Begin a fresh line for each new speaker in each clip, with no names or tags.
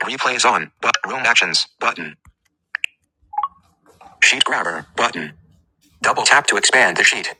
Replays on. But room actions. Button. Sheet grabber. Button. Double tap to expand the sheet.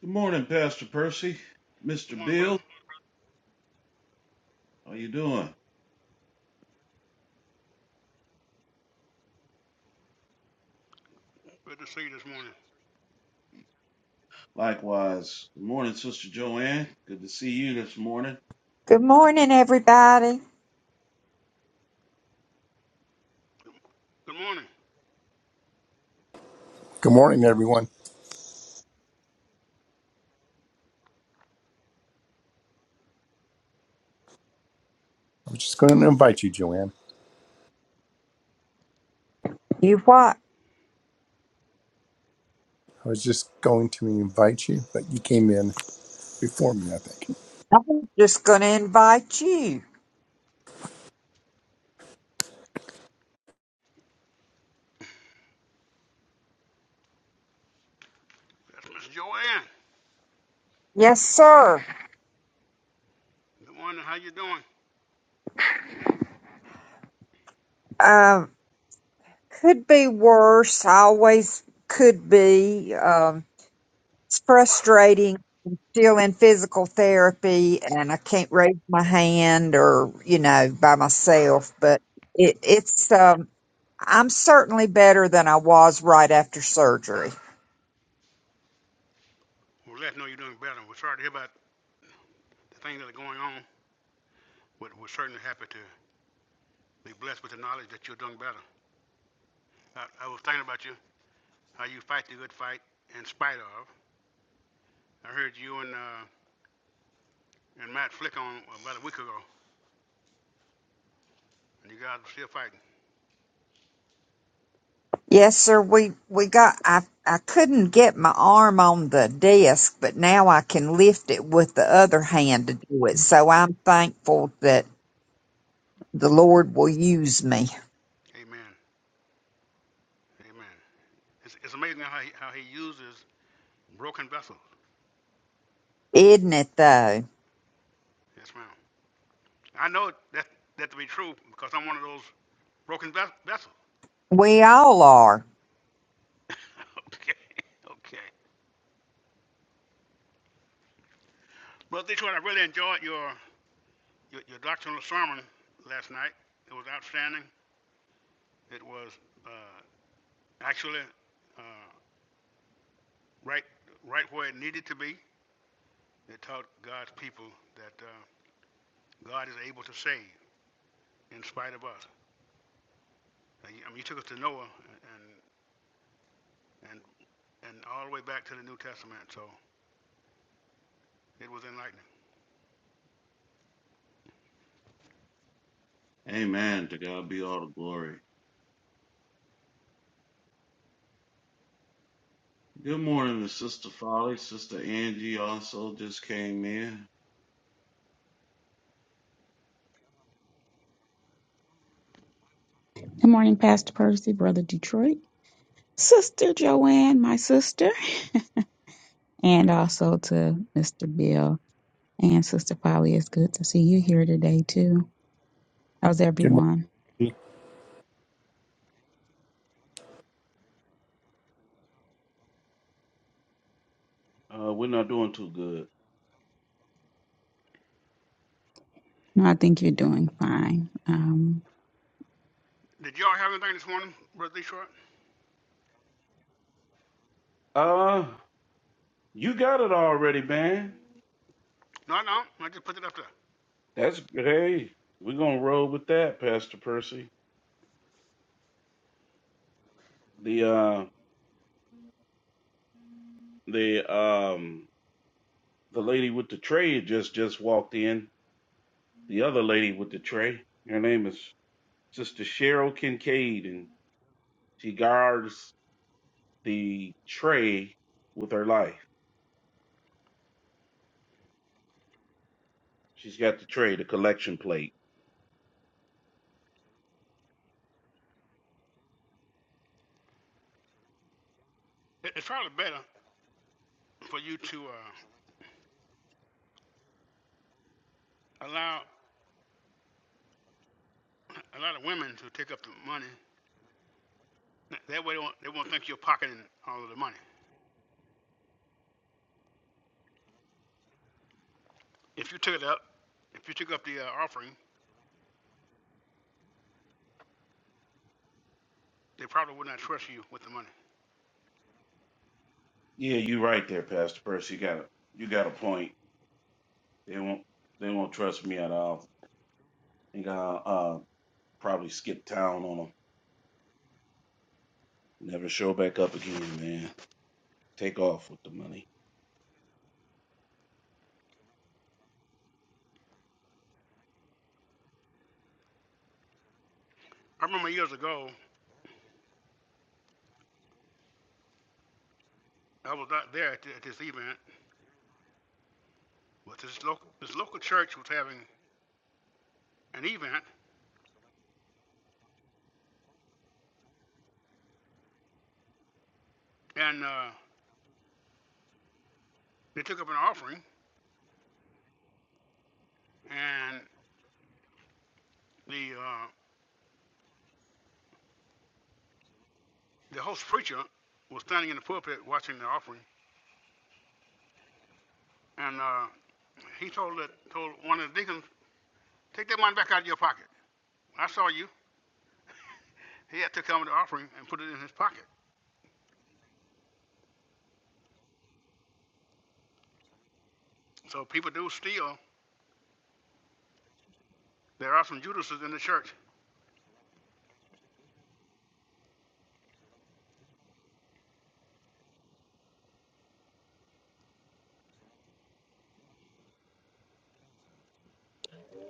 Good morning, Pastor Percy.
Good
Mr.
morning, brother.
Bill, how you doing?
Good to see you this morning.
Likewise. Good morning, Sister Joanne. Good to see you this morning.
Good morning, everybody.
Good morning.
Good morning, everyone. I was just going to invite you, Joanne.
You what?
I was just going to invite you, but you came in before me, I think.
I'm just going to invite you.
That's Miss Joanne.
Yes, sir.
Good morning. How you doing?
Um, could be worse. Always could be. Um, it's frustrating. Still in physical therapy, and I can't raise my hand or you know by myself. But it, it's. Um, I'm certainly better than I was right after surgery.
Well, let's know you're doing better. We're sorry to hear about the things that are going on, but we're certainly happy to be blessed with the knowledge that you're doing better. I, I was thinking about you, how you fight the good fight in spite of. I heard you and uh, and Matt Flick on about a week ago, and you guys are still fighting.
Yes, sir. We we got. I I couldn't get my arm on the desk, but now I can lift it with the other hand to do it. So I'm thankful that the Lord will use me.
Amen. Amen. It's, it's amazing how he, how he uses broken vessels.
Isn't it though?
Yes, ma'am. I know that that to be true because I'm one of those broken ves- vessels.
We all are.
okay, okay. Brother Detroit, I really enjoyed your, your your doctrinal sermon last night. It was outstanding. It was uh, actually uh, right right where it needed to be. It taught God's people that uh, God is able to save in spite of us. I mean, you took us to Noah and and and all the way back to the New Testament, so it was enlightening.
Amen. To God be all the glory. Good morning to Sister Folly. Sister Angie also just came in.
Good morning, Pastor Percy, Brother Detroit, Sister Joanne, my sister, and also to Mr. Bill and Sister Polly. It's good to see you here today, too. How's
Good
everyone?
morning.
Uh, we're not doing too good.
No, I think you're doing fine. Um,
Did y'all have anything this morning, Brother Lee Short?
Uh, you got it already, man.
No, no. I just put it up there.
That's hey. We're gonna roll with that, Pastor Percy. The uh the um the lady with the trade just just walked in the other lady with the tray. Her name is Sister Cheryl Kincaid, and she guards the tray with her life. She's got the tray, the collection plate.
It- It's probably better for you to uh, allow a lot of women to take up the money. That way, they won't, they won't think you're pocketing all of the money. If you took it up, if you took up the uh, offering, they probably would not trust you with the money.
Yeah, you're right there, Pastor Percy. You got a you got a point. They won't they won't trust me at all. I think I'll uh, probably skip town on them. Never show back up again, man. Take off with the money.
I remember years ago, I was out there at, th- at this event, but this local this local church was having an event, and uh, they took up an offering, and the uh, the host preacher was standing in the pulpit watching the offering And uh, he told that, told one of the deacons, take that money back out of your pocket. When I saw you, he had to come with the offering and put it in his pocket. So people do steal. There are some Judases in the church.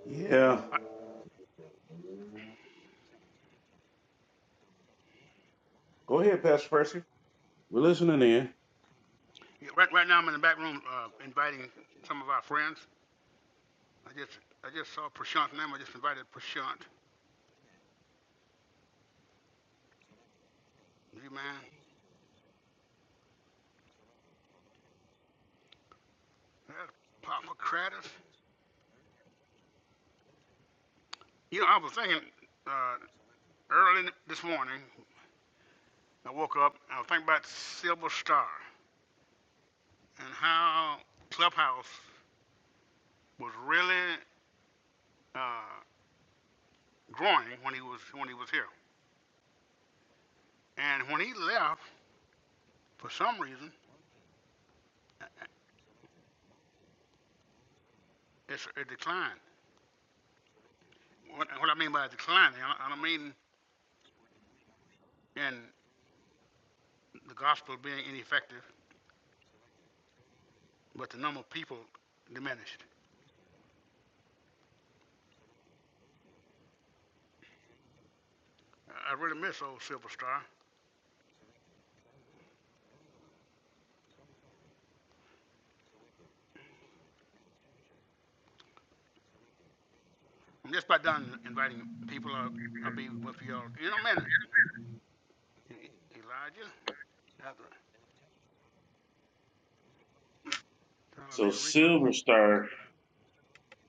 Yeah. Go ahead, Pastor Percy. We're listening in.
Yeah, Right, right now, I'm in the back room uh, inviting some of our friends. I just I just saw Prashant's name. I just invited Prashant. You man, that's Papa Kratos. You know, I was thinking uh, early this morning. I woke up. I was thinking about Silver Star and how Clubhouse was really uh, growing when he was when he was here. And when he left, for some reason, it's, it declined. What, what I mean by declining, I, I don't mean in the gospel being ineffective, but the number of people diminished. I really miss old Silver Star. I'm just about done inviting people. I'll, I'll be with y'all in a minute. E- Elijah, after
So
Del Rico.
Silver Star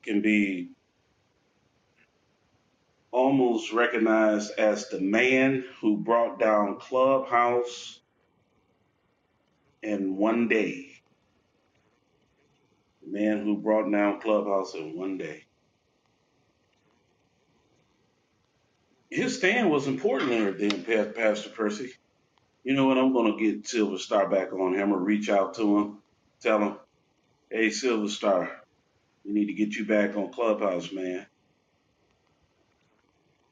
can be almost recognized as the man who brought down Clubhouse in one day. The man who brought down Clubhouse in one day. His stand was important there, then, Pa- Pastor Percy. You know what? I'm going to get Silver Star back on him or reach out to him, tell him, hey, Silver Star, we need to get you back on Clubhouse, man.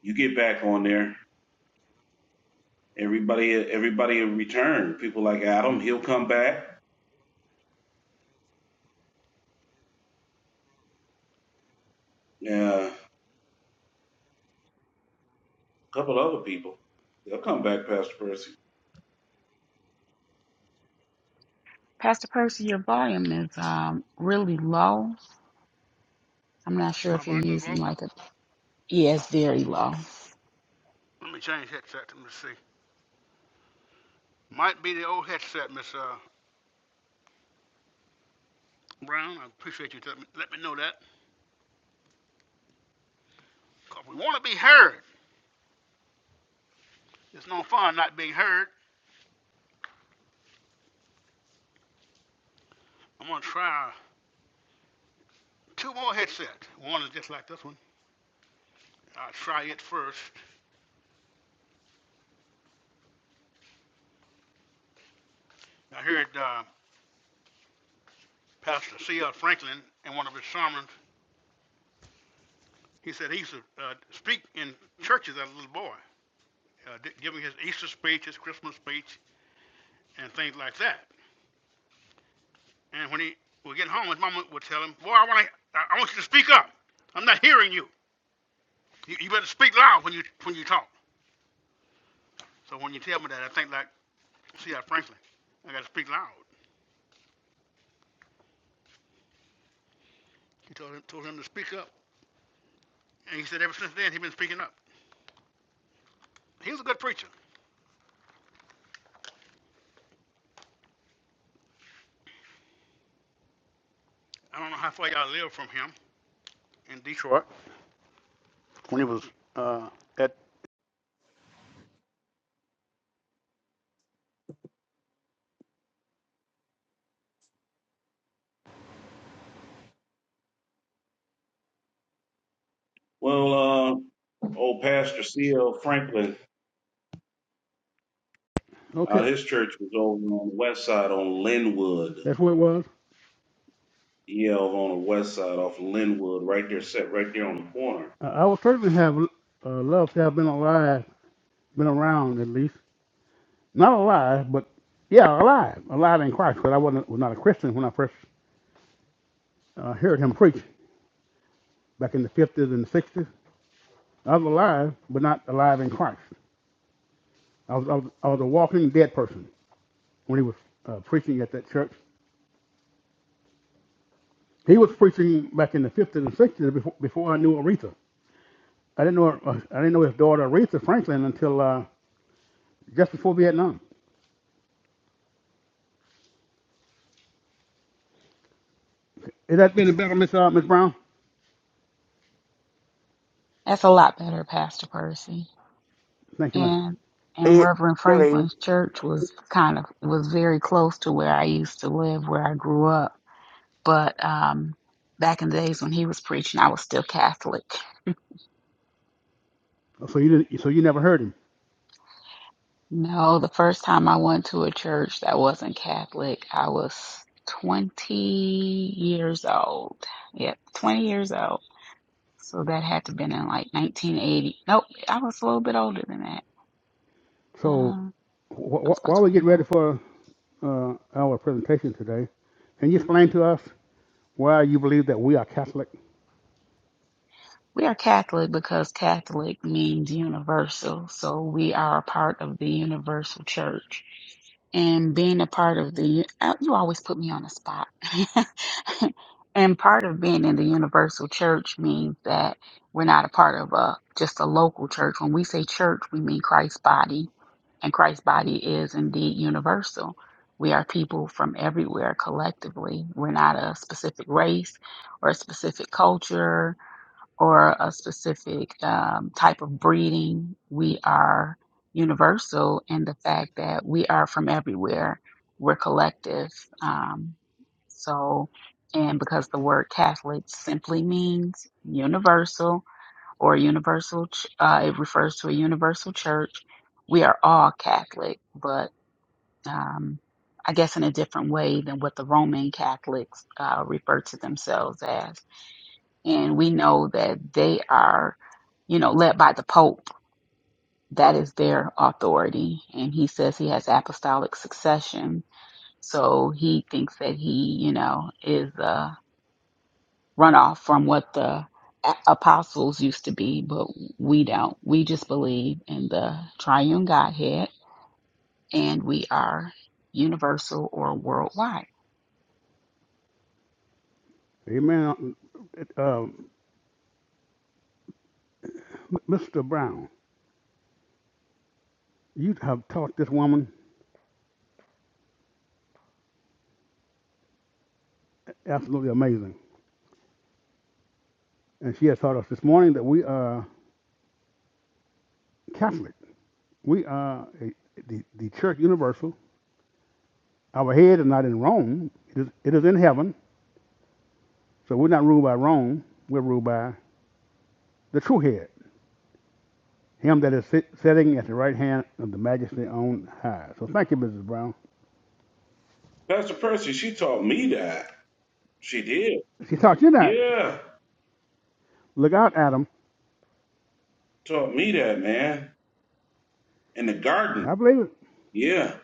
You get back on there. Everybody, everybody in return. People like Adam, he'll come back. Uh, a couple other people, they'll come back, Pastor Percy.
Pastor Percy, your volume is um, really low. I'm not sure
My
if you're
volume is
using
low.
like a. Yeah, it's very low.
Let me change headset. Let me see. Might be the old headset, Miss uh, Brown. I appreciate you telling me. Let me know that. 'Cause we want to be heard. It's no fun not being heard. I'm going to try two more headsets. One is just like this one. I'll try it first. I heard uh, Pastor C.L. Franklin in one of his sermons. He said he used to uh, speak in churches as a little boy, uh, giving his Easter speech, his Christmas speech, and things like that. And when he would get home, his mama would tell him, "Boy, I want to, I I want you to speak up. I'm not hearing you. you. You better speak loud when you when you talk." So when you tell me that, I think like C.L. Franklin. I got to speak loud. He told him, told him to speak up. And he said ever since then he's been speaking up. He was a good preacher. I don't know how far y'all lived from him in Detroit when he was uh, at.
Well, uh, old Pastor C.L. Franklin, uh,
Okay,
his church was over on the west side on Linwood.
that's what it was.
Yeah, over on the west side off of Linwood, right there, set right there on the corner.
Uh, I would certainly have uh, loved to have been alive, been around at least. Not alive, but yeah, alive, alive in Christ. Because I wasn't was not a Christian when I first uh, heard him preach back in the fifties and the sixties. I was alive, but not alive in Christ. I was, I was I was a walking dead person when he was uh, preaching at that church. He was preaching back in the 50s and 60s before, before I knew Aretha. I didn't know uh, I didn't know his daughter Aretha Franklin until uh, just before Vietnam. Is that been better, Miss uh, Miss Brown?
That's a lot better, Pastor Percy.
Thank you, ma'am.
And and
It
Reverend
really.
Franklin's church was kind of was very close to where I used to live, where I grew up But um, back in the days when he was preaching, I was still Catholic.
So you didn't, so you never heard him.
No, the first time I went to a church that wasn't Catholic, I was 20 years old. Yep, 20 years old. So that had to have been in like 1980. Nope, I was a little bit older than that.
So
Um,
wh-
I was
wh-
about
while we get
21.
ready for uh, our presentation today, can you explain to us why you believe that we are Catholic?
We are Catholic because Catholic means universal. So we are a part of the universal church. And being a part of the, uh, you always put me on the spot. and part of being in the universal church means that we're not a part of a, just a local church. When we say church, we mean Christ's body. And Christ's body is indeed universal. We are people from everywhere collectively. We're not a specific race or a specific culture or a specific um, type of breeding. We are universal in the fact that we are from everywhere. We're collective. Um, so, and because the word Catholic simply means universal or universal, ch- uh, it refers to a universal church. We are all Catholic, but um, I guess in a different way than what the Roman Catholics uh, refer to themselves as and we know that they are you know, led by the Pope. That is their authority. And he says he has apostolic succession. So he thinks that he, you know, is a runoff from what the a- apostles used to be, but we don't. We just believe in the triune Godhead and we are universal or worldwide.
Amen. Uh, Mr. Brown, you have taught this woman absolutely amazing, and she has taught us this morning that we are. Catholic. We are a, the, the church universal. Our head is not in Rome, it is, it is in heaven. So we're not ruled by Rome, we're ruled by the true head, him that is sit, sitting at the right hand of the majesty on high. So thank you, Mrs. Brown.
Pastor Percy, she taught me that. She did.
She taught you that.
Yeah,
Look out, Adam.
taught me that, man. In the garden.
I believe it.
Yeah,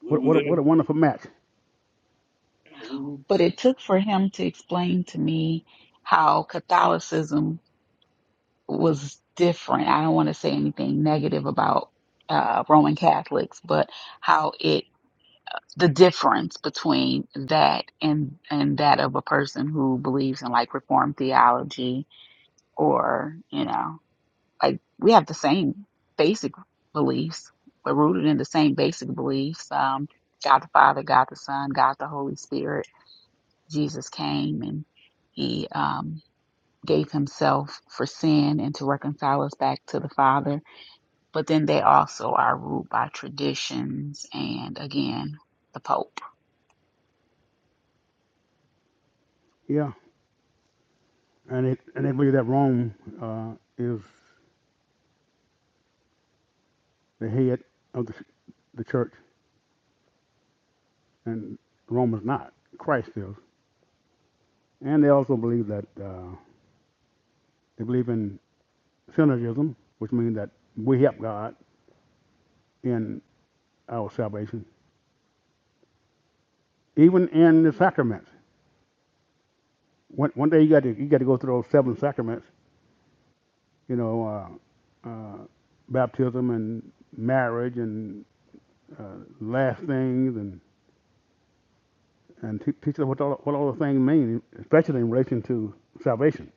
we
What,
were
what, a, what a
there.
wonderful match.
We were-
But it took for him to explain to me how Catholicism was different. I don't want to say anything negative about uh, Roman Catholics, but how it the difference between that and and that of a person who believes in like Reformed theology or you know like we have the same basic beliefs. We're rooted in the same basic beliefs. Um, God the Father, God the Son, God the Holy Spirit. Jesus came and he um, gave himself for sin and to reconcile us back to the Father but then they also are ruled by traditions and again the Pope.
Yeah. And, it, and they believe that Rome uh, is the head of the, the church, and Rome is not. Christ is. And they also believe that. Uh, They believe in synergism, which means that we help God in our salvation, even in the sacraments. One, one day you got to you got to go through those seven sacraments. You know, uh, uh, baptism and marriage and uh, last things and and te- teach them what all, what all the things mean, especially in relation to salvation,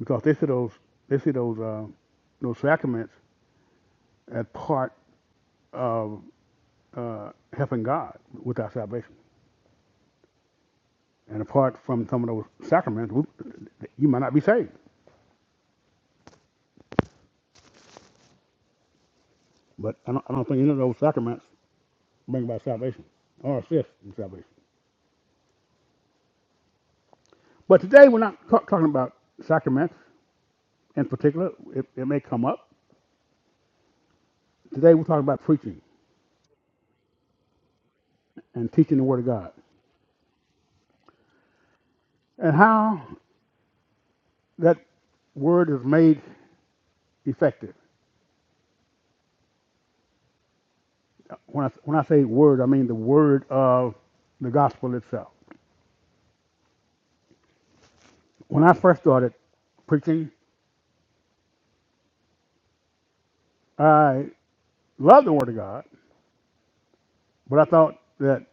because they see those they see those uh, those sacraments as part of uh, helping God with our salvation. And apart from some of those sacraments, we- you might not be saved. But I don't, I don't think any of those sacraments bring about salvation or assist in salvation. But today we're not ta- talking about sacraments in particular. It, it may come up. Today we're talking about preaching and teaching the Word of God and how that Word is made effective. When I, when I say Word, I mean the Word of the gospel itself. When I first started preaching, I loved the Word of God, but I thought that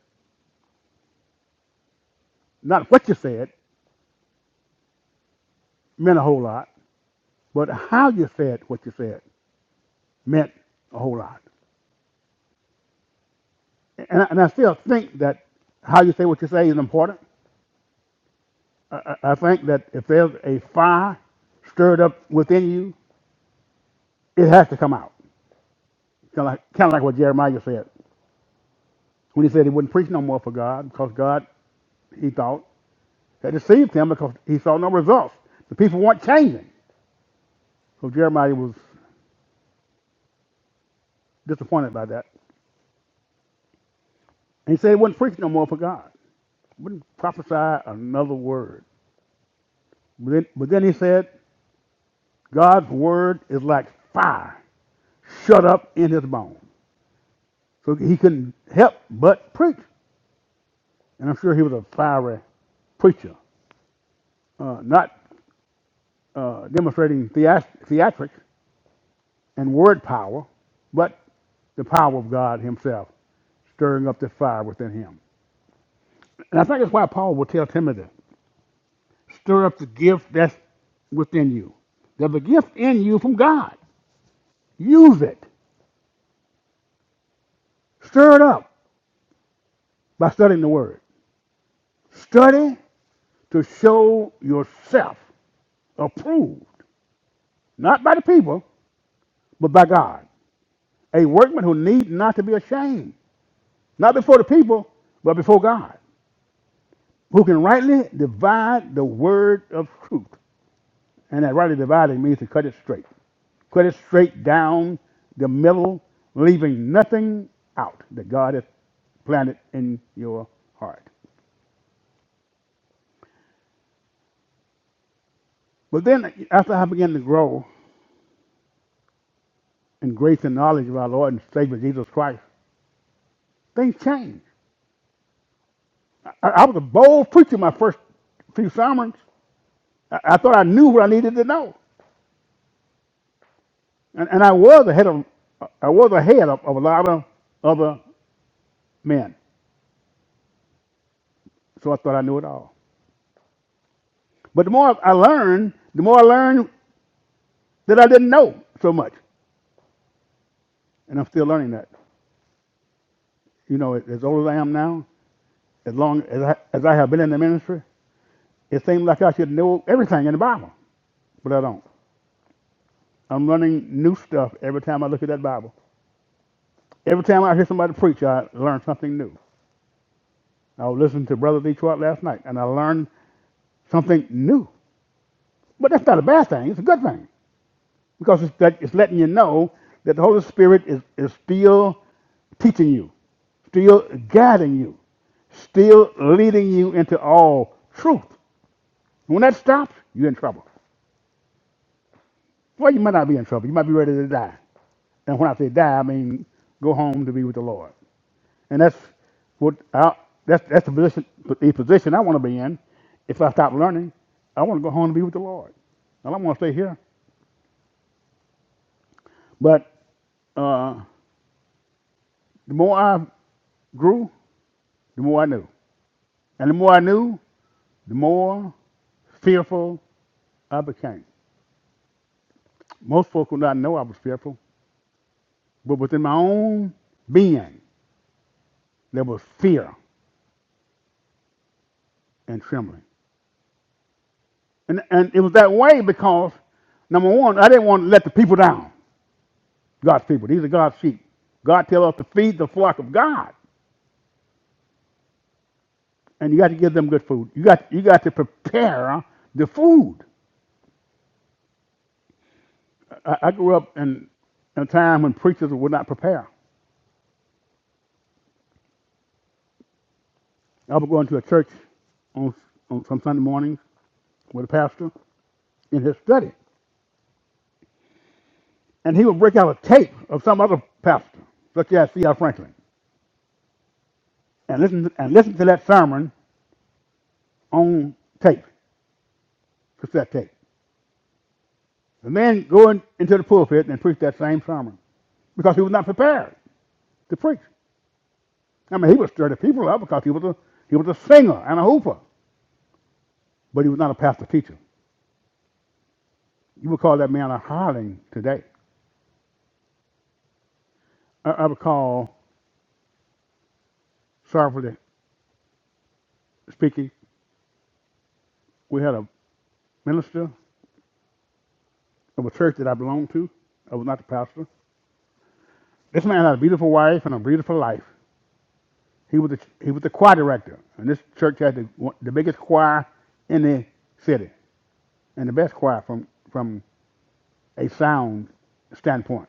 Not what you said meant a whole lot, but how you said what you said meant a whole lot. And I, and I still think that how you say what you say is important. I, I think that if there's a fire stirred up within you, it has to come out. Kind of like, kind of like what Jeremiah said when he said he wouldn't preach no more for God because God, he thought, had deceived him because he saw no results. The people weren't changing. So Jeremiah was disappointed by that. And he said he wouldn't preach no more for God, wouldn't prophesy another word. But then, he said, God's word is like fire shut up in his bones. So he couldn't help but preach. And I'm sure he was a fiery preacher, uh, not uh, demonstrating theat- theatrics and word power, but the power of God himself stirring up the fire within him. And I think that's why Paul will tell Timothy, stir up the gift that's within you. There's a gift in you from God. Use it. Stir it up by studying the word. Study to show yourself approved, not by the people, but by God. A workman who need not to be ashamed, not before the people, but before God, who can rightly divide the word of truth. And that rightly dividing means to cut it straight, cut it straight down the middle, leaving nothing out that God has planted in your heart. But then, after I began to grow in grace and knowledge of our Lord and Savior Jesus Christ, things changed. I, I was a bold preacher my first few summers. I, I thought I knew what I needed to know, and, and I was ahead of I was ahead of, of a lot of other men. So I thought I knew it all. But the more I learned, the more I learned that I didn't know so much, and I'm still learning that. You know, as old as I am now, as long as I, as I have been in the ministry, it seems like I should know everything in the Bible, but I don't. I'm learning new stuff every time I look at that Bible. Every time I hear somebody preach, I learn something new. I was listening to Brother Detroit last night, and I learned something new. But that's not a bad thing. It's a good thing because it's, that it's letting you know that the Holy Spirit is, is still teaching you, still guiding you, still leading you into all truth. When that stops, you're in trouble. Well, you might not be in trouble. You might be ready to die. And when I say die, I mean go home to be with the Lord. And that's what I, that's that's the position the position I want to be in. If I stop learning, I want to go home and be with the Lord. I don't want to stay here. But uh, the more I grew, the more I knew, and the more I knew, the more fearful I became. Most folk would not know I was fearful, but within my own being, there was fear and trembling. And and it was that way because number one, I didn't want to let the people down. God's people. These are God's sheep. God tells us to feed the flock of God, and you got to give them good food. You got you got to prepare the food. I, I grew up in in a time when preachers would not prepare. I would go into a church on, on some Sunday mornings with a pastor in his study, and he would break out a tape of some other pastor, such as C.L. Franklin, and listen and listen to that sermon on tape, cassette tape. The man going into the pulpit and preached that same sermon because he was not prepared to preach. I mean, he would stir the people up because he was a he was a singer and a hooper, but he was not a pastor teacher. You would call that man a hireling today. I, I recall, sorrowfully speaking, we had a minister of a church that I belonged to. I was not the pastor. This man had a beautiful wife and a beautiful life. He was the, he was the choir director, and this church had the, the biggest choir in the city and the best choir from from a sound standpoint.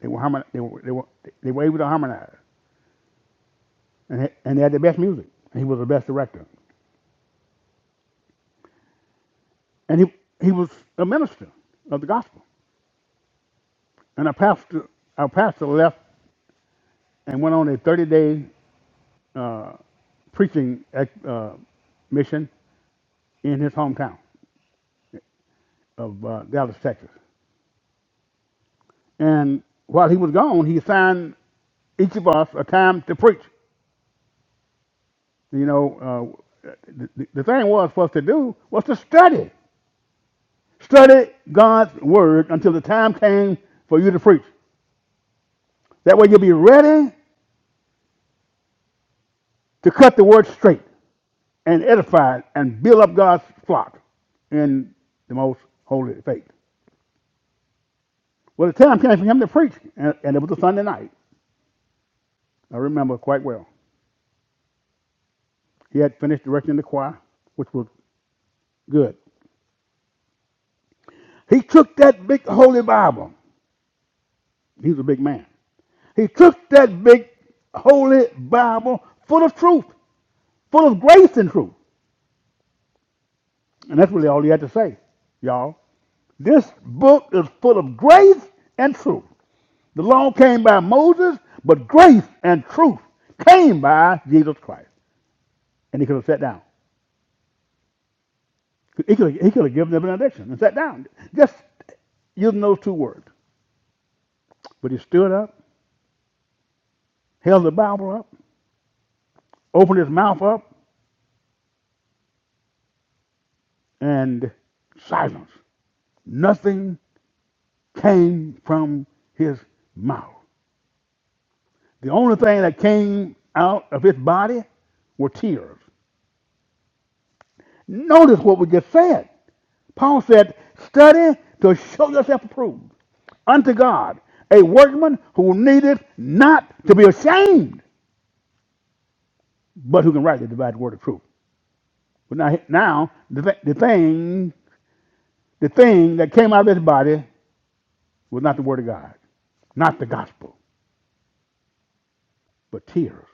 They were harmon- they were, they were they were able to harmonize, and and they had the best music. And he was the best director, and he he was a minister of the gospel. And our pastor our pastor left and went on a 30 day preaching uh, mission in his hometown of uh, Dallas, Texas. And while he was gone, he assigned each of us a time to preach. You know, uh, the, the the thing was for us to do was to study. Study God's word until the time came for you to preach. That way you'll be ready to cut the word straight and edify and build up God's flock in the most holy faith. Well, the time came for him to preach, and, and it was a Sunday night. I remember quite well. He had finished directing the choir, which was good. He took that big holy Bible. He was a big man. He took that big holy Bible full of truth, full of grace and truth. And that's really all he had to say, y'all. This book is full of grace and truth. The law came by Moses, but grace and truth came by Jesus Christ. And he could have sat down. He could have, he could have given them an benediction and sat down, just using those two words. But he stood up, held the Bible up, opened his mouth up, and silence. Nothing came from his mouth. The only thing that came out of his body were tears. Notice what we just said. Paul said, Study to show yourself approved unto God, a workman who needeth not to be ashamed, but who can rightly divide the word of truth. But now, now the, th- the thing the thing that came out of his body was not the word of God, not the gospel, but tears.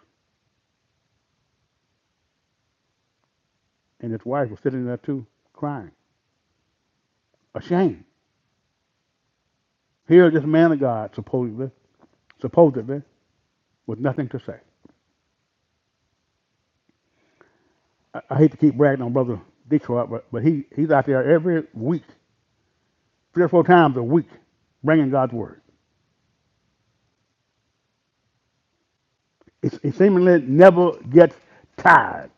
And his wife was sitting there too, crying, ashamed. Here, this man of God, supposedly, supposedly, with nothing to say. I, I hate to keep bragging on Brother Detroit, but, but he, he's out there every week, three or four times a week, bringing God's word. It he seemingly never gets tired,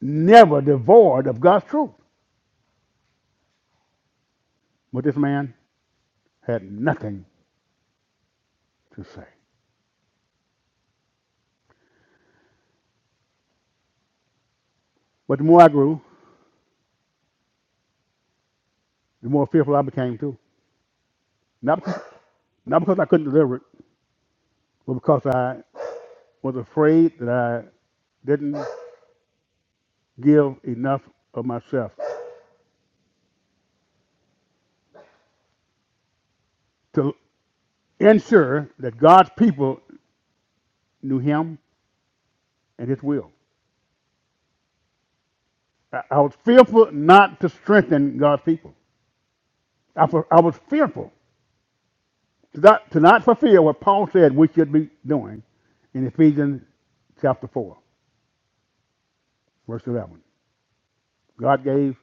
never devoid of God's truth. But this man had nothing to say. But the more I grew, the more fearful I became too. Not because, not because I couldn't deliver it, but because I was afraid that I didn't give enough of myself to ensure that God's people knew Him and His will. I, I was fearful not to strengthen God's people. I, fu- I was fearful to not, to not fulfill what Paul said we should be doing in Ephesians chapter 4, verse 11. God gave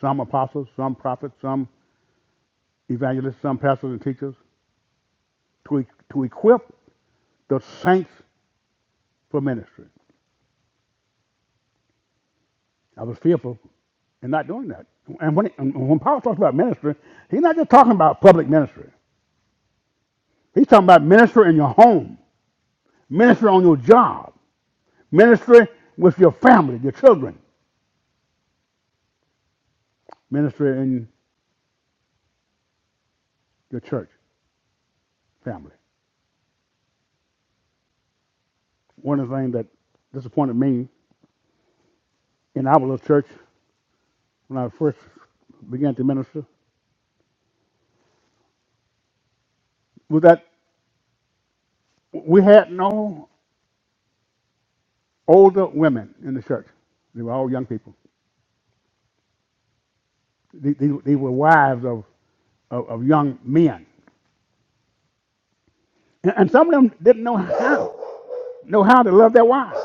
some apostles, some prophets, some evangelists, some pastors and teachers to, e- to equip the saints for ministry. I was fearful in not doing that. And when, and when Paul talks about ministry, he's not just talking about public ministry. He's talking about ministry in your home, ministry on your job, ministry with your family, your children, ministry in your church family. One of the things that disappointed me in our little church when I first began to minister was that we had no older women in the church. They were all young people. They, they, they were wives of, of, of young men. And, and some of them didn't know how, know how to love their wives.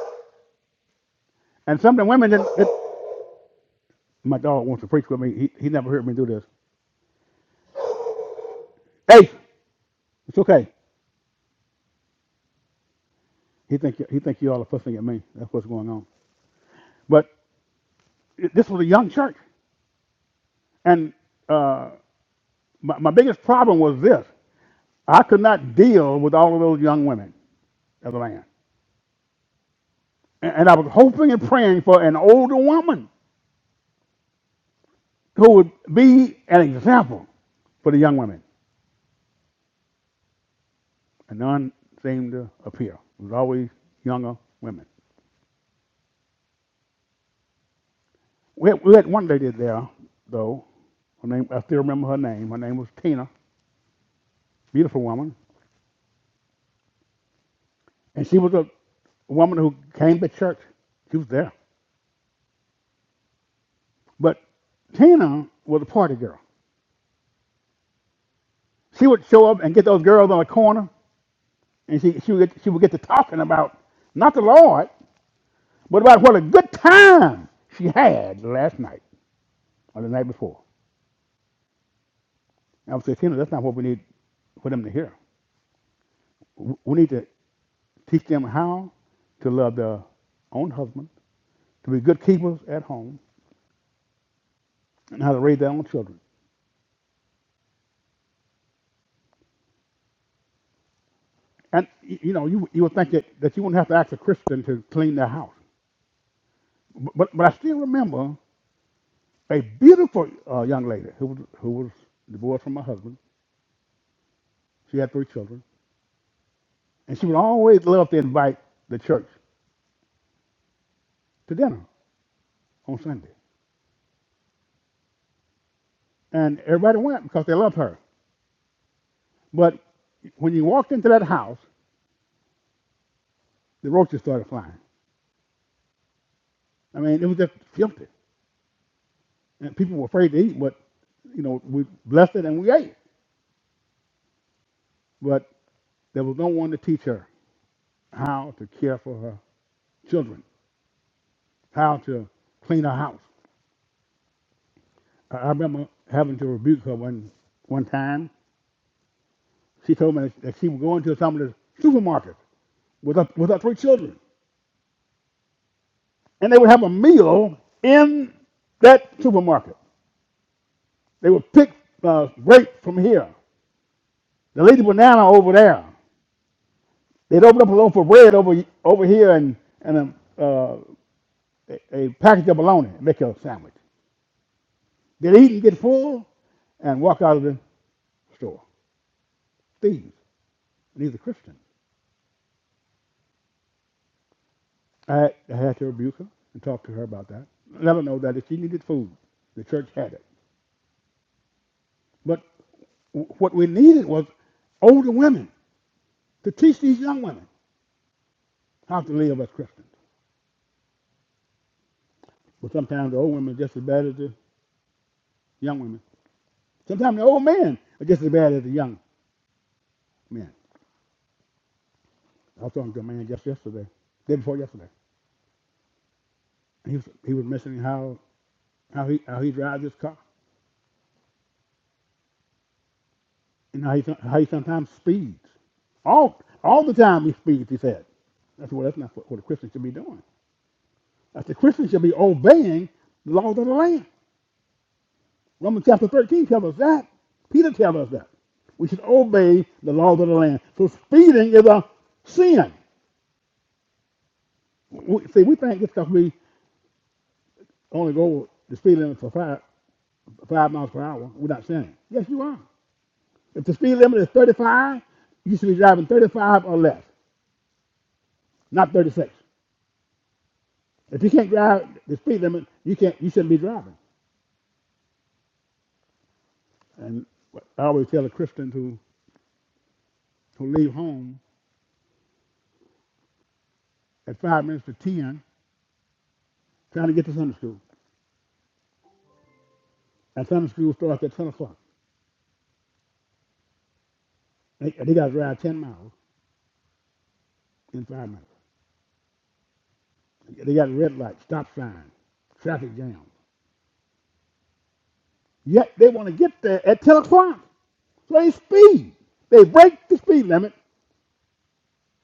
And some of the women that, that my dog wants to preach with me. He, he never heard me do this. Hey, it's okay. He think he think you all are fussing at me. That's what's going on. But this was a young church, and uh, my, my biggest problem was this: I could not deal with all of those young women of the land, and, and I was hoping and praying for an older woman who would be an example for the young women. and none seemed to appear. It was always younger women. We had, we had one lady there, though. Her name, I still remember her name. Her name was Tina, beautiful woman. And she was a woman who came to church. She was there. But Tina was a party girl. She would show up and get those girls on the corner, and she, she, would, get, she would get to talking about not the Lord, but about what a good time she had the last night or the night before. And I would say, Tina, that's not what we need for them to hear. We need to Teach them how to love their own husband, to be good keepers at home, and how to raise their own children. And you know, you you would think that, that you wouldn't have to ask a Christian to clean their house. But but I still remember a beautiful uh, young lady who was who was divorced from her husband. She had three children, and she would always love to invite the church to dinner on Sunday. And everybody went because they loved her. But when you walked into that house, the roaches started flying. I mean, it was just filthy. and people were afraid to eat, but you know, we blessed it and we ate. But there was no one to teach her how to care for her children, how to clean her house. I I remember having to rebuke her one one time. She told me that she would go into some of the supermarkets with her, with her three children, and they would have a meal in that supermarket. They would pick uh, grape from here, the lady banana over there. They'd open up a loaf of bread over over here and and a uh, a, a package of bologna, and make a sandwich. They eat and get full and walk out of the store. Thieves. And he's a Christian. I had, I had to rebuke her and talk to her about that. Let her know that if she needed food, the church had it. But w- what we needed was older women to teach these young women how to live as Christians. But sometimes the old women are just as bad as the young women. Sometimes the old men are just as bad as the young men. I was talking to a man just yesterday, day before yesterday. He was, he was mentioning how How he how he drives his car and how he how he sometimes speeds. All all the time he speeds. He said, "That's what that's not what, what a Christian should be doing. That's a Christian should be obeying the laws of the land." Romans chapter thirteen tells us that. Peter tells us that we should obey the laws of the land. So speeding is a sin. We, see, we think just because we only go the speed limit for five five miles per hour, we're not sinning. Yes, you are. If the speed limit is 35, you should be driving 35 or less, not 36. If you can't drive the speed limit, you can't. You shouldn't be driving. And I always tell the Christians who who leave home at five minutes to ten, trying to get to Sunday school. And Sunday school starts at ten o'clock. They, they got to drive ten miles in five minutes. They got red lights, stop signs, traffic jams. Yet they want to get there at ten o'clock. So they speed. They break the speed limit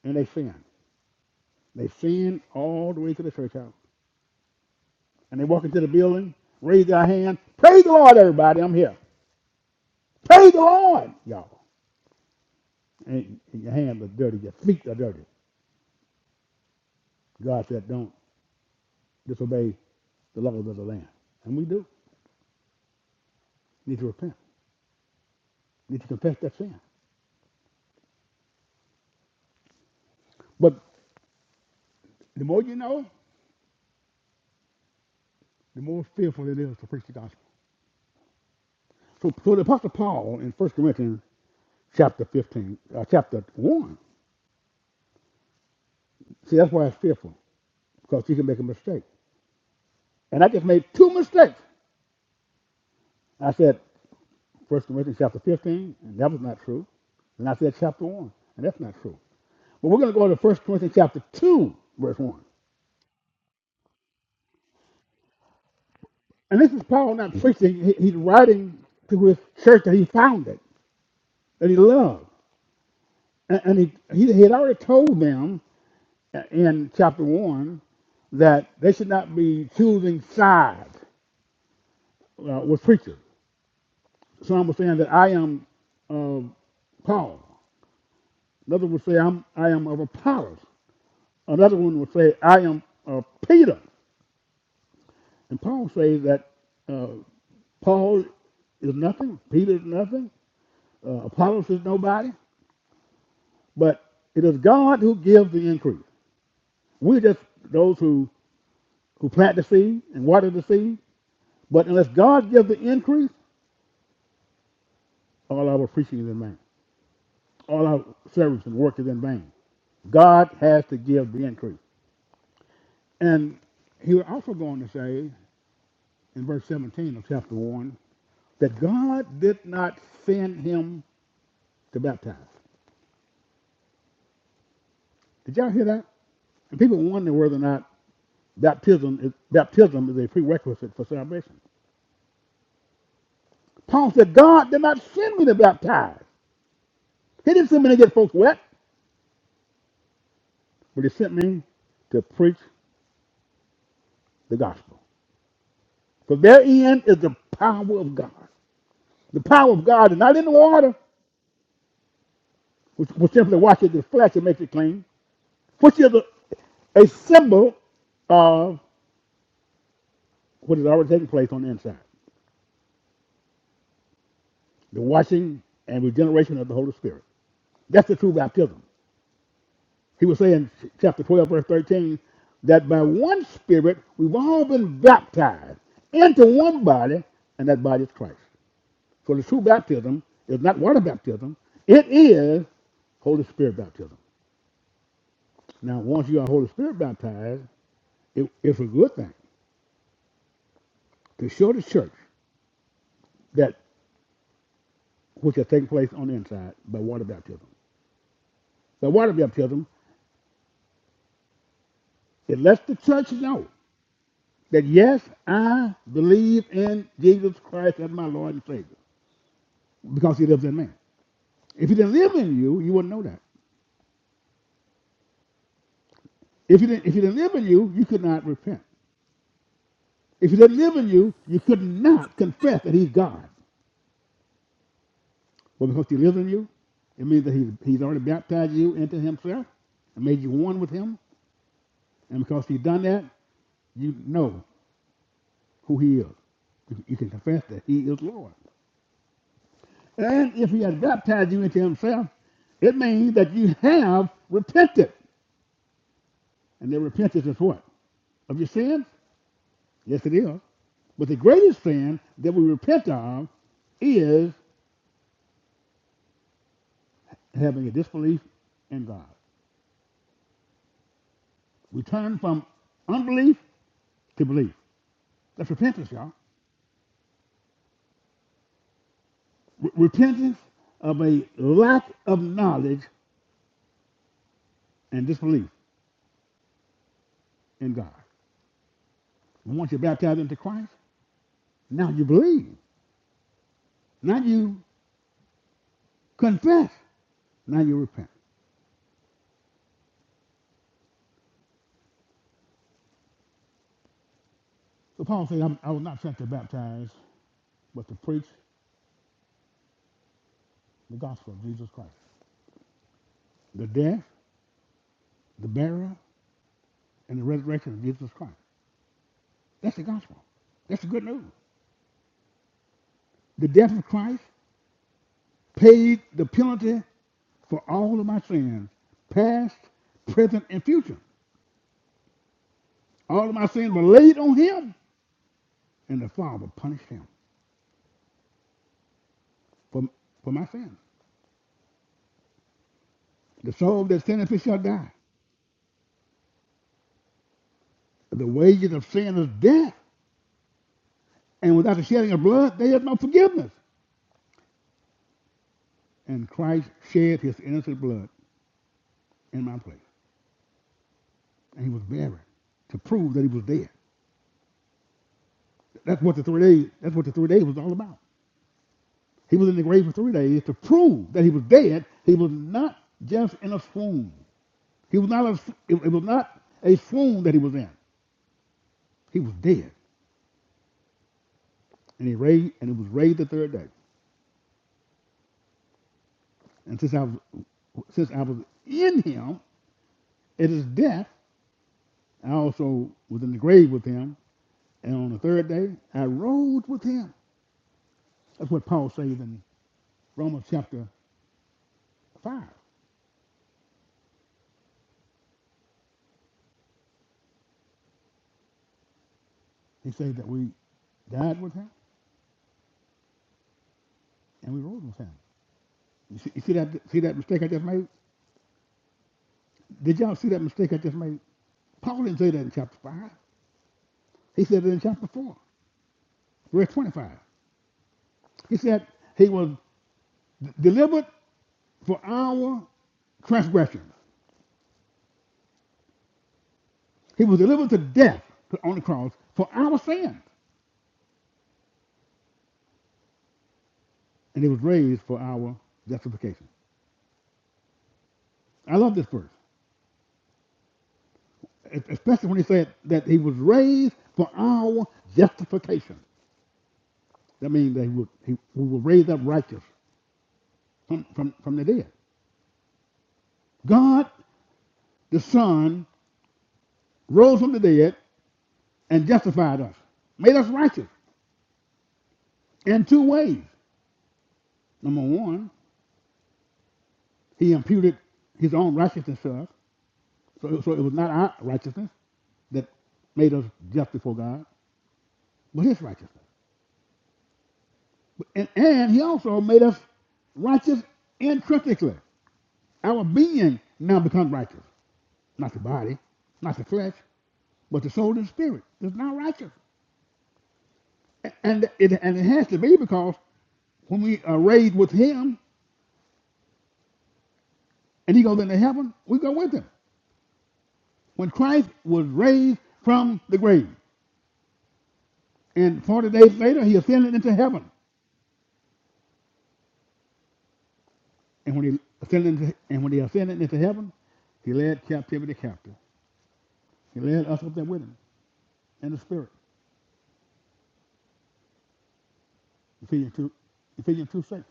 and they sin. They sin all the way to the church house. And they walk into the building, raise their hand, praise the Lord, everybody, I'm here. Pray the Lord, y'all. And, your hands are dirty, your feet are dirty. God said, don't disobey the laws of the land. And we do. We Need to repent. We Need to confess that sin. But the more you know, the more fearful it is to preach the gospel. So, so the Apostle Paul in First Corinthians chapter 15, uh, chapter 1, see, that's why it's fearful, because you can make a mistake. And I just made two mistakes. I said First Corinthians chapter 15, and that was not true. And I said chapter 1, and that's not true. But we're going to go to First Corinthians chapter 2, verse 1. And this is Paul not preaching. he's writing to his church that he founded, that he loved. And, he, he, he had already told them in chapter 1 that they should not be choosing sides uh, with preachers. Some were saying that I am of Paul. Another would say, I'm, I am of Apollos. Another one would say, I am of Peter. And Paul says that uh, Paul is nothing, Peter is nothing, Uh, Apollos is nobody, but it is God who gives the increase. We're just those who, who plant the seed and water the seed. But unless God gives the increase, all our preaching is in vain. All our service and work is in vain. God has to give the increase. And he was also going to say in verse 17 of chapter 1 that God did not send him to baptize. Did y'all hear that? And people wonder whether or not baptism is, baptism is a prerequisite for salvation. Paul said, God did not send me to baptize. He didn't send me to get folks wet, but he sent me to preach the gospel. For therein is the power of God. The power of God is not in the water, which will simply washes the flesh and makes it clean, which is a, a symbol of what is already taking place on the inside the washing and regeneration of the Holy Spirit. That's the true baptism. He was saying, chapter 12, verse 13, that by one Spirit we've all been baptized into one body, and that body is Christ. So the true baptism is not water baptism, it is Holy Spirit baptism. Now, once you are Holy Spirit baptized, it, it's a good thing to show the church that which has taken place on the inside by water baptism. By water baptism, it lets the church know that yes, I believe in Jesus Christ as my Lord and Savior because He lives in me. If he didn't live in you, you wouldn't know that. If he didn't, if he didn't live in you, you could not repent. If he didn't live in you, you could not confess that he's God. Well, because he lives in you, it means that he's, he's already baptized you into himself and made you one with him. And because he's done that, you know who he is. You you can confess that he is Lord. And if he has baptized you into himself, it means that you have repented. And the repentance is what? Of your sins? Yes, it is. But the greatest sin that we repent of is having a disbelief in God. We turn from unbelief to belief. That's repentance, y'all. Re- repentance of a lack of knowledge and disbelief in God. And once you're baptized into Christ, now you believe. Now you confess. Now you repent. So Paul said, I was not sent to baptize, but to preach the gospel of Jesus Christ. The death, the burial, and the resurrection of Jesus Christ. That's the gospel. That's the good news. The death of Christ paid the penalty for all of my sins, past, present, and future. All of my sins were laid on him, and the Father punished him for, for my sins. The soul that sinneth shall die. The wages of sin is death, and without the shedding of blood, there is no forgiveness. And Christ shed his innocent blood in my place, and he was buried to prove that he was dead. That's what the three days. That's what the three days was all about. He was in the grave for three days to prove that he was dead. He was not just in a swoon. He was not a, it was not a swoon that he was in. He was dead. And he raised and it was raised the third day. And since I was since I was in him at his death, I also was in the grave with him. And on the third day I rose with him. That's what Paul says in Romans chapter five. He says that we died with him and we rose with him. You see, you see that see that mistake I just made? Did y'all see that mistake I just made? Paul didn't say that in chapter 5. He said it in chapter 4, verse 25. He said he was delivered for our transgressions. He was delivered to death on the cross for our sins, and he was raised for our justification. I love this verse, especially when he said that he was raised for our justification. That means that he would, he, we were raised up righteous from, from, from the dead. God, the Son, rose from the dead and justified us, made us righteous in two ways. Number one, he imputed his own righteousness to us. So, so it was not our righteousness that made us just before God, but his righteousness. And, and he also made us righteous intrinsically. Our being now becomes righteous. Not the body, not the flesh, but the soul and spirit is now righteous. And it, and it has to be because when we are raised with him and he goes into heaven, we go with him. when Christ was raised from the grave. And 40 days later, he ascended into heaven. And when he ascended into, and when he ascended into heaven, he led captivity captive. He led us up there with him in the spirit. Ephesians 2, Ephesians 2 6.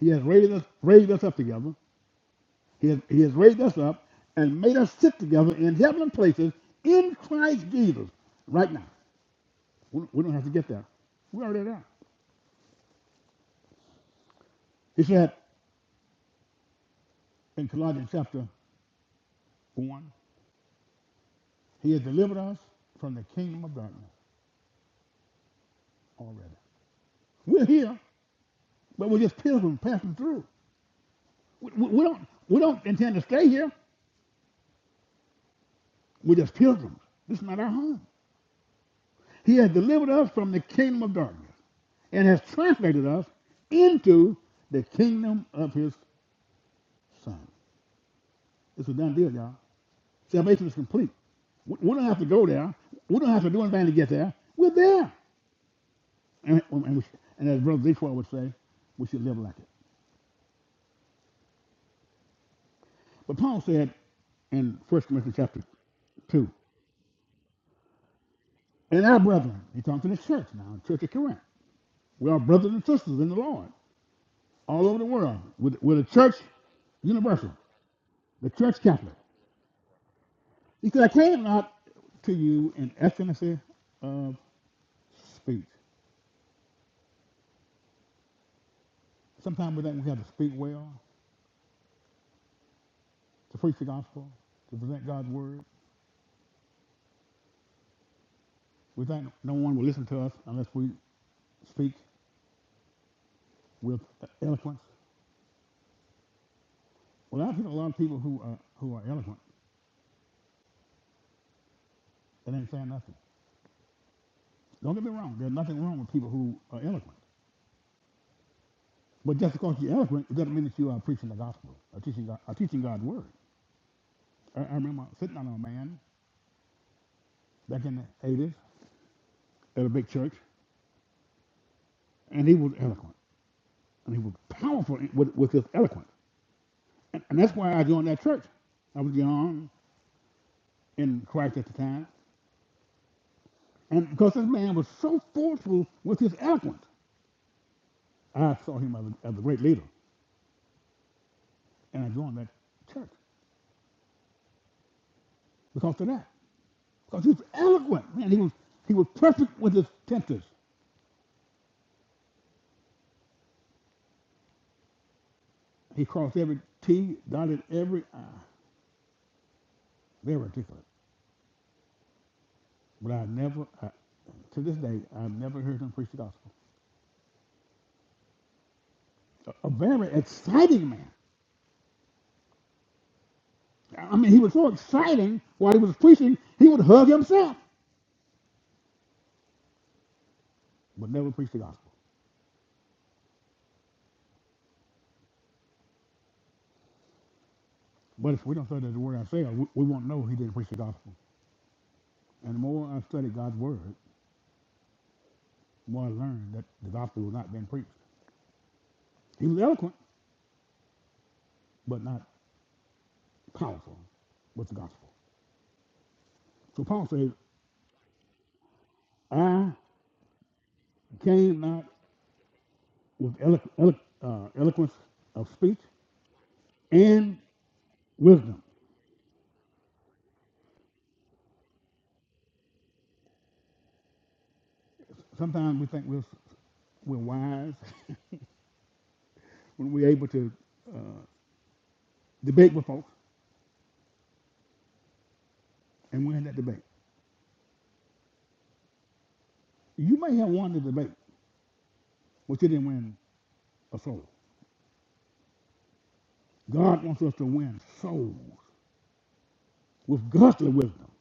He has raised us, raised us up together. He has, he has raised us up and made us sit together in heavenly places in Christ Jesus right now. We we don't have to get there. We're already there. He said in Colossians chapter 1, He has delivered us from the kingdom of darkness already. We're here, but we're just pilgrims passing through. We, we, we don't we don't intend to stay here. We're just pilgrims. This is not our home. He has delivered us from the kingdom of darkness and has translated us into the kingdom of his son. It's a done deal, y'all. Salvation is complete. We we don't have to go there. We don't have to do anything to get there. We're there. And, and, we, and as Brother Detroit would say, we should live like it. But Paul said in First Corinthians chapter 2, and our brethren, he talked to the church now, the church of Corinth. We are brothers and sisters in the Lord all over the world. with are the church universal, the church Catholic. He said, I came not to you in excellency of speech. Sometimes we think we have to speak well, to preach the gospel, to present God's word. We think no one will listen to us unless we speak with eloquence. Well, I've seen a lot of people who are, who are eloquent that ain't saying nothing. Don't get me wrong. There's nothing wrong with people who are eloquent. But just because you're eloquent, it doesn't mean that you are preaching the gospel or teaching, God, or teaching God's word. I, I remember sitting on a man back in the 80s at a big church, and he was eloquent. And he was powerful in- with, with his eloquence. And, and that's why I joined that church. I was young in Christ at the time. And because this man was so forceful with his eloquence, I saw him as a, as a great leader. And I joined that church because of that. Because he was eloquent. Man, he was, he was perfect with his tempers. He crossed every T, dotted every I. Very articulate. But I never, I, to this day, I've never heard him preach the gospel. A, a very exciting man. I mean, he was so exciting while he was preaching, he would hug himself, but never preach the gospel. But if we don't study the word ourselves, we, we won't know he didn't preach the gospel. And the more I studied God's word, the more I learned that the gospel was not being preached. He was eloquent, but not powerful with the gospel. So Paul says, I came not with elo- elo- uh, eloquence of speech and wisdom. Sometimes we think we're, we're wise when we're able to uh, debate with folks and win that debate. You may have won the debate, but you didn't win a soul. God wants us to win souls with godly wisdom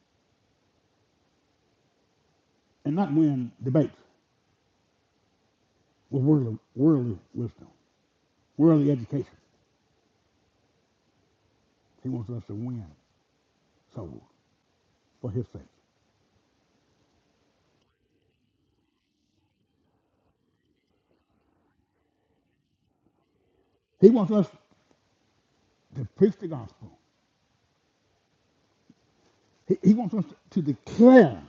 and not win debates with worldly, worldly wisdom, worldly education. He wants us to win souls for his sake. He wants us to preach the gospel He, he wants us to declare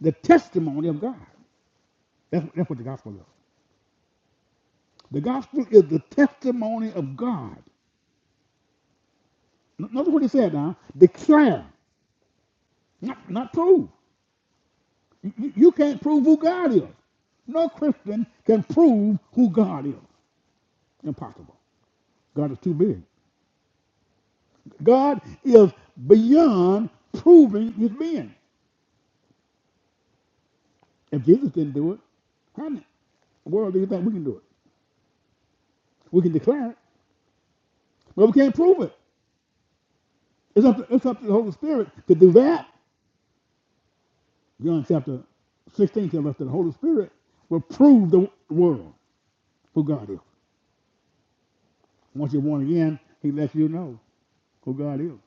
the testimony of God. That's, that's what the gospel is. The gospel is the testimony of God. Notice what he said now. Declare, not, not prove. You, you- you can't prove who God is. No Christian can prove who God is. Impossible. God is too big. God is beyond proving his being. If Jesus didn't do it, how in the world do you think we can do it? We can declare it, but we can't prove it. It's up, to, it's up to the Holy Spirit to do that. John chapter 16 tells us that the Holy Spirit will prove the world who God is. Once you're born again, he lets you know who God is.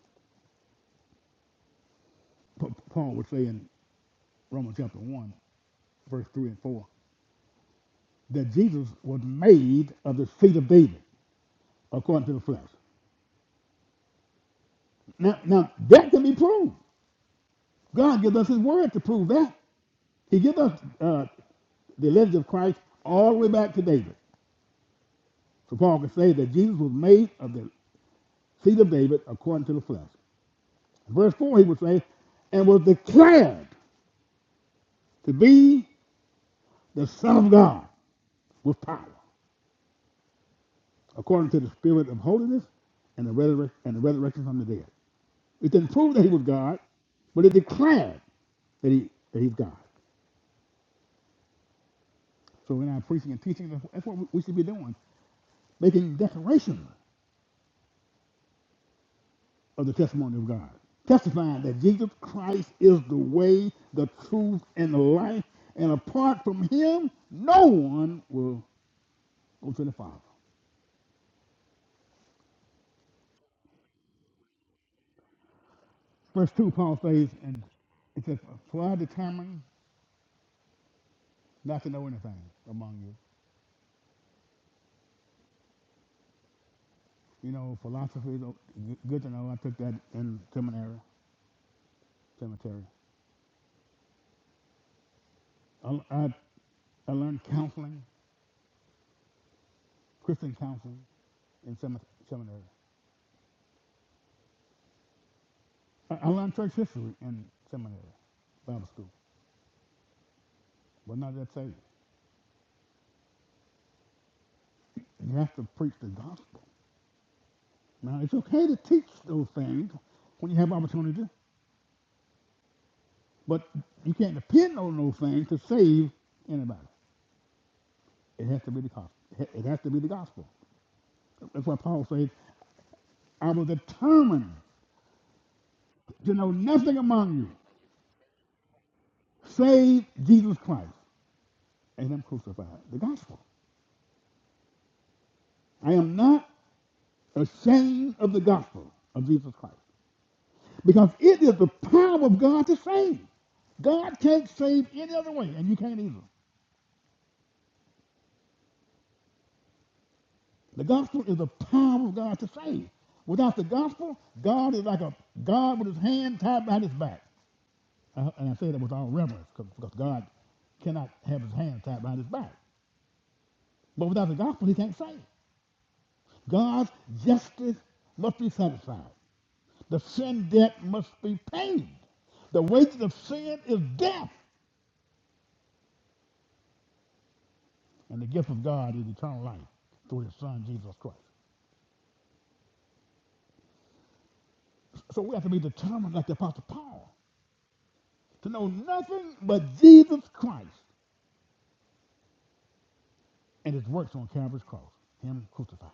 Paul would say in Romans chapter 1, verse 3 and 4, that Jesus was made of the seed of David according to the flesh. Now, now that can be proved. God gives us his word to prove that. He gives us uh, the lineage of Christ all the way back to David. So Paul can say that Jesus was made of the seed of David according to the flesh. Verse 4, he would say, and was declared to be the Son of God with power, according to the Spirit of holiness and the, resurrec- and the resurrection from the dead. It didn't prove that he was God, but it declared that, he, that he's God. So in our preaching and teaching, that's that's what we should be doing, making declarations of the testimony of God, testifying that Jesus Christ is the way, the truth, and the life, and apart from him, no one will on 25. Verse 2, Paul says, and it says, For I determined not to know anything among you. You know, philosophy is good to know. I took that in seminary. seminary. I, I, I learned counseling, Christian counseling, in seminary. I, I learned church history in seminary, Bible school. But not that saved. You have to preach the gospel. Now, it's okay to teach those things when you have opportunity, but you can't depend on those things to save anybody. It has to be the gospel. It has to be the gospel. That's why Paul says, I was determined to know nothing among you save Jesus Christ and him crucified. The gospel. I am not ashamed of the gospel of Jesus Christ because it is the power of God to save. God can't save any other way, and you can't either. The gospel is the power of God to save. Without the gospel, God is like a God with his hand tied behind his back. Uh, and I say that with all reverence, because God cannot have his hands tied behind his back. But without the gospel, he can't save. God's justice must be satisfied. The sin debt must be paid. The wages of sin is death, and the gift of God is eternal life through his son, Jesus Christ. So we have to be determined, like the Apostle Paul, to know nothing but Jesus Christ and his works on Calvary's cross, him crucified.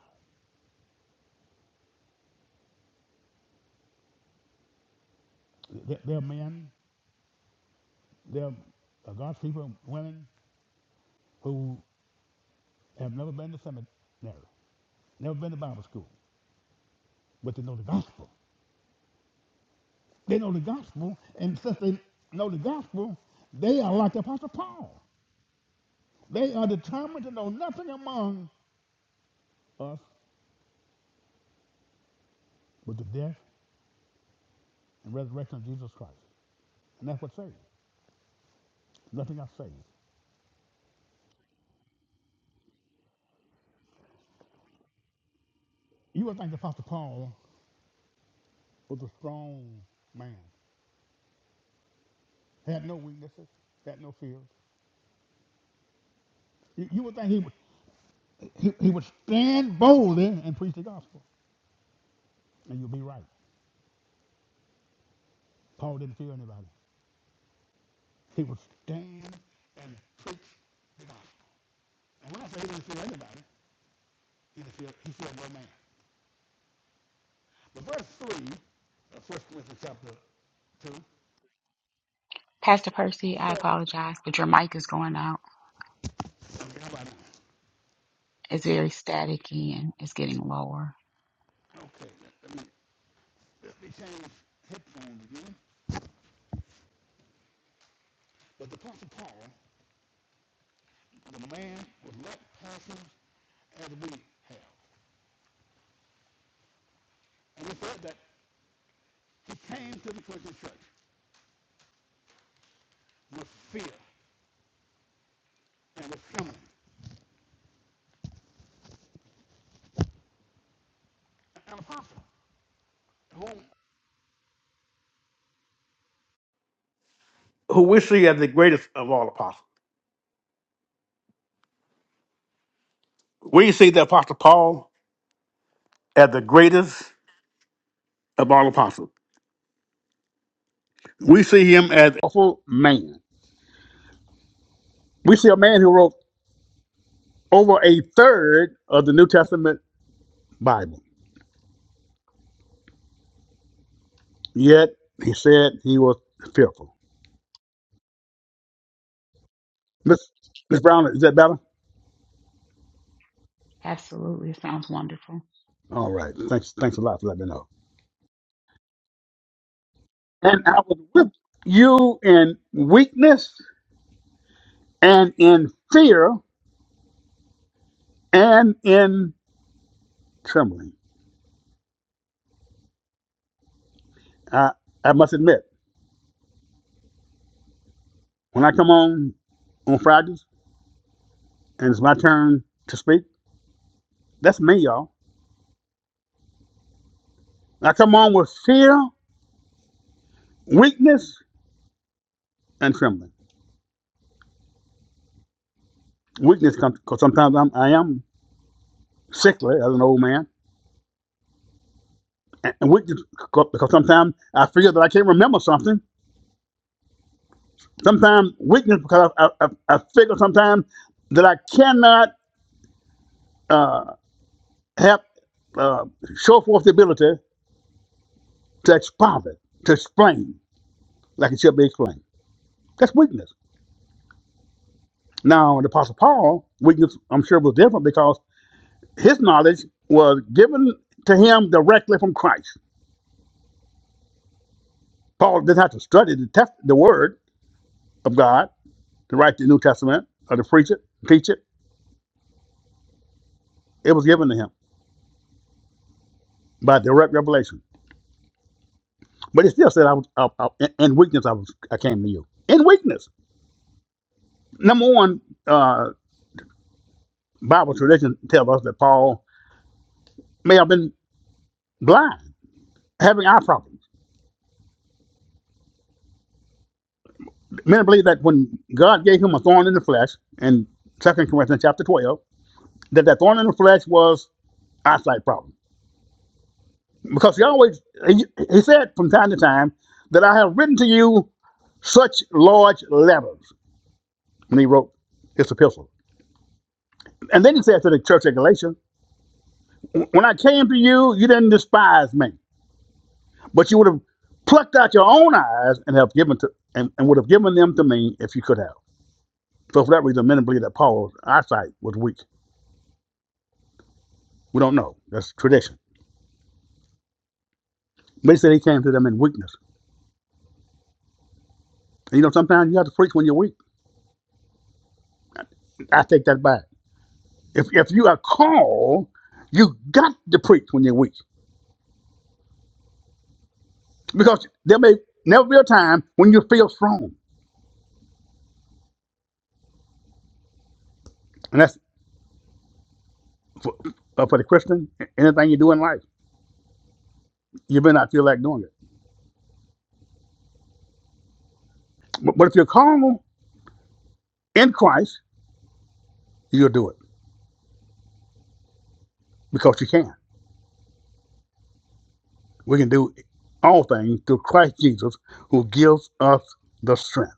there are men, there are God's people, women, who have never been to seminary, never been to Bible school, but they know the gospel. They know the gospel, and since they know the gospel, they are like the Apostle Paul. They are determined to know nothing among us but the death and resurrection of Jesus Christ. And that's what saved. Nothing else saved. You would think the Apostle Paul was a strong man, had no weaknesses, had no fears. You, you would think he would, he, he would stand boldly and preach the gospel. And you'd be right. Paul didn't fear anybody. He would stand and preach the gospel. And when I say he didn't feel anybody, he didn't feel, he filled no man. But verse 3 of First Corinthians chapter 2,
Pastor Percy,
he
I
said,
apologize, but your mic is going out.
okay, how about now?
It's very staticky and it's getting lower.
Okay, let, let me, let me change headphones again. But the Apostle Paul, the man with like passions as we have. And he said that he came to the Corinthian church with fear and with trembling. An apostle whom Who we see as the greatest of all apostles. We see the Apostle Paul as the greatest of all apostles. We see him as a powerful man. We see a man who wrote over a third of the New Testament Bible. Yet he said he was fearful. Miss Miss Brown, is that better?
Absolutely, it sounds wonderful.
All right. Thanks. Thanks a lot for letting me know. And I was with you in weakness and in fear and in trembling. I I must admit, when I come on on Fridays and it's my turn to speak. That's me, y'all. I come on with fear, weakness, and trembling. Weakness comes because sometimes I'm, I am sickly as an old man, and weakness because sometimes I figure that I can't remember something. Sometimes weakness because I, I, I figure sometimes that I cannot uh, have uh, show forth the ability to expound it, to explain like it should be explained. That's weakness. Now, the Apostle Paul, weakness, I'm sure was different because his knowledge was given to him directly from Christ. Paul didn't have to study the test, the word of God to write the New Testament or to preach it, teach it. It was given to him by direct revelation. But he still said, "I was I, I, in weakness. I was I came to you in weakness." Number one, uh, Bible tradition tells us that Paul may have been blind, having eye problems. Many believe that when God gave him a thorn in the flesh in Second Corinthians chapter 12, that that thorn in the flesh was eyesight problem because he always he, he said from time to time that I have written to you such large letters when he wrote his epistle. And then he said to the church at Galatia, When I came to you, you didn't despise me, but you would have plucked out your own eyes and have given to and, and would have given them to me if you could have. So for that reason, many believe that Paul's eyesight was weak. We don't know. That's tradition. But he said he came to them in weakness. And you know, sometimes you have to preach when you're weak. I take that back. If if you are called, you got to preach when you're weak, because there may never be a time when you feel strong, and that's for, uh, for the Christian. Anything you do in life, you may not feel like doing it, but, but if you're called in Christ, you'll do it because you can. We can do all things through Christ Jesus, who gives us the strength.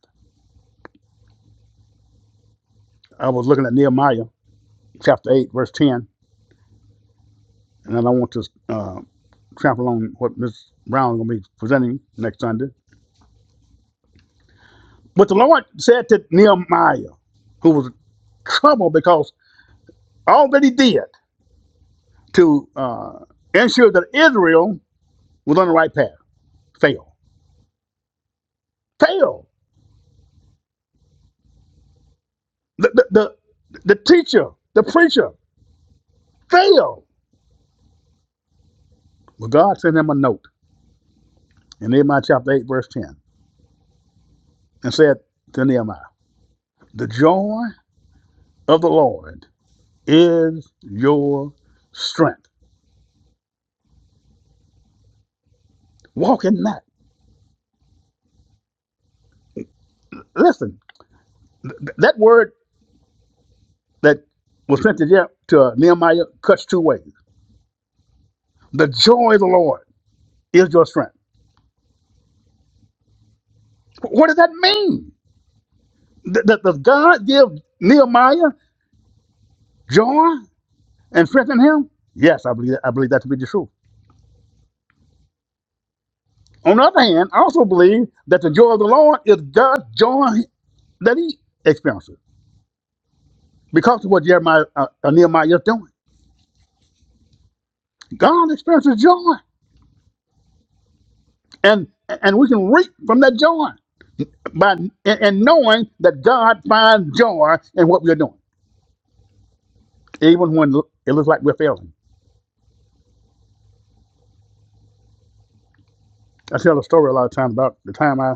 I was looking at Nehemiah chapter eight, verse ten, and then I want to uh, trample on what Ms. Brown is going to be presenting next Sunday. But the Lord said to Nehemiah, who was troubled because all that he did to uh, ensure that Israel was on the right path failed. Failed. The, the, the, the teacher, the preacher, failed. Well, God sent him a note in Nehemiah chapter 8, verse 10, and said to Nehemiah, The joy of the Lord is your strength. Walk in that. Listen, th- that word that was sent to, Je- to Nehemiah cuts two ways. The joy of the Lord is your strength. What does that mean? Th- th- Does God give Nehemiah joy and strength in him? Yes, I believe that. I believe that to be the truth. On the other hand, I also believe that the joy of the Lord is God's joy that he experiences because of what Jeremiah, uh, uh, Nehemiah is doing. God experiences joy, and and we can reap from that joy by and, and knowing that God finds joy in what we're doing, even when it looks like we're failing. I tell a story a lot of times about the time I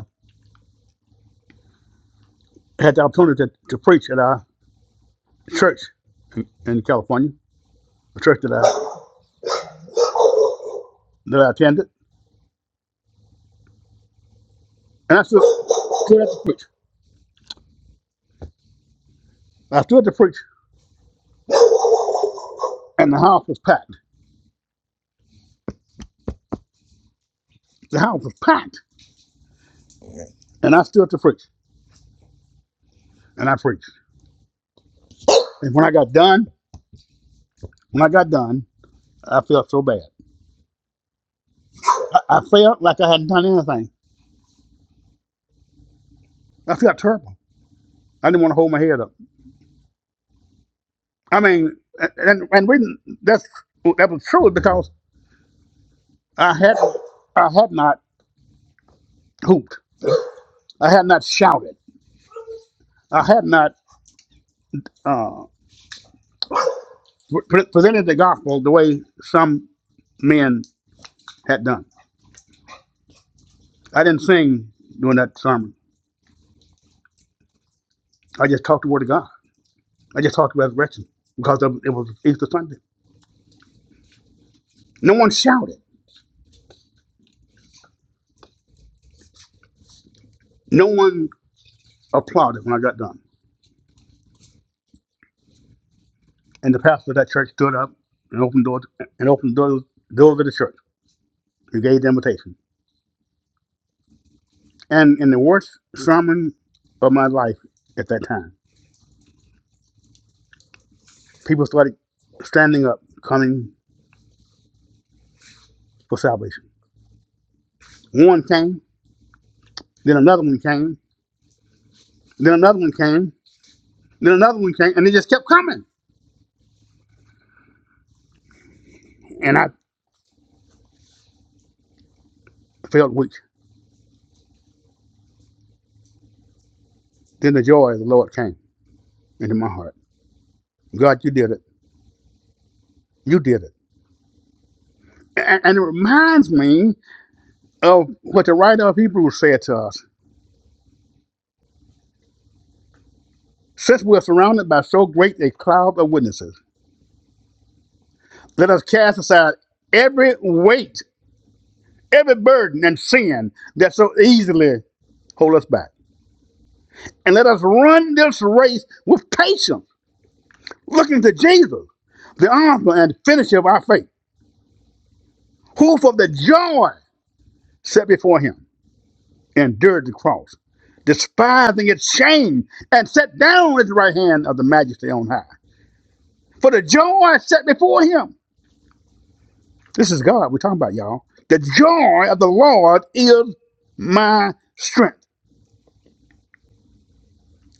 had the opportunity to, to preach at our church in, in California, the church that I that I attended, and I stood, stood up to preach. I stood to preach, and the house was packed. The house was packed, and I stood to preach, and I preached. And when I got done, when I got done, I felt so bad. I, I felt like I hadn't done anything. I felt terrible. I didn't want to hold my head up. I mean, and and, reason that's that was true because I had I had not hooped. I had not shouted. I had not. uh, pre- presented the gospel the way some men had done. I didn't sing during that sermon. I just talked the word of God. I just talked the resurrection because of, it was Easter Sunday. No one shouted. No one applauded when I got done. And the pastor of that church stood up and opened doors and opened doors, doors of the church and gave the invitation. And in the worst sermon of my life at that time, people started standing up, coming for salvation. One came, then another one came, then another one came. Then another one came, and it just kept coming. And I felt weak. Then the joy of the Lord came into my heart. God, you did it. You did it. And, and it reminds me of what the writer of Hebrews said to us Since we're surrounded by so great a cloud of witnesses, let us cast aside every weight, every burden, and sin that so easily hold us back. And let us run this race with patience, looking to Jesus, the author and finisher of our faith, who for the joy set before him, endured the cross, despising its shame, and sat down at the right hand of the majesty on high. For the joy set before him. This is God we're talking about, y'all. The joy of the Lord is my strength.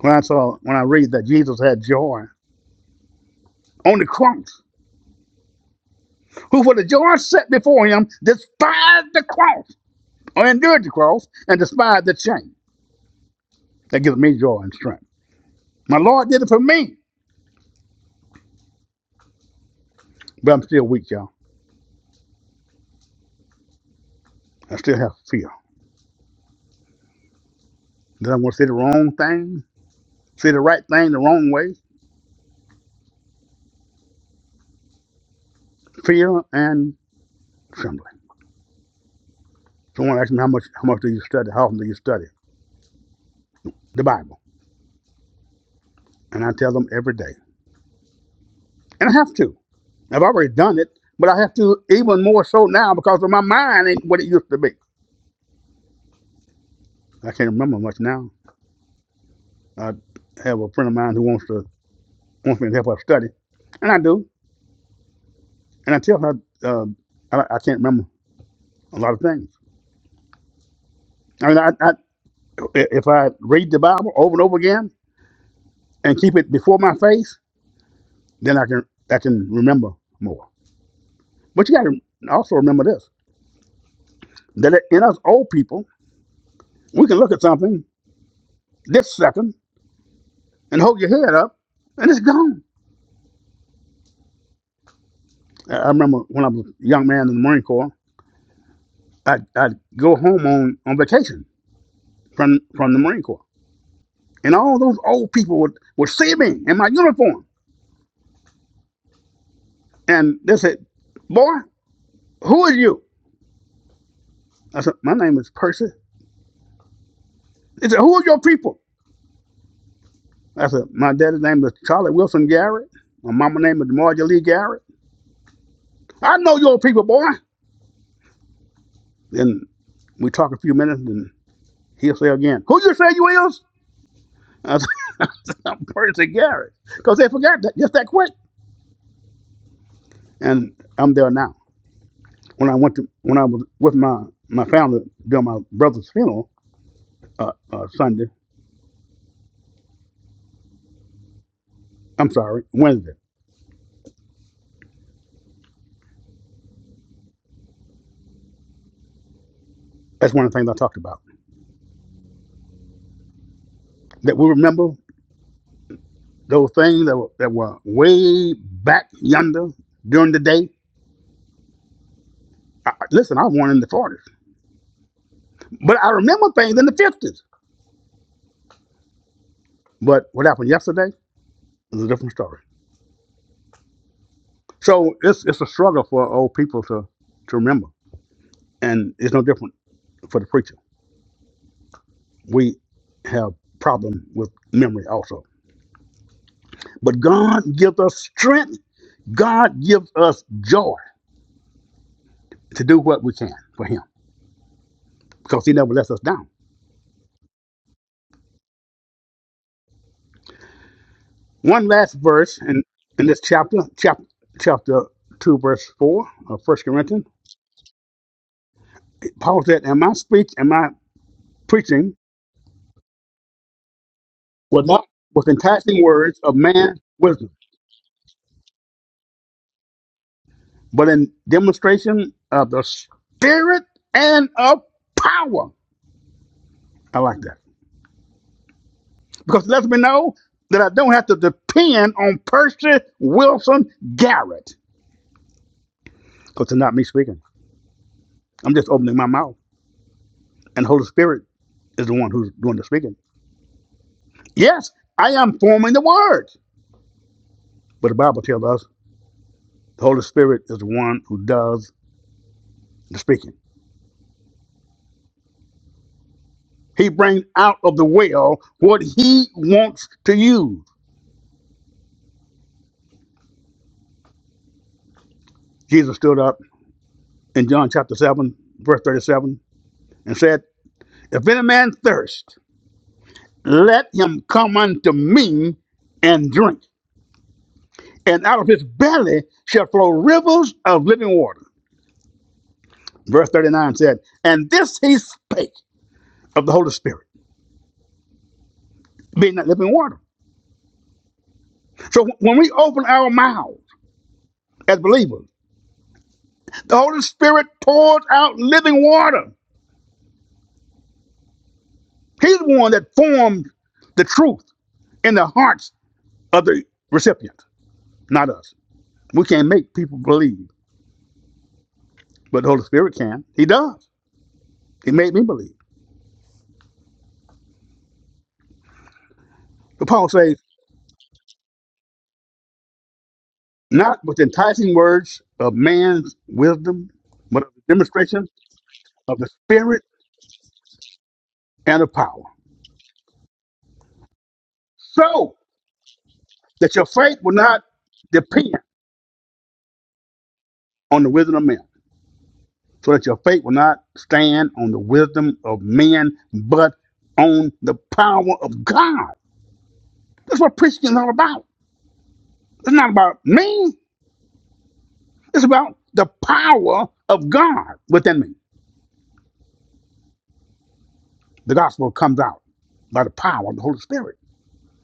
When I saw when I read that Jesus had joy on the cross, who for the joy set before him despised the cross, or endured the cross, and despised the shame. That gives me joy and strength. My Lord did it for me, but I'm still weak, y'all. I still have fear. That I'm going to say the wrong thing, say the right thing the wrong way. Fear and trembling. Someone asks me how much how much do you study? How often do you study the Bible? And I tell them every day. And I have to. I've already done it, but I have to even more so now because of my mind ain't what it used to be. I can't remember much now. I have a friend of mine who wants to wants me to help her study, and I do. And I tell her uh, I, I can't remember a lot of things. I mean, I, I, if I read the Bible over and over again and keep it before my face. Then I can I can remember more. But you got to also remember this: that in us old people, we can look at something this second and hold your head up, and it's gone. I remember when I was a young man in the Marine Corps, I'd, I'd go home on, on vacation from from the Marine Corps, and all those old people would would see me in my uniform, and they said, "Boy, who are you?" I said, "My name is Percy." They said, "Who are your people?" I said, "My daddy's name is Charlie Wilson Garrett. My mama's name is Marjorie Lee Garrett." I know your people, boy. Then we talk a few minutes, and he'll say again, "Who you say you is?" I said, "I'm Percy Garrett," because they forgot that just that quick. And I'm there now. When I went to when I was with my my family during my brother's funeral uh, uh, Sunday, I'm sorry, Wednesday. That's one of the things I talked about. That we remember those things that were, that were way back yonder during the day. I, listen, I was born in the 40s, but I remember things in the 50s. But what happened yesterday is a different story. So it's it's a struggle for old people to to remember, and it's no different for the preacher. We have problem with memory also, but God gives us strength. God gives us joy to do what we can for Him because He never lets us down. One last verse in in this chapter, chapter chapter two, verse four of First Corinthians. Paul said, "And my speech and my preaching was not with enticing words of man's wisdom." but in demonstration of the spirit and of power. I like that because it lets me know that I don't have to depend on Percy Wilson Garrett because it's not me speaking. I'm just opening my mouth, and the Holy Spirit is the one who's doing the speaking. Yes, I am forming the words, but the Bible tells us the Holy Spirit is the one who does the speaking. He brings out of the well what he wants to use. Jesus stood up in John chapter 7, verse 37 and said, If any man thirst, let him come unto me and drink. And out of his belly shall flow rivers of living water. Verse 39 said, And this he spake of the Holy Spirit, being that living water. So when we open our mouths as believers, the Holy Spirit pours out living water. He's the one that forms the truth in the hearts of the recipient, not us. We can't make people believe, but the Holy Spirit can. He does. He made me believe. But Paul says, not with enticing words of man's wisdom, but of the demonstration of the Spirit and of power, so that your faith will not depend on the wisdom of men, so that your faith will not stand on the wisdom of men, but on the power of God. That's what preaching is all about. It's not about me, it's about the power of God within me. The gospel comes out by the power of the Holy Spirit.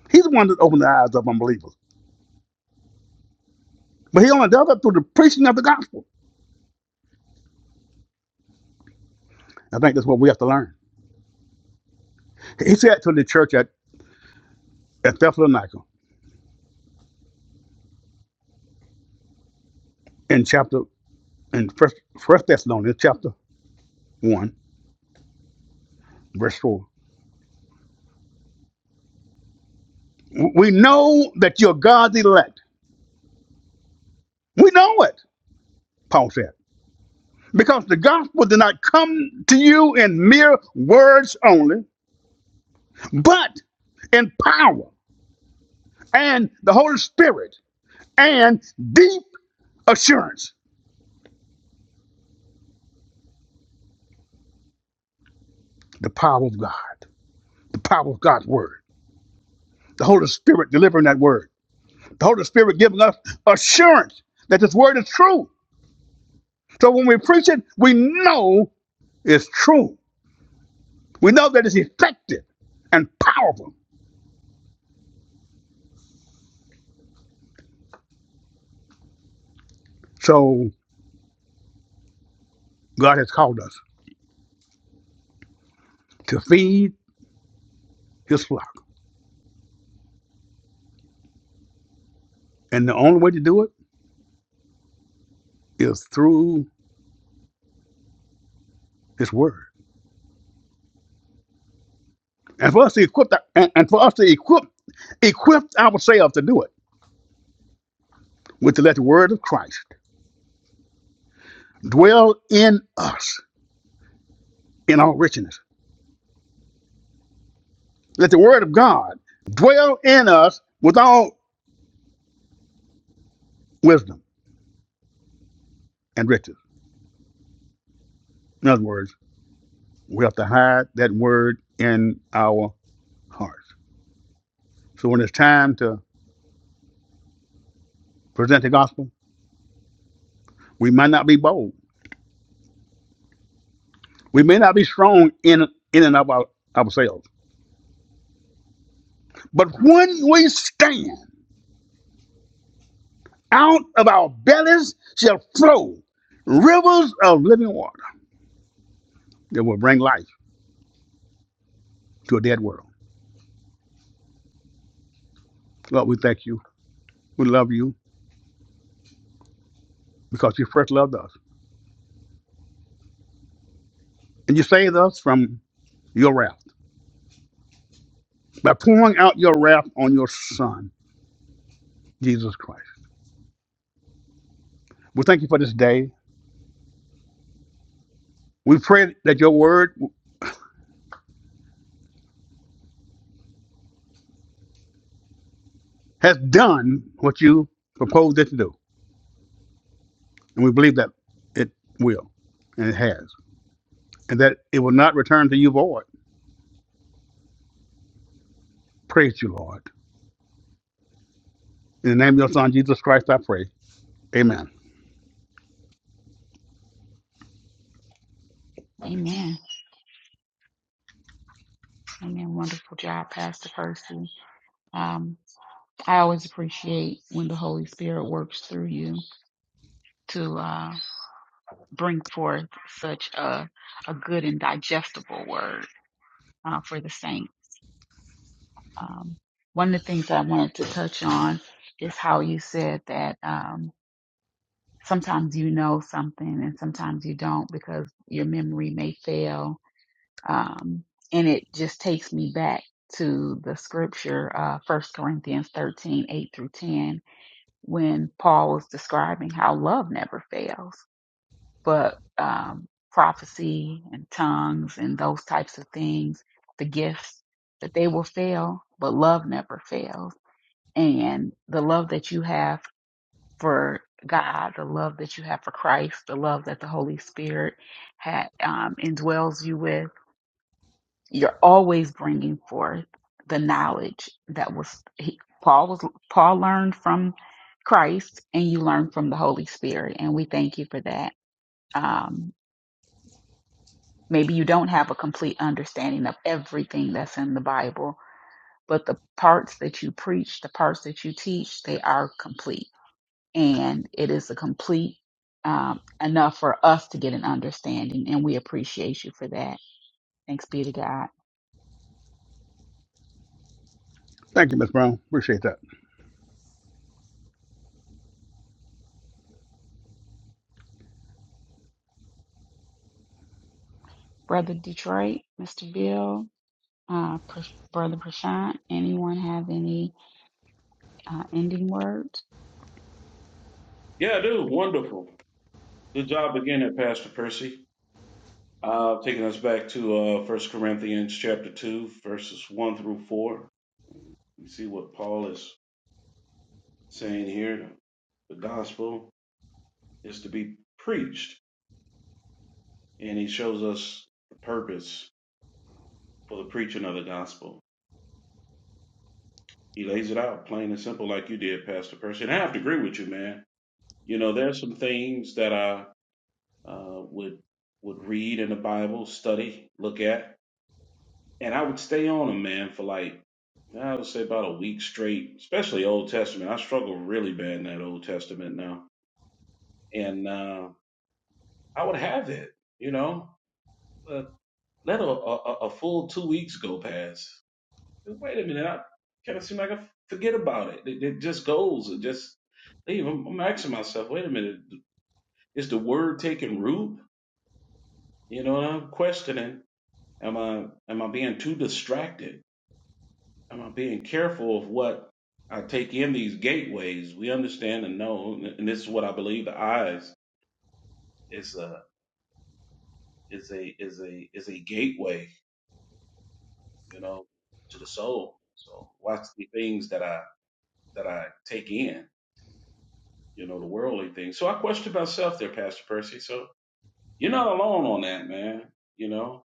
He's the one that opened the eyes of unbelievers But he only does it through the preaching of the gospel. I think that's what we have to learn. He said to the church at, at Thessalonica in chapter in first first Thessalonians chapter one, verse four. We know that you're God's elect. We know it, Paul said. Because the gospel did not come to you in mere words only, but in power and the Holy Spirit and deep assurance. The power of God, the power of God's word, the Holy Spirit delivering that word The Holy Spirit giving us assurance that this word is true. So when we preach it, we know it's true. We know that it's effective and powerful. So God has called us to feed his flock. And the only way to do it is through his word. And for us to equip that, and, and for us to equip equip ourselves to do it, with to let the word of Christ dwell in us in all richness. Let the word of God dwell in us with all wisdom and riches In other words, we have to hide that word in our hearts. So when it's time to present the gospel, we might not be bold. We may not be strong in in and of our, ourselves. But when we stand, out of our bellies shall flow rivers of living water that will bring life to a dead world. Lord, we thank you. We love you because you first loved us. And you saved us from your wrath by pouring out your wrath on your Son, Jesus Christ. We thank you for this day. We pray that your word has done what you proposed it to do. And we believe that it will, and it has, and that it will not return to you void. Praise you, Lord. In the name of your son, Jesus Christ, I pray. Amen.
Amen. Amen. Wonderful job, Pastor Percy. Um, I always appreciate when the Holy Spirit works through you to uh, bring forth such a a good and digestible word uh, for the saints. Um, one of the things that I wanted to touch on is how you said that um, sometimes you know something and sometimes you don't because your memory may fail. Um, and it just takes me back to the scripture, uh, 1 Corinthians 13 8 through 10, when Paul was describing how love never fails, but um, prophecy and tongues and those types of things, the gifts, that they will fail, but love never fails and the love that you have for God, the love that you have for Christ, the love that the Holy Spirit ha um, indwells you with, you're always bringing forth the knowledge that was he, Paul was Paul learned from Christ, and you learn from the Holy Spirit, and we thank you for that. Um, maybe you don't have a complete understanding of everything that's in the Bible, but the parts that you preach, the parts that you teach, they are complete and it is a complete um, enough for us to get an understanding, and we appreciate you for that. Thanks be to God.
Thank you, Miss Brown. Appreciate that.
Brother Detroit, Mr. Bill, uh, Pr- Brother Prashant, anyone have any uh, ending words?
Yeah, dude, wonderful. Good job again there, Pastor Percy. Uh, taking us back to uh, 1 Corinthians chapter 2, verses 1 through 4. We see what Paul is saying here the gospel is to be preached and he shows us the purpose for the preaching of the gospel he lays it out plain and simple like you did pastor percy and i have to agree with you man you know there's some things that i uh, would would read in the bible study look at and i would stay on them man for like i would say about a week straight especially old testament i struggle really bad in that old testament now and uh, i would have it you know Let a, a, a full two weeks go past. Wait a minute, I kind of seem like I forget about it. It, it just goes. It just leave. I'm, I'm asking myself, wait a minute, is the word taking root? You know, and I'm questioning. Am I am I being too distracted? Am I being careful of what I take in these gateways? We understand and know, and this is what I believe. The eyes is a is a is a is a gateway, you know, to the soul. So watch the things that I that I take in, you know, the worldly things. So I question myself there, Pastor Percy. So you're not alone on that, man. You know,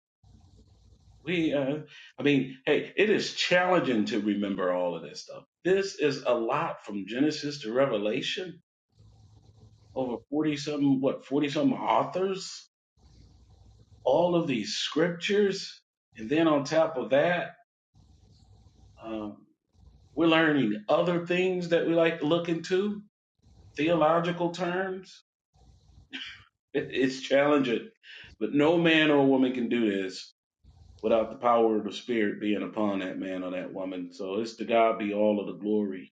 we, uh, I mean, hey, it is challenging to remember all of this stuff. This is a lot from Genesis to Revelation, over 40 something, what, 40 something authors, all of these scriptures. And then on top of that, um, we're learning other things that we like to look into, theological terms It's challenging. But no man or woman can do this without the power of the Spirit being upon that man or that woman. So it's to God be all of the glory.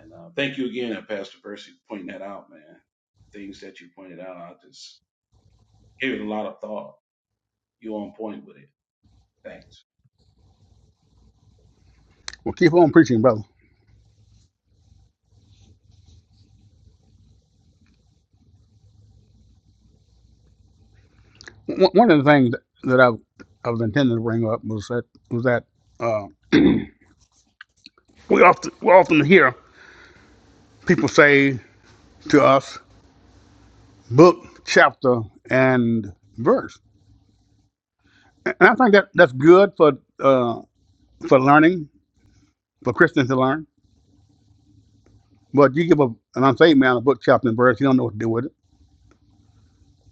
And uh, thank you again, uh, Pastor Percy, for pointing that out, man. Things that you pointed out, I just gave it a lot of thought. you are on point with it. Thanks.
Well, keep on preaching, brother. One one of the things that I, I was intending to bring up was that, was that uh, we, often, we often hear people say to us, book, chapter, and verse. And I think that that's good for uh, for learning, for Christians to learn. But you give a, an unsaved man a book, chapter, and verse, he don't know what to do with it.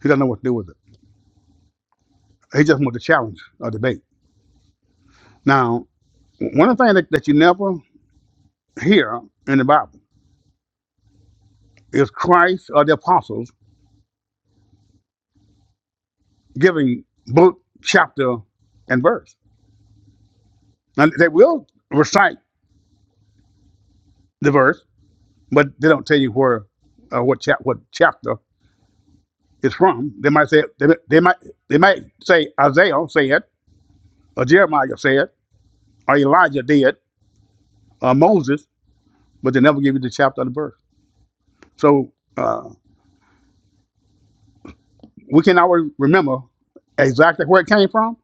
He doesn't know what to do with it. He just wants to challenge a debate. Now, one of the things that, that you never hear in the Bible is Christ or the apostles giving book, chapter, and verse. Now, they will recite the verse, but they don't tell you where, uh, what, chap, what chapter it's from. They might say, they, they might, they might say Isaiah said, or Jeremiah said, or Elijah did, or Moses but they never give you the chapter of the birth. So uh, we can always remember exactly where it came from.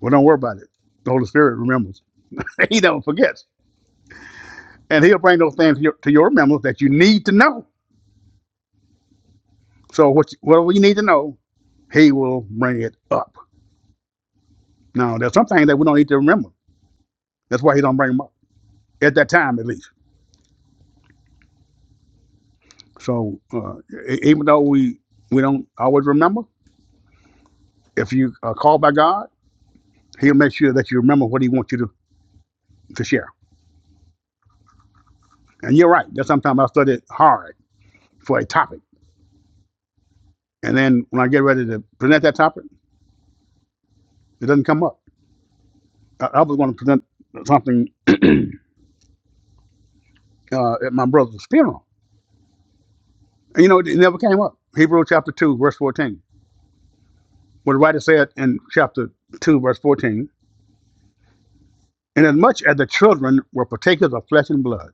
Well, don't worry about it. The Holy Spirit remembers. He never forgets, and He'll bring those things to your, to your remembrance that you need to know. So what you- whatever you need to know, He will bring it up. Now, there's some things that we don't need to remember. That's why He don't bring them up at that time, at least. So uh, e- even though we we don't always remember, if you are called by God, He'll make sure that you remember what He wants you to to share. And you're right. There's sometimes I study hard for a topic, and then when I get ready to present that topic, it doesn't come up. I, I was going to present something uh, at my brother's funeral, and you know it never came up. Hebrew chapter two verse fourteen. What the writer said in chapter two verse fourteen. Inasmuch as the children were partakers of flesh and blood,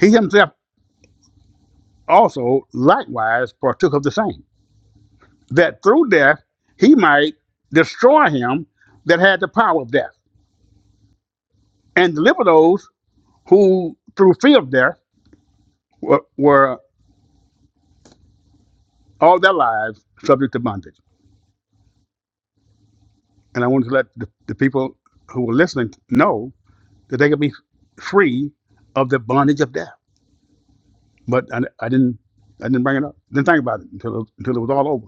he himself also likewise partook of the same, that through death he might destroy him that had the power of death, and deliver those who, through fear of death, were, were all their lives subject to bondage. And I wanted to let the, the people who were listening know that they could be free of the bondage of death. But I, I didn't. I didn't bring it up. Didn't think about it until it, until it was all over.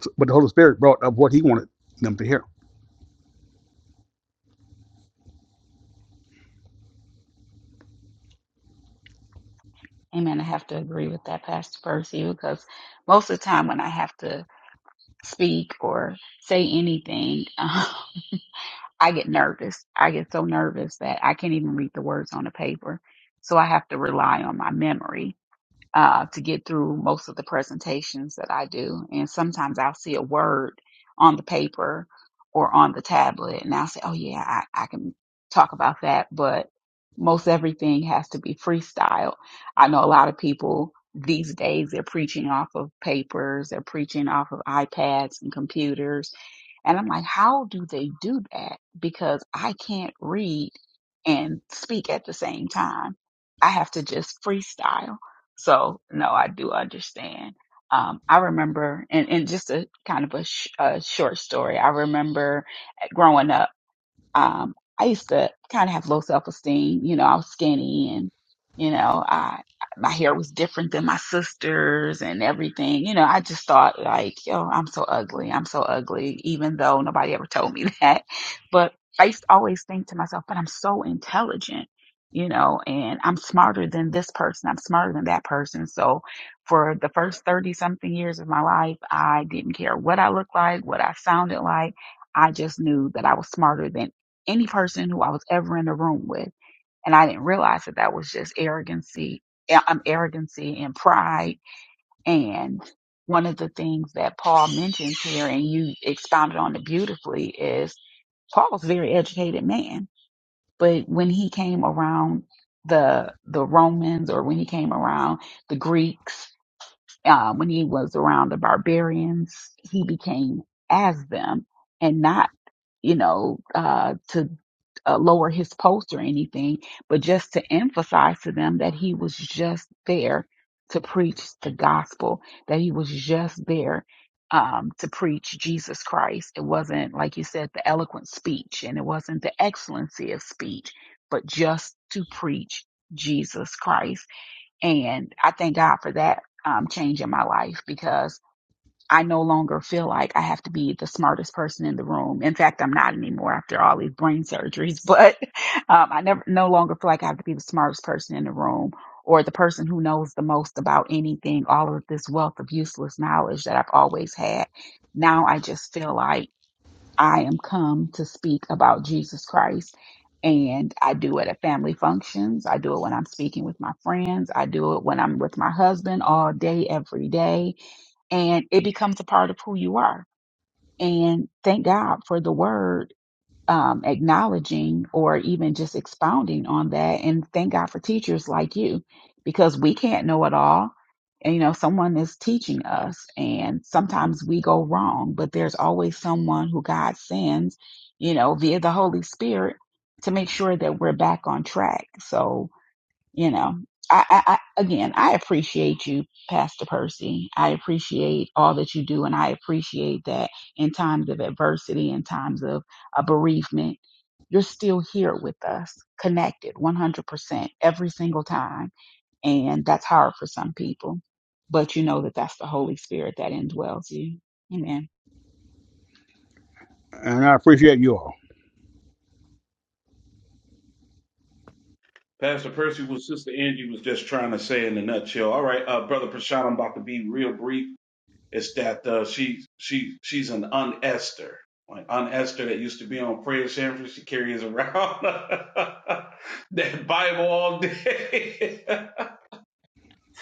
So- but the Holy Spirit brought up what He wanted them to hear,
Amen. I have to agree with that, Pastor Percy, because most of the time when I have to speak or say anything, I get nervous. I get so nervous that I can't even read the words on the paper. So I have to rely on my memory uh, to get through most of the presentations that I do. And sometimes I'll see a word on the paper or on the tablet and I'll say, oh yeah, I, I can talk about that. But most everything has to be freestyle. I know a lot of people these days, they're preaching off of papers, they're preaching off of iPads and computers. And I'm like, how do they do that? Because I can't read and speak at the same time. I have to just freestyle. So no, I do understand. Um, I remember, and, and just a kind of a, sh- a short story. I remember eh, growing up um, I used to kind of have low self esteem. You know, I was skinny and, you know, I, my hair was different than my sister's and everything. You know, I just thought like, yo, I'm so ugly. I'm so ugly, even though nobody ever told me that. But I used to always think to myself, but I'm so intelligent, you know, and I'm smarter than this person. I'm smarter than that person. So for the first 30 something years of my life, I didn't care what I looked like, what I sounded like. I just knew that I was smarter than any person who I was ever in a room with. And I didn't realize that that was just arrogancy, uh, um, arrogancy and pride. And one of the things that Paul mentions here, and you expounded on it beautifully, is Paul's a very educated man, but when he came around the the Romans or when he came around the Greeks, uh, when he was around the barbarians, he became as them and not you know, uh, to uh, lower his post or anything, but just to emphasize to them that he was just there to preach the gospel, that he was just there um, to preach Jesus Christ. It wasn't, like you said, the eloquent speech and it wasn't the excellency of speech, but just to preach Jesus Christ. And I thank God for that um, change in my life because I no longer feel like I have to be the smartest person in the room. In fact, I'm not anymore after all these brain surgeries, but um, I never no longer feel like I have to be the smartest person in the room or the person who knows the most about anything, all of this wealth of useless knowledge that I've always had. Now I just feel like I am come to speak about Jesus Christ. And I do it at family functions. I do it when I'm speaking with my friends. I do it when I'm with my husband all day, every day and it becomes a part of who you are. And thank God for the word um, acknowledging or even just expounding on that. And thank God for teachers like you because we can't know it all. And, you know, someone is teaching us, and sometimes we go wrong, but there's always someone who God sends, you know, via the Holy Spirit to make sure that we're back on track. So, you know I, I, I again i appreciate you pastor percy i appreciate all that you do and i appreciate that in times of adversity in times of a bereavement you're still here with us connected 100% every single time and that's hard for some people but you know that that's the holy spirit that indwells you amen
and I appreciate you all.
Pastor Percy, what Sister Angie was just trying to say in a nutshell. All right, uh, Brother Prashant, I'm about to be real brief. It's that uh, she she she's an unester. Like Aunt Esther that used to be on prayer service, she carries around that Bible all day.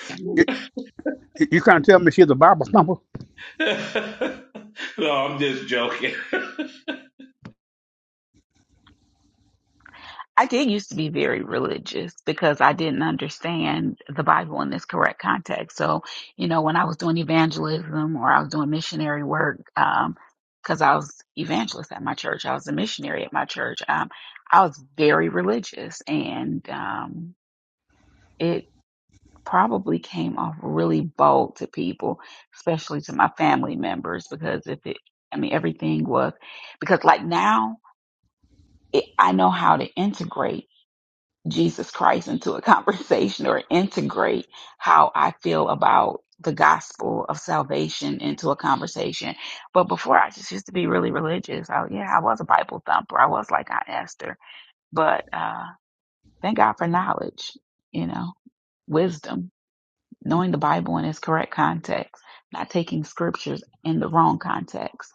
You,
no,
you you can't tell me she's a Bible thumper.
I'm just joking.
I did used to be very religious because I didn't understand the Bible in this correct context. So, you know, when I was doing evangelism or I was doing missionary work, um, because I was evangelist at my church, I was a missionary at my church. Um, I was very religious, and um, it probably came off really bold to people, especially to my family members, because if it, I mean, everything was because like now it, I know how to integrate Jesus Christ into a conversation or integrate how I feel about the gospel of salvation into a conversation. But before I just used to be really religious. I, yeah, I was a Bible thumper. I was like Aunt Esther. But uh, thank God for knowledge, you know, wisdom, knowing the Bible in its correct context, not taking scriptures in the wrong context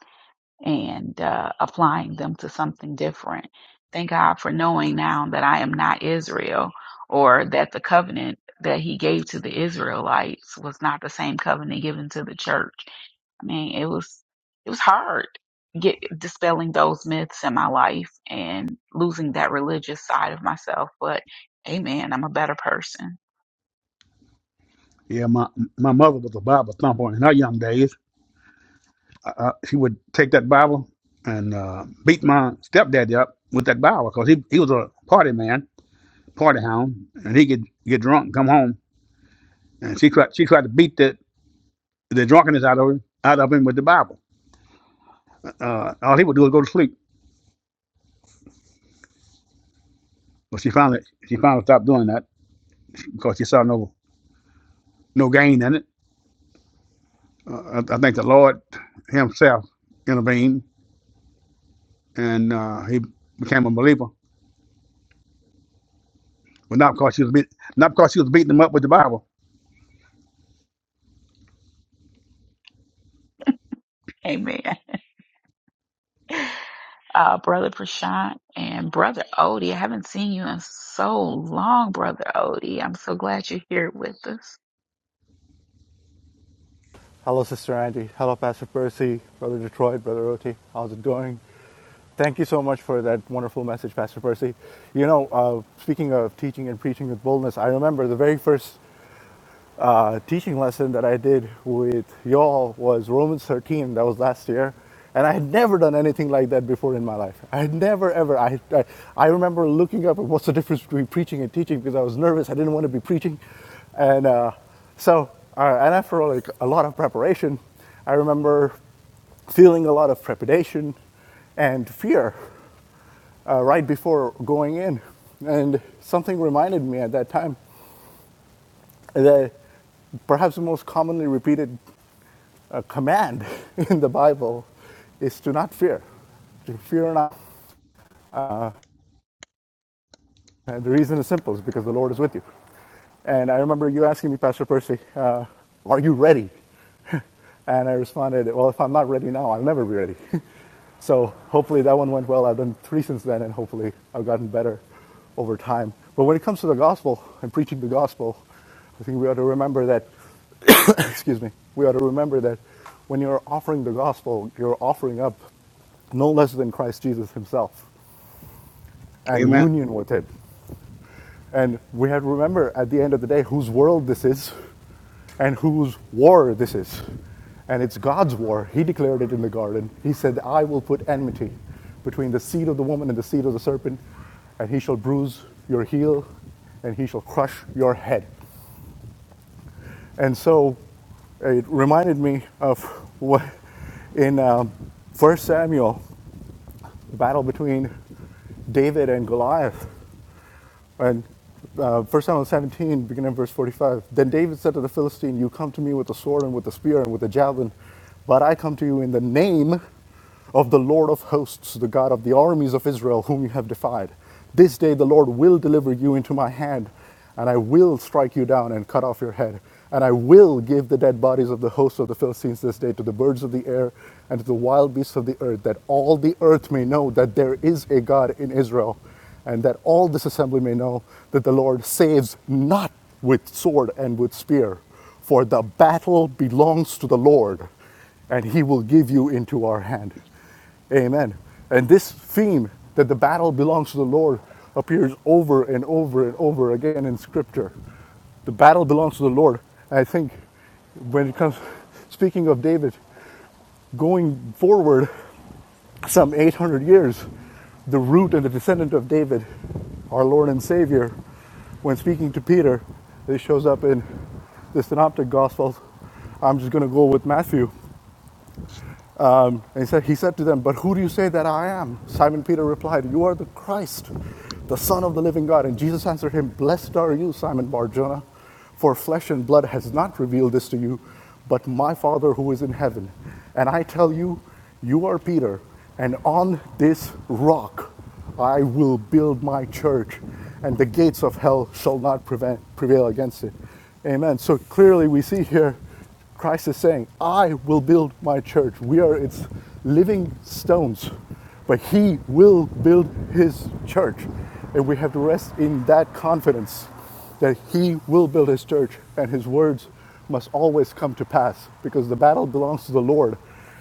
and uh, applying them to something different. Thank God for knowing now that I am not Israel or that the covenant that he gave to the Israelites was not the same covenant given to the church. I mean, it was, it was hard get dispelling those myths in my life and losing that religious side of myself. But amen, I'm a better person.
Yeah, my my mother was a Bible thumper in her young days. uh, she would take that Bible and uh, beat my stepdaddy up with that Bible because he, he was a party man, party hound, and he could get drunk and come home. And she tried, she tried to beat the, the drunkenness out of him, out of him with the Bible. Uh, all he would do was go to sleep. But she finally she finally stopped doing that because she saw no no gain in it. Uh, I, I think the Lord Himself intervened and uh, he became a believer, but not because she was beat, not because she was beating him up with the Bible.
Amen. uh, Brother Prashant and Brother Odie. I haven't seen you in so long, Brother Odie. I'm so glad you're here with us.
Hello, Sister Angie. Hello, Pastor Percy, Brother Detroit, Brother Oti. How's it going? Thank you so much for that wonderful message, Pastor Percy. You know, uh, speaking of teaching and preaching with boldness, I remember the very first uh, teaching lesson that I did with y'all was Romans 13. That was last year. And I had never done anything like that before in my life. I had never, ever. I, I, I remember looking up at what's the difference between preaching and teaching because I was nervous. I didn't want to be preaching. And uh, so, uh, and after like a lot of preparation, I remember feeling a lot of trepidation and fear uh, right before going in. And something reminded me at that time the, perhaps the most commonly repeated uh, command in the Bible is to not fear. To fear not. And the reason is simple: is because the Lord is with you. And I remember you asking me, Pastor Percy, uh, "Are you ready?" And I responded, well, if I'm not ready now, I'll never be ready. so hopefully that one went well. I've done three since then, and hopefully I've gotten better over time. But when it comes to the gospel and preaching the gospel, I think we ought to remember that, excuse me, we ought to remember that when you're offering the gospel, you're offering up no less than Christ Jesus himself and
Amen.
union with it. And we have to remember at the end of the day whose world this is and whose war this is. And it's God's war. He declared it in the garden. He said, I will put enmity between the seed of the woman and the seed of the serpent, and he shall bruise your heel, and he shall crush your head. And so it reminded me of what in um, 1 Samuel, the battle between David and Goliath. And uh, 1 Samuel 17, beginning at verse 45. Then David said to the Philistine, You come to me with a sword and with a spear and with a javelin, but I come to you in the name of the Lord of hosts, the God of the armies of Israel, whom you have defied. This day the Lord will deliver you into my hand, and I will strike you down and cut off your head. And I will give the dead bodies of the hosts of the Philistines this day to the birds of the air and to the wild beasts of the earth, that all the earth may know that there is a God in Israel and that all this assembly may know that the Lord saves not with sword and with spear, for the battle belongs to the Lord, and he will give you into our hand. Amen. And this theme that the battle belongs to the Lord appears over and over and over again in Scripture. The battle belongs to the Lord. I think when it comes, speaking of David, going forward some 800 years, the root and the descendant of David, our Lord and Savior, when speaking to Peter, it shows up in the Synoptic Gospels. I'm just going to go with Matthew. Um, and he said, he said to them, But who do you say that I am? Simon Peter replied, You are the Christ, the Son of the living God. And Jesus answered him, Blessed are you, Simon Barjona, for flesh and blood has not revealed this to you, but my Father who is in heaven. And I tell you, you are Peter, and on this rock I will build my church, and the gates of hell shall not prevent, prevail against it. Amen. So clearly, we see here Christ is saying, I will build my church. We are its living stones, but He will build His church. And we have to rest in that confidence that He will build His church and His words must always come to pass because the battle belongs to the Lord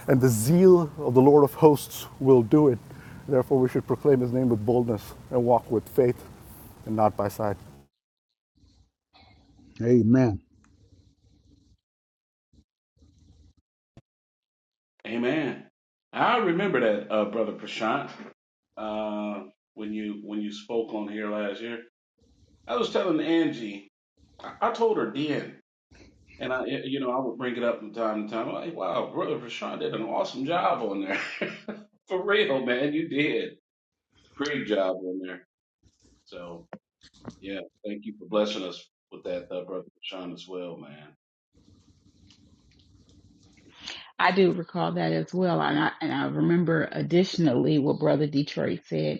and the zeal of the Lord of hosts will do it. Therefore, we should proclaim His name with boldness and walk with faith and not by sight.
Amen.
Amen. I remember that, uh, brother Prashant. Uh, when you when you spoke on here last year, I was telling Angie. I, I told her then. And I, you know, I would bring it up from time to time. Like, wow, brother Rashawn did an awesome job on there. for real, man, you did great job on there. So yeah, thank you for blessing us with that, uh, brother Rashawn, as well, man.
I do recall that as well. And I, and I remember additionally what Brother Detroit said.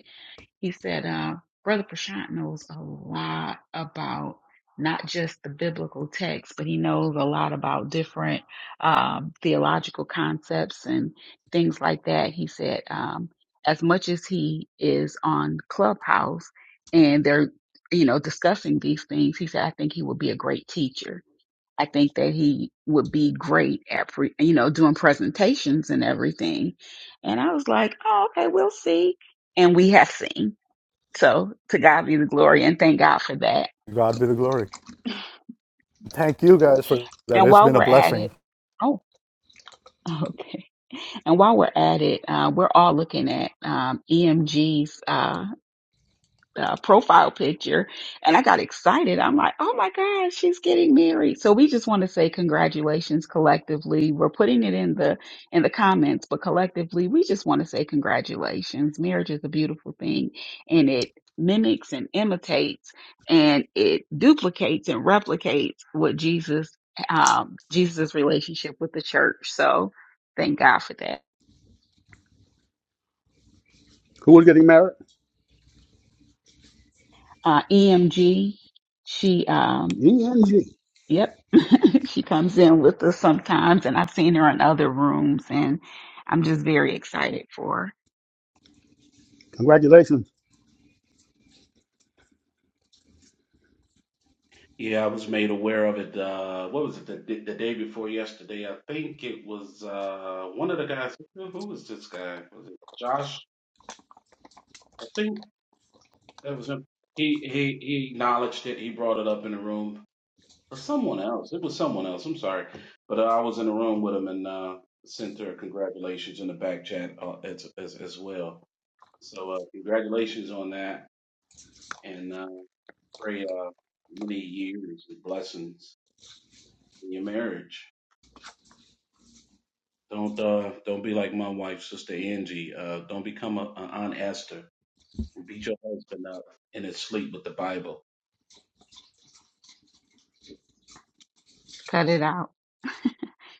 He said, uh, Brother Prashant knows a lot about not just the biblical text, but he knows a lot about different um, theological concepts and things like that. He said, um, as much as he is on Clubhouse and they're, you know, discussing these things, he said, I think he would be a great teacher. I think that he would be great at, pre- you know, doing presentations and everything. And I was like, oh, okay, we'll see. And we have seen. So to God be the glory and thank God for that.
God be the glory. Thank you guys for that.
And
It's
while
been a
we're at
blessing.
it, oh, okay. And while we're at it, uh, we're all looking at um, EMG's. uh, profile picture and I got excited. I'm like, oh my God, she's getting married. So we just want to say congratulations collectively. We're putting it in the, in the comments, but collectively we just want to say congratulations. Marriage is a beautiful thing and it mimics and imitates and it duplicates and replicates what Jesus, um, Jesus' relationship with the church. So thank God for that.
Who is getting married?
Uh, EMG. She, um
E and G.
Yep. she comes in with us sometimes, and I've seen her in other rooms, and I'm just very excited for her.
Congratulations.
Yeah, I was made aware of it. Uh, what was it? The, the day before yesterday, I think it was uh, one of the guys. Who who was this guy? Was it Josh? I think that was him. He he he acknowledged it. He brought it up in the room Or someone else. It was someone else. I'm sorry, but uh, I was in the room with him and uh, sent her congratulations in the back chat uh, as, as as well. So uh, congratulations on that, and uh, pray uh, many years of blessings in your marriage. Don't uh, don't be like my wife, Sister Angie. Uh, don't become a, a Aunt Esther and beat your husband up in his sleep with the Bible.
Cut it out.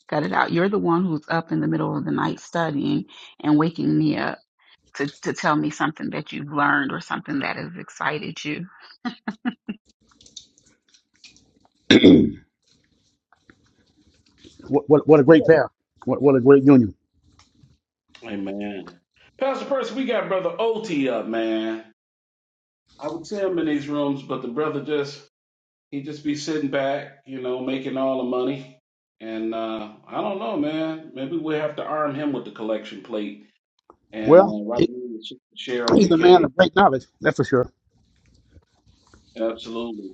Cut it out. You're the one who's up in the middle of the night studying and waking me up to, to tell me something that you've learned or something that has excited you.
what, what, what a great pair. What, what a great union.
Amen. Pastor Percy, we got Brother OT up, man. I would say him in these rooms, but the brother just he'd just be sitting back, you know, making all the money. And uh, I don't know, man. Maybe we have to arm him with the collection plate. And
Well,
uh, right
he,
now, it's Cheryl
he's a man
Kincaid,
of great knowledge, that's for sure.
absolutely.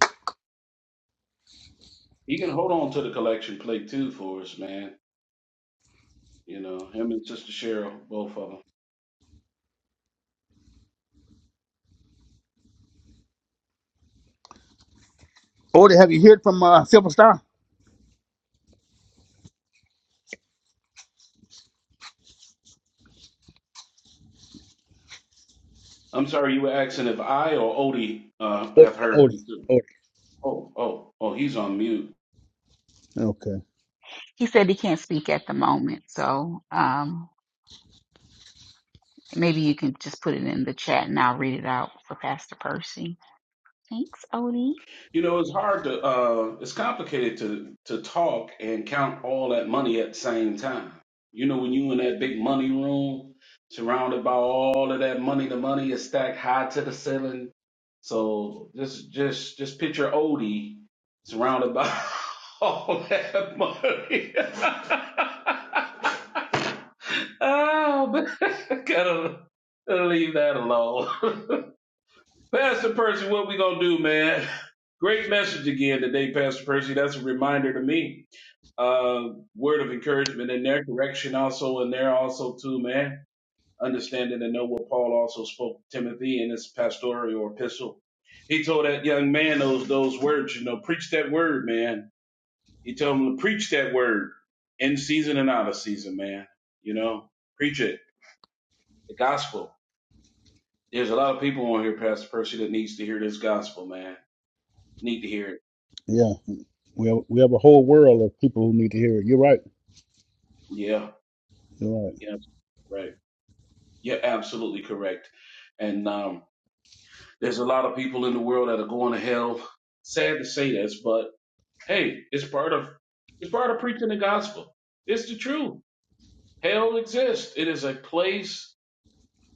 He can hold on to the collection plate too for us, man. You know, him and Sister Cheryl, both of them.
Odie, have you heard from uh, Silver Star?
I'm sorry, you were asking if I or Odie uh,
O-
have heard
Odie.
from.
Odie.
Oh, oh, oh, he's on mute.
Okay.
He said he can't speak at the moment, so um, maybe you can just put it in the chat and I'll read it out for Pastor Percy. Thanks, Odie.
You know, it's hard to, uh, it's complicated to to talk and count all that money at the same time. You know, when you in that big money room, surrounded by all of that money, the money is stacked high to the ceiling. So just just just picture Odie surrounded by all that money. oh, man, gotta, gotta leave that alone. Pastor Percy, what we gonna do, man? Great message again today, Pastor Percy. That's a reminder to me. Uh, word of encouragement in there, correction also in there, also too, man. Understanding and know what Paul also spoke to Timothy in his pastoral epistle. He told that young man those those words, you know, preach that word, man. He told him to preach that word in season and out of season, man. You know, preach it, the gospel. There's a lot of people on here, Pastor Percy, that needs to hear this gospel, man. Need to hear it
Yeah. We have, we have a whole world of people who need to hear it. You're right.
Yeah,
You're
yeah, right. You're absolutely correct. And um, there's a lot of people in the world that are going to hell. Sad to say this, but hey, it's part of it's part of preaching the gospel. It's the truth. Hell exists. It is a place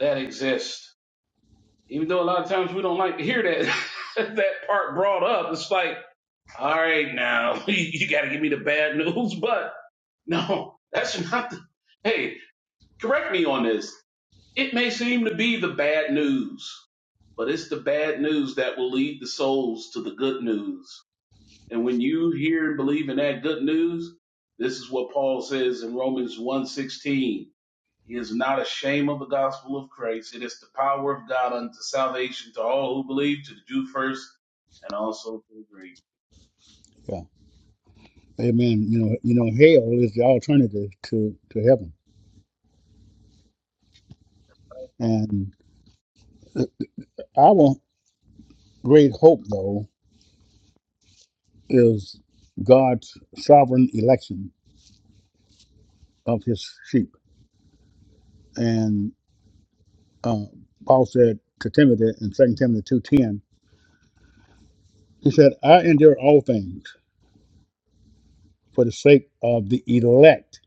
that exists. Even though a lot of times we don't like to hear that that part brought up, it's like, all right, now you you got to give me the bad news. But no, that's not. The, hey, correct me on this It may seem to be the bad news, but it's the bad news that will lead the souls to the good news. And when you hear and believe in that good news, this is what Paul says in Romans one sixteen: He is not ashamed of the gospel of Christ. It is the power of God unto salvation to all who believe, to the Jew first, and also to the Greek.
right. Amen. You know, you know, hell is the alternative to to heaven. And our great hope, though, is God's sovereign election of His sheep. And uh, Paul said to Timothy in Second Timothy two ten, he said, "I endure all things for the sake of the elect,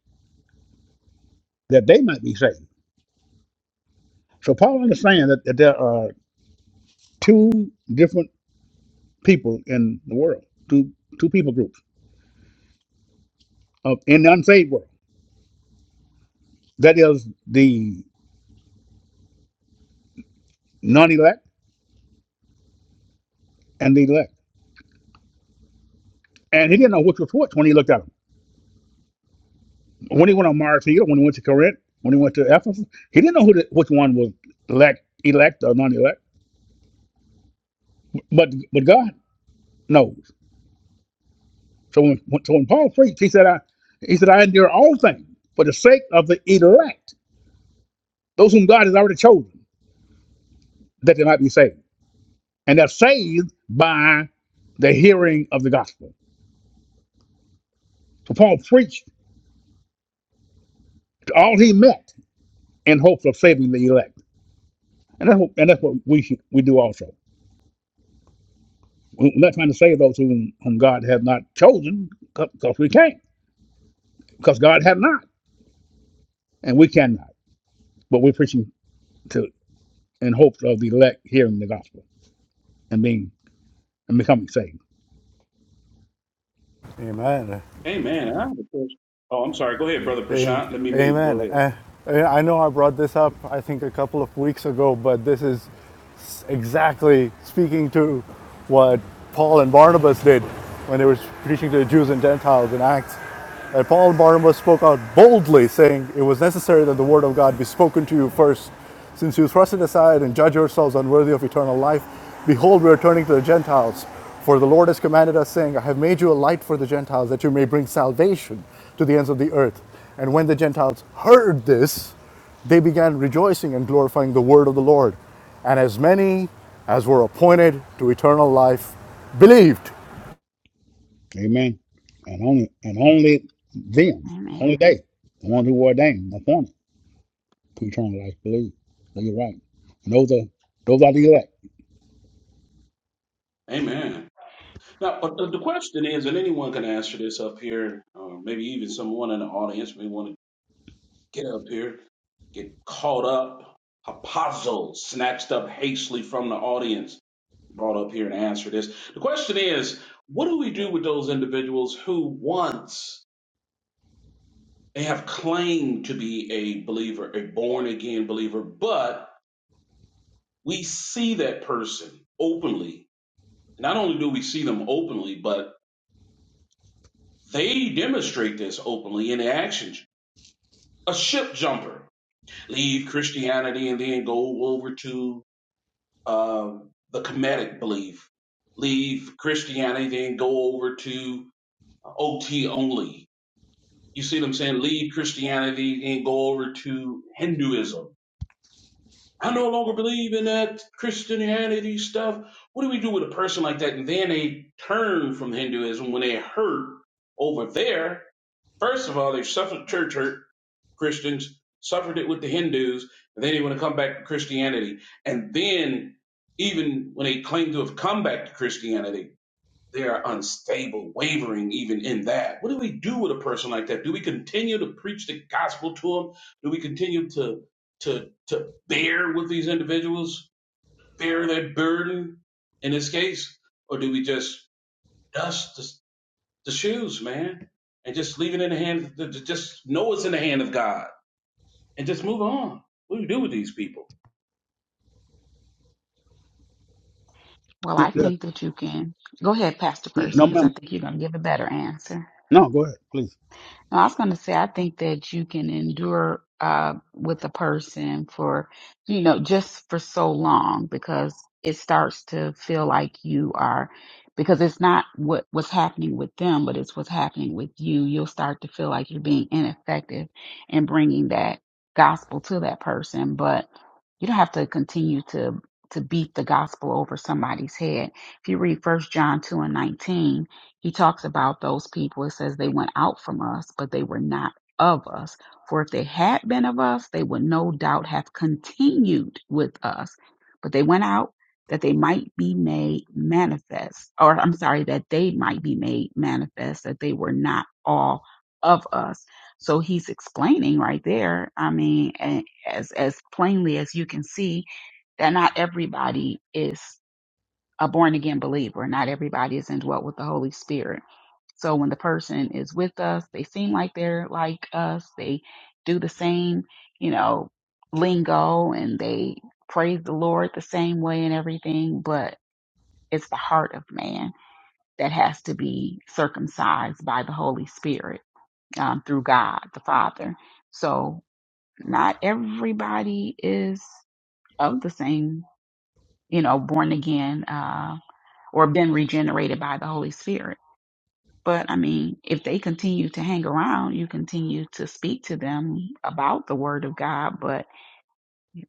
that they might be saved." So Paul understands that, that there are two different people in the world, two two people groups of in the unsaved world. That is the non elect, and the elect. And he didn't know which was which when he looked at them. When he went on Mars Hill, when he went to Corinth, when he went to Ephesus, he didn't know who the, which one was elect, elect or non elect. But but God knows. So when, so when Paul preached, he said, I, he said, I endure all things for the sake of the elect, those whom God has already chosen, that they might be saved. And they're saved by the hearing of the gospel. So Paul preached to all he met in hopes of saving the elect. And that's what, and that's what we should, we do also. We're not trying to save those whom, whom God has not chosen because we can't, because God has not, and we cannot. But we're preaching to in hopes of the elect hearing the gospel and being and becoming saved.
Amen.
Amen. I have a question. Oh, I'm sorry. Go ahead, Brother
Am-
Prashant. Let me mute.
Amen.
Go ahead.
Uh, I know I brought this up, I think, a couple of weeks ago, but this is is exactly speaking to what Paul and Barnabas did when they were preaching to the Jews and Gentiles in Acts. And Paul and Barnabas spoke out boldly, saying, It was necessary that the word of God be spoken to you first. Since you thrust it aside and judge yourselves unworthy of eternal life, behold, we are turning to the Gentiles. For the Lord has commanded us, saying, I have made you a light for the Gentiles, that you may bring salvation to the ends of the earth. And when the Gentiles heard this, they began rejoicing and glorifying the word of the Lord. And as many as were appointed to eternal life believed.
Amen. And only and only them,
Amen.
only they, the ones who were ordained, appointed to eternal life, believe. So you're right. And those are those are the elect.
Amen. Now, but the, the question is, and anyone can answer this up here, or maybe even someone in the audience may want to get up here, get caught up, hapazo, snatched up hastily from the audience, brought up here and answer this. The question is, what do we do with those individuals who once they have claimed to be a believer, a born again believer, but we see that person openly. Not only do we see them openly, but they demonstrate this openly in actions a ship jumper, leave Christianity and then go over to um, the Kemetic belief, leave Christianity, then go over to OT only. You see what I'm saying? Leave Christianity and go over to Hinduism. I no longer believe in that Christianity stuff. What do we do with a person like that? And then they turn from Hinduism when they hurt over there. First of all, they suffered church hurt Christians, suffered it with the Hindus, and then they did want to come back to Christianity. And then, even when they claim to have come back to Christianity, they are unstable, wavering even in that. What do we do with a person like that? Do we continue to preach the gospel to them? Do we continue to to to bear with these individuals, bear that burden in this case? Or do we just dust the, the shoes, man, and just leave it in the hand, just know it's in the hand of God? and just move on. What do you do with these people?
Well,
Yeah,
I
yeah.
think that you can go ahead, Pastor Percy,
No
because I
member.
think you're going to give a better answer.
No, go ahead, please.
No, I was going to say, I think that you can endure uh, with a person for, you know, just for so long because it starts to feel like you are, because it's not what what's happening with them, but it's what's happening with you. You'll start to feel like you're being ineffective in bringing that gospel to that person, but you don't have to continue to to beat the gospel over somebody's head. If you read First John two and nineteen he talks about those people. It says they went out from us, but they were not of us. For if they had been of us, they would no doubt have continued with us. But they went out that they might be made manifest, or I'm sorry, that they might be made manifest, that they were not all of us. So he's explaining right there. I mean, a- as as plainly as you can see, that not everybody is a born again believer. Not everybody is indwelt with the Holy Spirit so when the person is with us, they seem like they're like us. They do the same, you know, lingo and they praise the Lord the same way and everything, but it's the heart of man that has to be circumcised by the Holy Spirit um, through God the Father. So not everybody is of the same, you know, born again uh, or been regenerated by the Holy Spirit But I mean, if they continue to hang around, you continue to speak to them about the word of God. But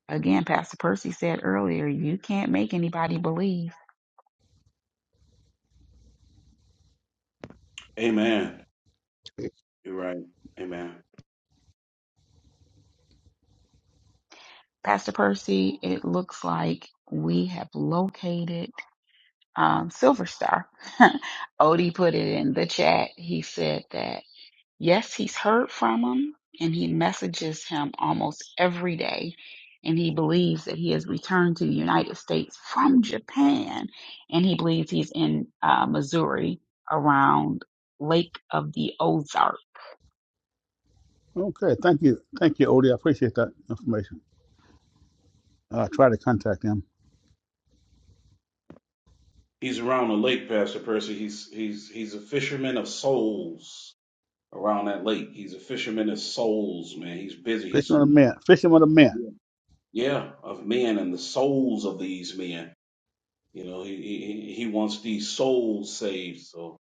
again, Pastor Percy said earlier, you can't make anybody believe.
Amen. You're right. Amen.
Pastor Percy, it looks like we have located um, Silver Star. Odie put it in the chat. He said that. Yes, he's heard from him and he messages him almost every day. And he believes that he has returned to the United States from Japan. And he believes he's in uh, Missouri around Lake of the Ozark.
Okay, thank you. Thank you, Odie. I appreciate that information. Uh, try to contact them.
He's around the lake, Pastor Percy. He's he's he's a fisherman of souls around that lake. He's a fisherman of souls, man. He's busy.
Fishing
He's
with a man. Fishing with a man.
yeah, yeah, of men and the souls of these men. You know, he he, he wants these souls saved. So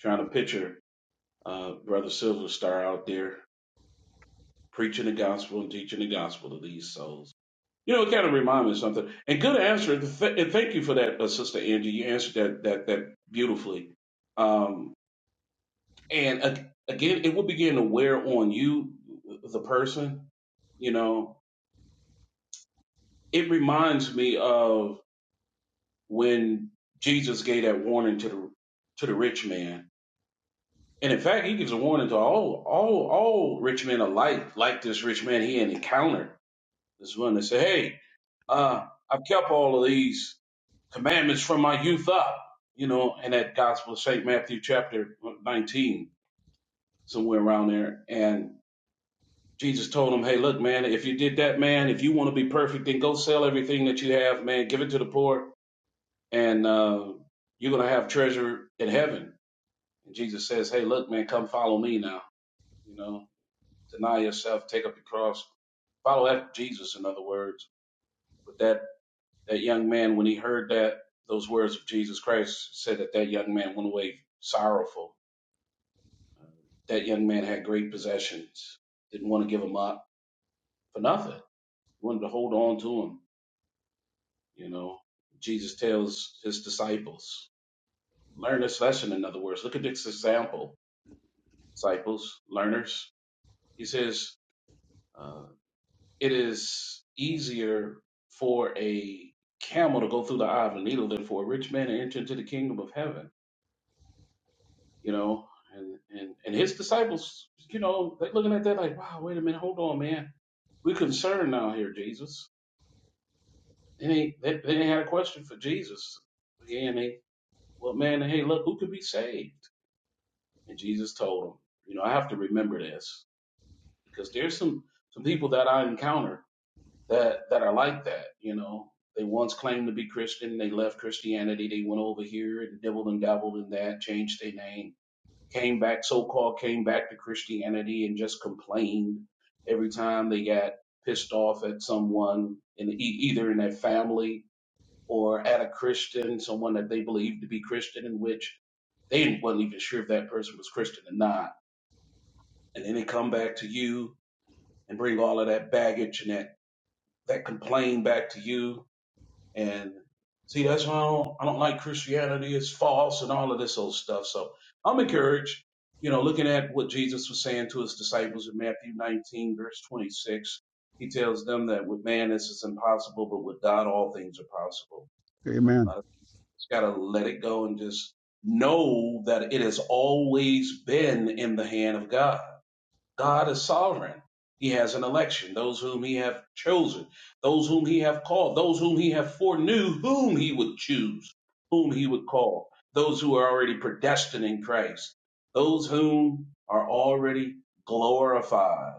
trying to picture uh, Brother Silver Star out there preaching the gospel and teaching the gospel to these souls. You know, it kind of reminded me of something. And good answer. Th- and thank you for that, uh, Sister Angie. You answered that that that beautifully. Um, and uh, again, it will begin to wear on you, the person. You know, it reminds me of when Jesus gave that warning to the to the rich man. And in fact, he gives a warning to all all all rich men alike, like this rich man he had encountered. This one that said, "Hey, uh, I've kept all of these." commandments from my youth up, you know, in that Gospel of St. Matthew chapter 19, somewhere around there. And Jesus told him, hey, look, man, if you did that, man, if you want to be perfect, then go sell everything that you have, man, give it to the poor, and uh, you're going to have treasure in heaven. And Jesus says, hey, look, man, come follow me now, you know, deny yourself, take up your cross, follow after Jesus, in other words. But that. That young man, when he heard that those words of Jesus Christ, said that that young man went away sorrowful. That young man had great possessions. Didn't want to give them up for nothing. Wanted to hold on to them. You know, Jesus tells his disciples, learn this lesson. In other words, look at this example, disciples, learners. He says, uh, it is easier for a camel to go through the eye of a needle than for a rich man to enter into the kingdom of heaven. you know, and, and, and his disciples, you know, they looking at that like, wow, wait a minute, hold on, man. We concerned now here, Jesus. They ain't, they, they ain't had a question for Jesus. Again, they, well, man, hey, look, who could be saved? And Jesus told them, you know, I have to remember this because there's some, some people that I encounter that, that are like that, you know. They once claimed to be Christian. They left Christianity. They went over here and dibbled and dabbled in that, changed their name came back, so called came back to Christianity and just complained every time they got pissed off at someone in the, e- either in their family or at a Christian, someone that they believed to be Christian, in which they wasn't even sure if that person was Christian or not. And then they come back to you and bring all of that baggage and that that complaint back to you and see, that's why I don't, I don't like Christianity. It's false and all of this old stuff. So I'm encouraged, you know, looking at what Jesus was saying to his disciples in Matthew 19, verse 26. He tells them that with man this is impossible, but with God all things are possible.
Amen.
I just got to let it go and just know that it has always been in the hand of God God is sovereign. He has an election, those whom he have chosen, those whom he have called, those whom he have foreknew, whom he would choose, whom he would call, those who are already predestined in Christ, those whom are already glorified.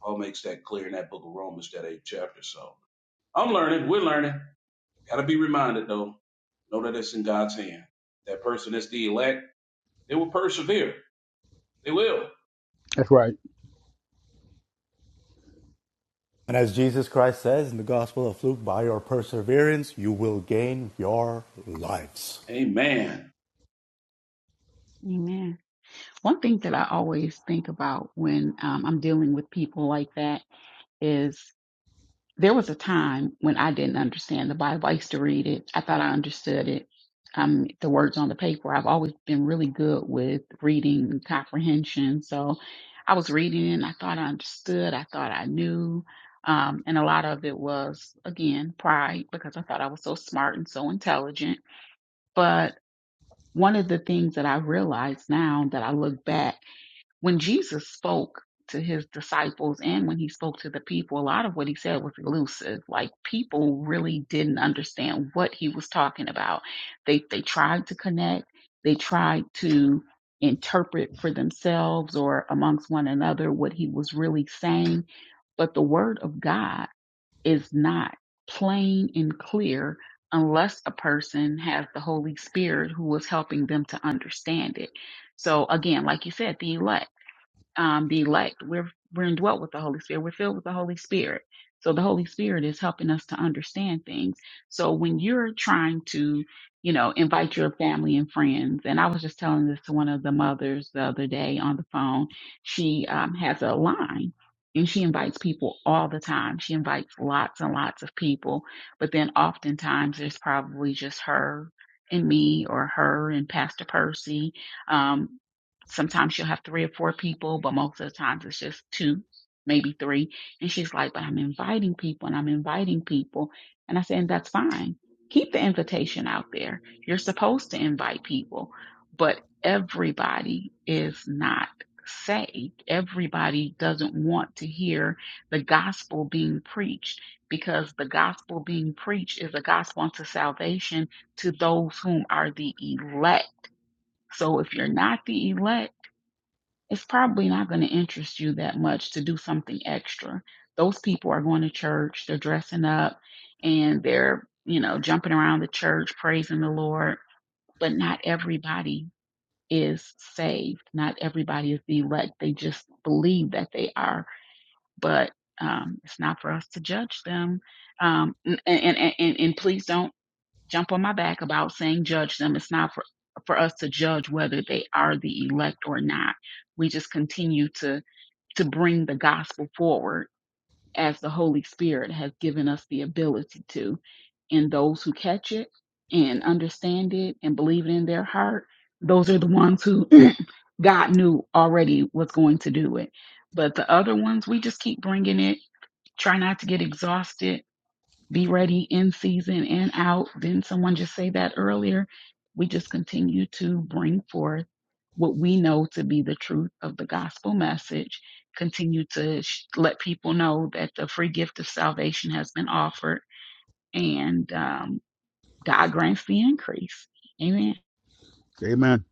Paul makes that clear in that book of Romans, that eighth chapter. So I'm learning, we're learning. Gotta be reminded though, know that it's in God's hand. That person is the elect, they will persevere. They will.
That's right.
And as Jesus Christ says in the Gospel of Luke, by your perseverance you will gain your lives.
Amen.
Amen. One thing that I always think about when um, I'm dealing with people like that is there was a time when I didn't understand the Bible. I used to read it. I thought I understood it. Um, the words on the paper. I've always been really good with reading and comprehension. So I was reading it and I thought I understood. I thought I knew. Um, and a lot of it was again pride because I thought I was so smart and so intelligent. But one of the things that I realized now that I look back when Jesus spoke to his disciples and when he spoke to the people, a lot of what he said was elusive. Like people really didn't understand what he was talking about. They they tried to connect, they tried to interpret for themselves or amongst one another what he was really saying, but the word of God is not plain and clear unless a person has the Holy Spirit who is helping them to understand it. So again, like you said, the elect um, the elect. We're we're indwelt with the Holy Spirit. We're filled with the Holy Spirit. So the Holy Spirit is helping us to understand things. So when you're trying to, you know, invite your family and friends, and I was just telling this to one of the mothers the other day on the phone. She um, has a line. And she invites people all the time. She invites lots and lots of people. But then oftentimes there's probably just her and me or her and Pastor Percy Um, Sometimes she'll have three or four people, but most of the times it's just two, maybe three. And she's like, but I'm inviting people and I'm inviting people. And I said, that's fine. Keep the invitation out there. You're supposed to invite people, but everybody is not saved. Everybody doesn't want to hear the gospel being preached because the gospel being preached is a gospel unto salvation to those whom are the elect. So if you're not the elect, it's probably not going to interest you that much to do something extra. Those people are going to church, they're dressing up, and they're, you know, jumping around the church, praising the Lord. But not everybody is saved. Not everybody is the elect. They just believe that they are. But um, it's not for us to judge them. Um, and, and, and, and and please don't jump on my back about saying judge them. It's not for, for us to judge whether they are the elect or not. We just continue to to bring the gospel forward as the Holy Spirit has given us the ability to. And those who catch it and understand it and believe it in their heart, those are the ones who God knew already was going to do it. But the other ones, we just keep bringing it, try not to get exhausted be ready in season and out. Didn't someone just say that earlier? We just continue to bring forth what we know to be the truth of the gospel message. Continue to sh- let people know that the free gift of salvation has been offered and um, God grants the increase. Amen.
Amen.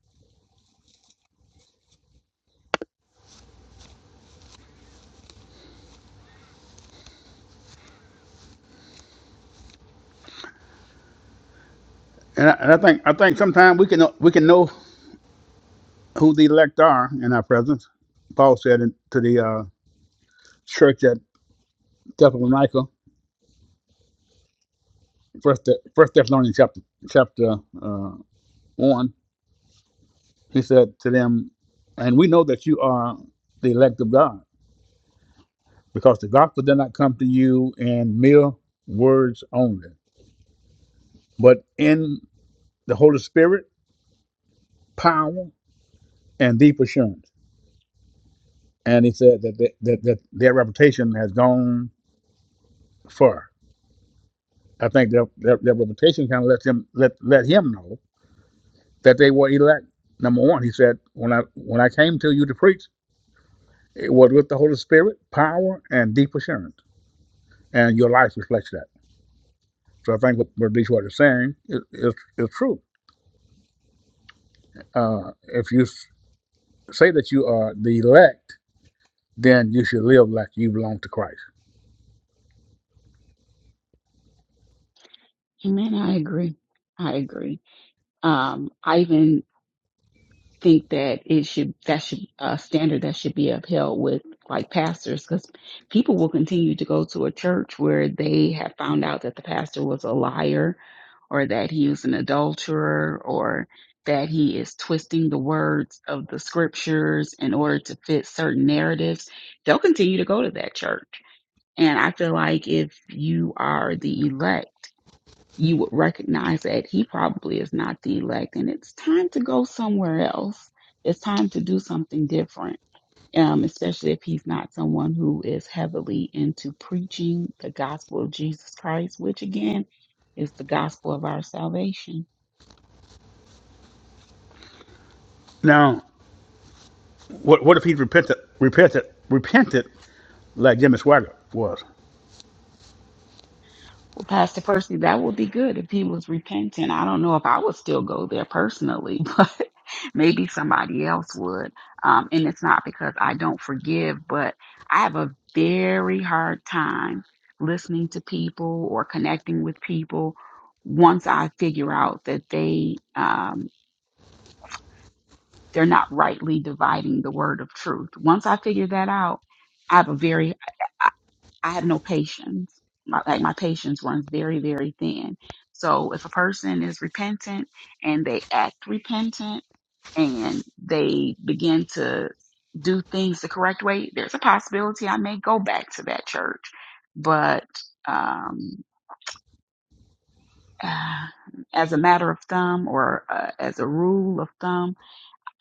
And I, and I think I think sometimes we can know, we can know who the elect are in our presence. Paul said in, to the uh, church at Thessalonica, first Th- First Thessalonians chapter chapter uh, one. He said to them, "And we know that you are the elect of God, because the gospel did not come to you in mere words only, but in the Holy Spirit, power, and deep assurance." And he said that, that, that, that their reputation has gone for. I think their, their, their reputation kind of let them let let him know that they were elect. Number one, he said, when I when I came to you to preach, it was with the Holy Spirit, power, and deep assurance, and your life reflects that. So I think what, what Detroit is saying is is, is true. Uh, if you say that you are the elect, then you should live like you belong to Christ.
Amen. I agree. I agree. Um, I even think that it should that should a standard that should be upheld with like pastors because people will continue to go to a church where they have found out that the pastor was a liar or that he is an adulterer or that he is twisting the words of the scriptures in order to fit certain narratives they'll continue to go to that church and i feel like if you are the elect you would recognize that he probably is not the elect and it's time to go somewhere else. It's time to do something different. Um, especially if he's not someone who is heavily into preaching the gospel of Jesus Christ, which again is the gospel of our salvation
Now, what what if he repented repented repented like Jimmy Swagger was?
Pastor Percy, that would be good if he was repentant. I don't know if I would still go there personally, but maybe somebody else would. Um, and it's not because I don't forgive, but I have a very hard time listening to people or connecting with people once I figure out that they um, they're not rightly dividing the word of truth. Once I figure that out, I have a very I have no patience. My, like my patience runs very, very thin. So if a person is repentant and they act repentant and they begin to do things the correct way, there's a possibility I may go back to that church. But um, uh, as a matter of thumb or uh, as a rule of thumb,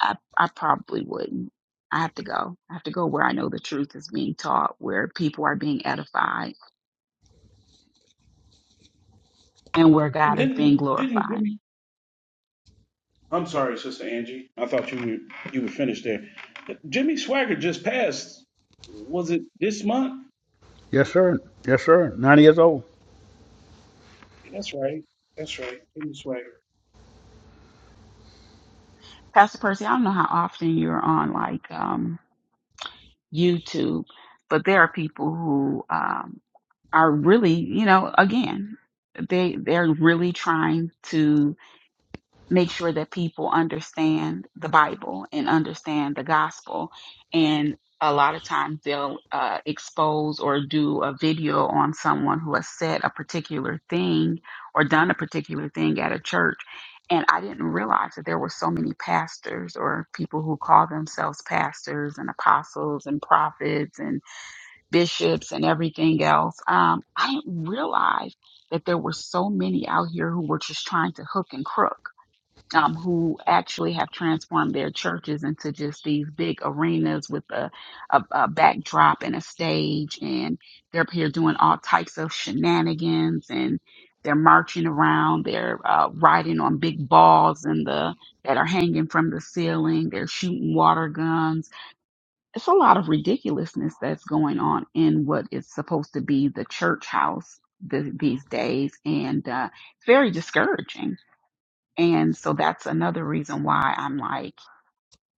I, I probably wouldn't. I have to go. I have to go where I know the truth is being taught, where people are being edified and where
And
God is being
didn't didn't
glorified.
Jimmy I'm sorry, Sister Angie. I thought you were you were finished there. Jimmy Swagger just passed. Was it this month?
Yes, sir. Yes, sir. Ninety years old.
That's right. That's right. Jimmy Swagger.
Pastor Percy, I don't know how often you're on like um, YouTube, but there are people who um, are really, you know, again, they they're really trying to make sure that people understand the Bible and understand the gospel. And a lot of times they'll uh, expose or do a video on someone who has said a particular thing or done a particular thing at a church. And I didn't realize that there were so many pastors or people who call themselves pastors and apostles and prophets and bishops and everything else. Um, I didn't realize that there were so many out here who were just trying to hook and crook um, who actually have transformed their churches into just these big arenas with a, a, a backdrop and a stage. And they're up here doing all types of shenanigans and they're marching around. They're uh, riding on big balls in the, that are hanging from the ceiling. They're shooting water guns. It's a lot of ridiculousness that's going on in what is supposed to be the church house th- these days. And uh, it's very discouraging. And so that's another reason why I'm like,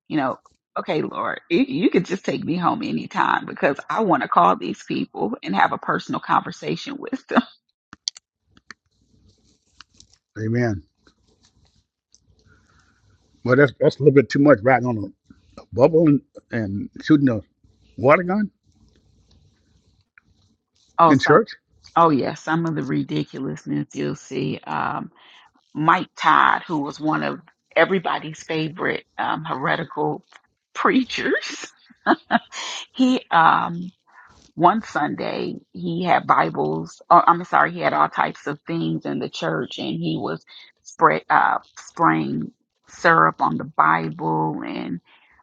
you know, okay, Lord, you, you could just take me home anytime because I want to call these people and have a personal conversation with them.
Amen. Well, that's that's a little bit too much riding on a bubble and, and shooting a water gun
Oh,
in
some,
church,
oh yeah, some of the ridiculousness you'll see. Um, Mike Todd, who was one of everybody's favorite um, heretical preachers, he um, one Sunday he had Bibles. Or, I'm sorry, he had all types of things in the church, and he was spray, uh, spraying syrup on the Bible and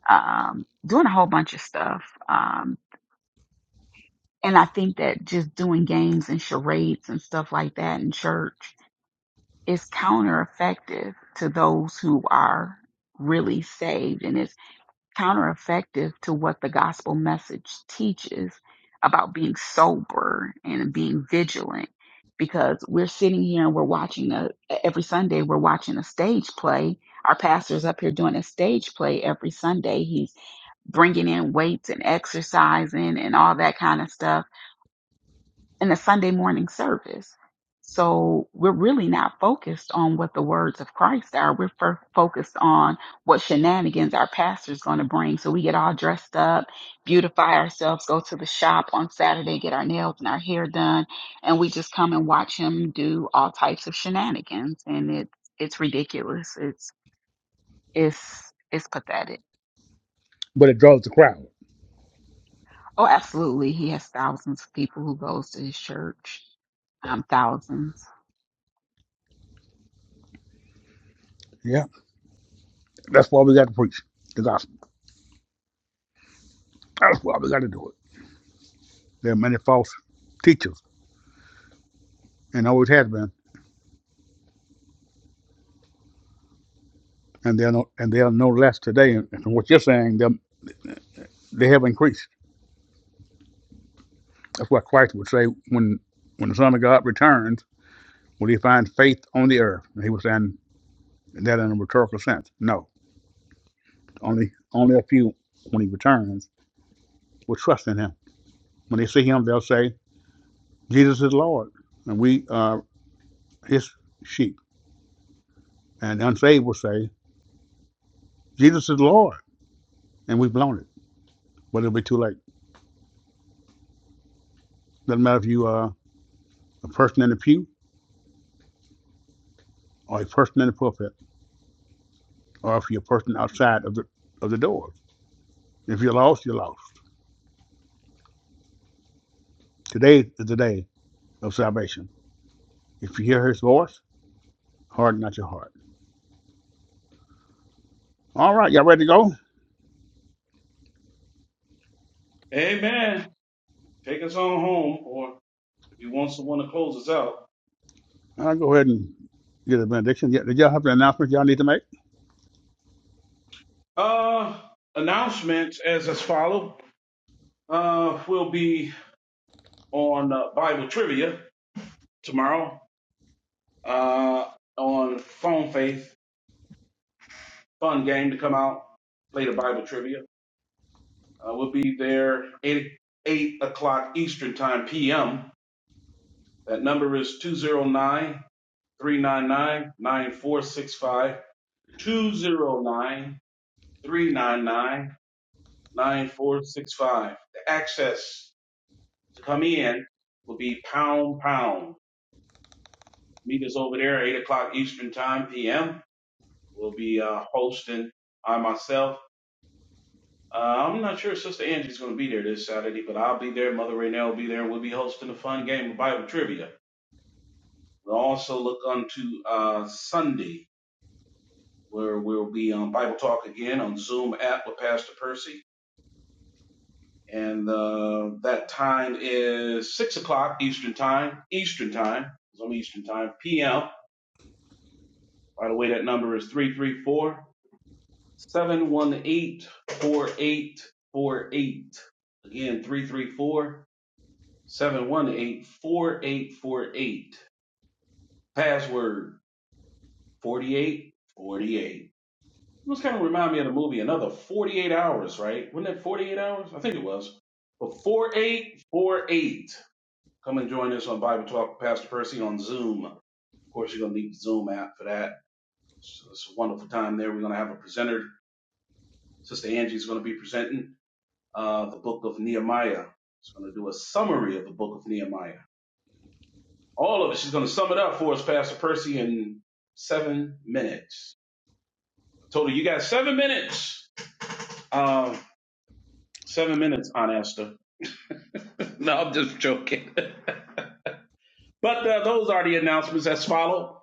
um, doing a whole bunch of stuff. Um, and I think that just doing games and charades and stuff like that in church is counter effective to those who are really saved, and it's countereffective to what the gospel message teaches about being sober and being vigilant because we're sitting here and we're watching a every Sunday we're watching a stage play. Our pastor's up here doing a stage play every Sunday. He's bringing in weights and exercising and all that kind of stuff in a Sunday morning service. So we're really not focused on what the words of Christ are. We're fir- focused on what shenanigans our pastor's going to bring. So we get all dressed up, beautify ourselves, go to the shop on Saturday, get our nails and our hair done, and we just come and watch him do all types of shenanigans. And it's it's ridiculous. It's it's it's pathetic.
but it draws the crowd.
Oh, absolutely. He has thousands of people who goes to his church. Um, thousands.
Yeah, that's why we got to preach the gospel. That's why we got to do it. There are many false teachers, and always has been, and they're no, and they are no less today. And from what you're saying, they they have increased. That's what Christ would say when when the Son of God returns, will He find faith on the earth? And he was saying that in a rhetorical sense. No, only only a few when He returns will trust in Him. When they see Him, they'll say. Jesus is Lord, and we are his sheep. And the unsaved will say, Jesus is Lord, and we've blown it, but it'll be too late. Doesn't matter if you are a person in the pew or a person in the pulpit, or if you're a person outside of the of the doors. If you're lost, you're lost. Today is the day of salvation. If you hear his voice, harden not your heart. All right, y'all ready to go?
Amen. Take us on home, or if you want someone to close us out.
I'll go ahead and get a benediction. Yeah, Did y'all have an announcement y'all need to make?
Uh, announcements as as follow. Uh, we'll be on uh, Bible trivia tomorrow. Uh, on Phone Faith, fun game to come out. Play the Bible trivia. Uh, we'll be there 8, 8 o'clock Eastern Time PM. That number is 209 399 The access to come in will be pound pound. Meet us over there at 8 o'clock Eastern Time PM. We'll be uh, hosting I myself. Uh, I'm not sure Sister Angie's going to be there this Saturday, but I'll be there. Mother Raynell will be there. We'll be hosting a fun game of Bible trivia. We'll also look unto uh, Sunday, where we'll be on Bible Talk again on Zoom app with Pastor Percy. And uh, that time is 6 o'clock Eastern Time, Eastern Time, it's Eastern Time, PM. By the way, that number is three three four seven one eight four eight four eight. Again, 334 718 4848. Password 4848. It was kind of remind me of the movie Another 48 Hours, right? Wasn't that 48 Hours? I think it was. But 4848. Come and join us on Bible Talk, with Pastor Percy on Zoom. Of course, you're going to need the Zoom app for that. So it's a wonderful time there. We're going to have a presenter. Sister Angie's going to be presenting uh, the book of Nehemiah. She's going to do a summary of the book of Nehemiah. All of it. She's going to sum it up for us, Pastor Percy, in seven minutes. I told her, you got seven minutes. Um, seven minutes, Aunt Esther. No, I'm just joking. but uh, those are the announcements as follow.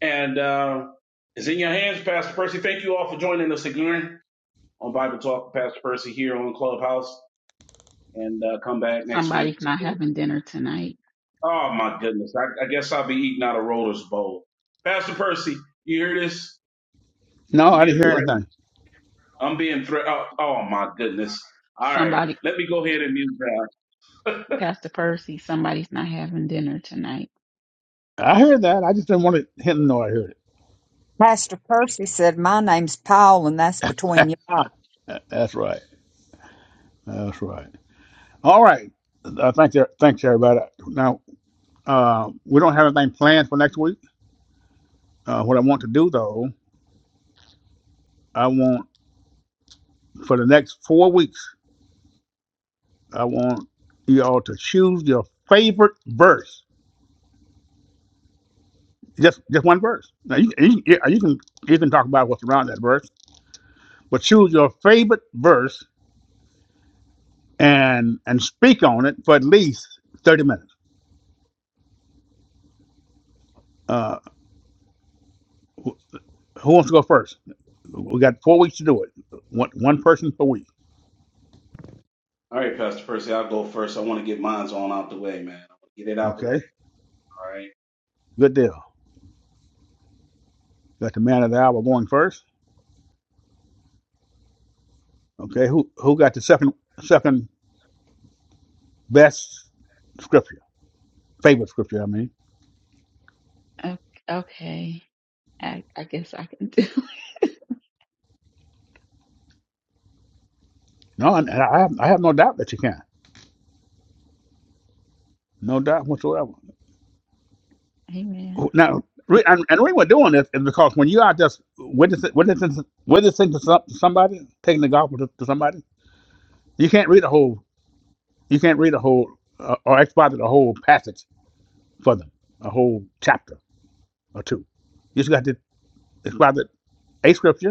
And uh, it's in your hands, Pastor Percy. Thank you all for joining us again on Bible Talk, with Pastor Percy here on Clubhouse. And uh, come back next week.
Somebody's not having dinner tonight.
Oh, my goodness. I, I guess I'll be eating out of Rollers Bowl. Pastor Percy, you hear this?
No,
I'm
I
being
didn't hear
threatened.
anything.
I'm being threatened. Oh, oh, my goodness. All right.
Somebody,
Let me go ahead and mute down.
Pastor Percy, somebody's not having dinner tonight.
I heard that. I just didn't want to hit the noise. I heard it.
Pastor Percy said, "My name's Paul, and that's between you." all."
That's right. That's right. All right. Uh, thank you. Thanks, everybody. Now, uh, we don't have anything planned for next week. Uh, what I want to do, though, I want for the next four weeks, I want you all to choose your favorite verse. Just, just one verse. Now, you, you, yeah, you can you can talk about what's around that verse, but choose your favorite verse and and speak on it for at least thirty minutes. Uh, who wants to go first? We got four weeks to do it. One one person per week.
All right, Pastor Percy, I'll go first. I want to get mine's on out the way, man. I want to get it out the way.
Okay.
All right.
Good deal. Got the man of the hour going first. Okay, who who got the second second best scripture, favorite scripture? I mean,
O- Okay. I, I guess I can do it.
no, and I have, I have no doubt that you can, no doubt whatsoever.
Amen.
Now, and, and the reason we're doing this is because when you are just witnessing witnessing witnessing to to somebody, taking the gospel to, to somebody, you can't read a whole you can't read a whole uh, or exposit a whole passage for them, a whole chapter or two. You just got to exposit a scripture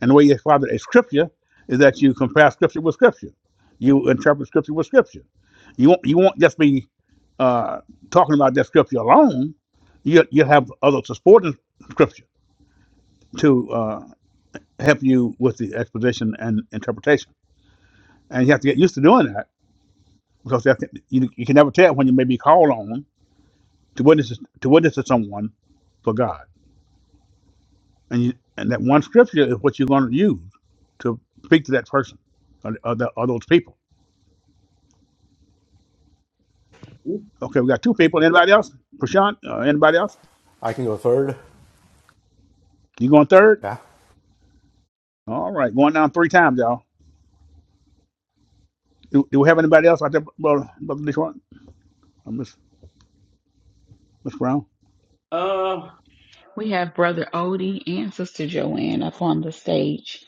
And the way you describe it, a scripture is that you compare scripture with scripture. You interpret scripture with scripture. You won't, you won't just be uh, talking about that scripture alone. You you have other supporting scripture to uh, help you with the exposition and interpretation. And you have to get used to doing that because that you, you can never tell when you may be called on to witness to witness to someone for God. And you, and that one scripture is what you're going to use to speak to that person or, or, the, or those people. Okay, we got two people. Anybody else? Prashant? Uh, anybody else?
I can go third.
You going third?
Yeah.
All right, going down three times, y'all. Do, do we have anybody else out there, brother, brother Detroit? Or Miss Miss Brown?
Uh,
We have Brother Odie and Sister Joanne up on the stage.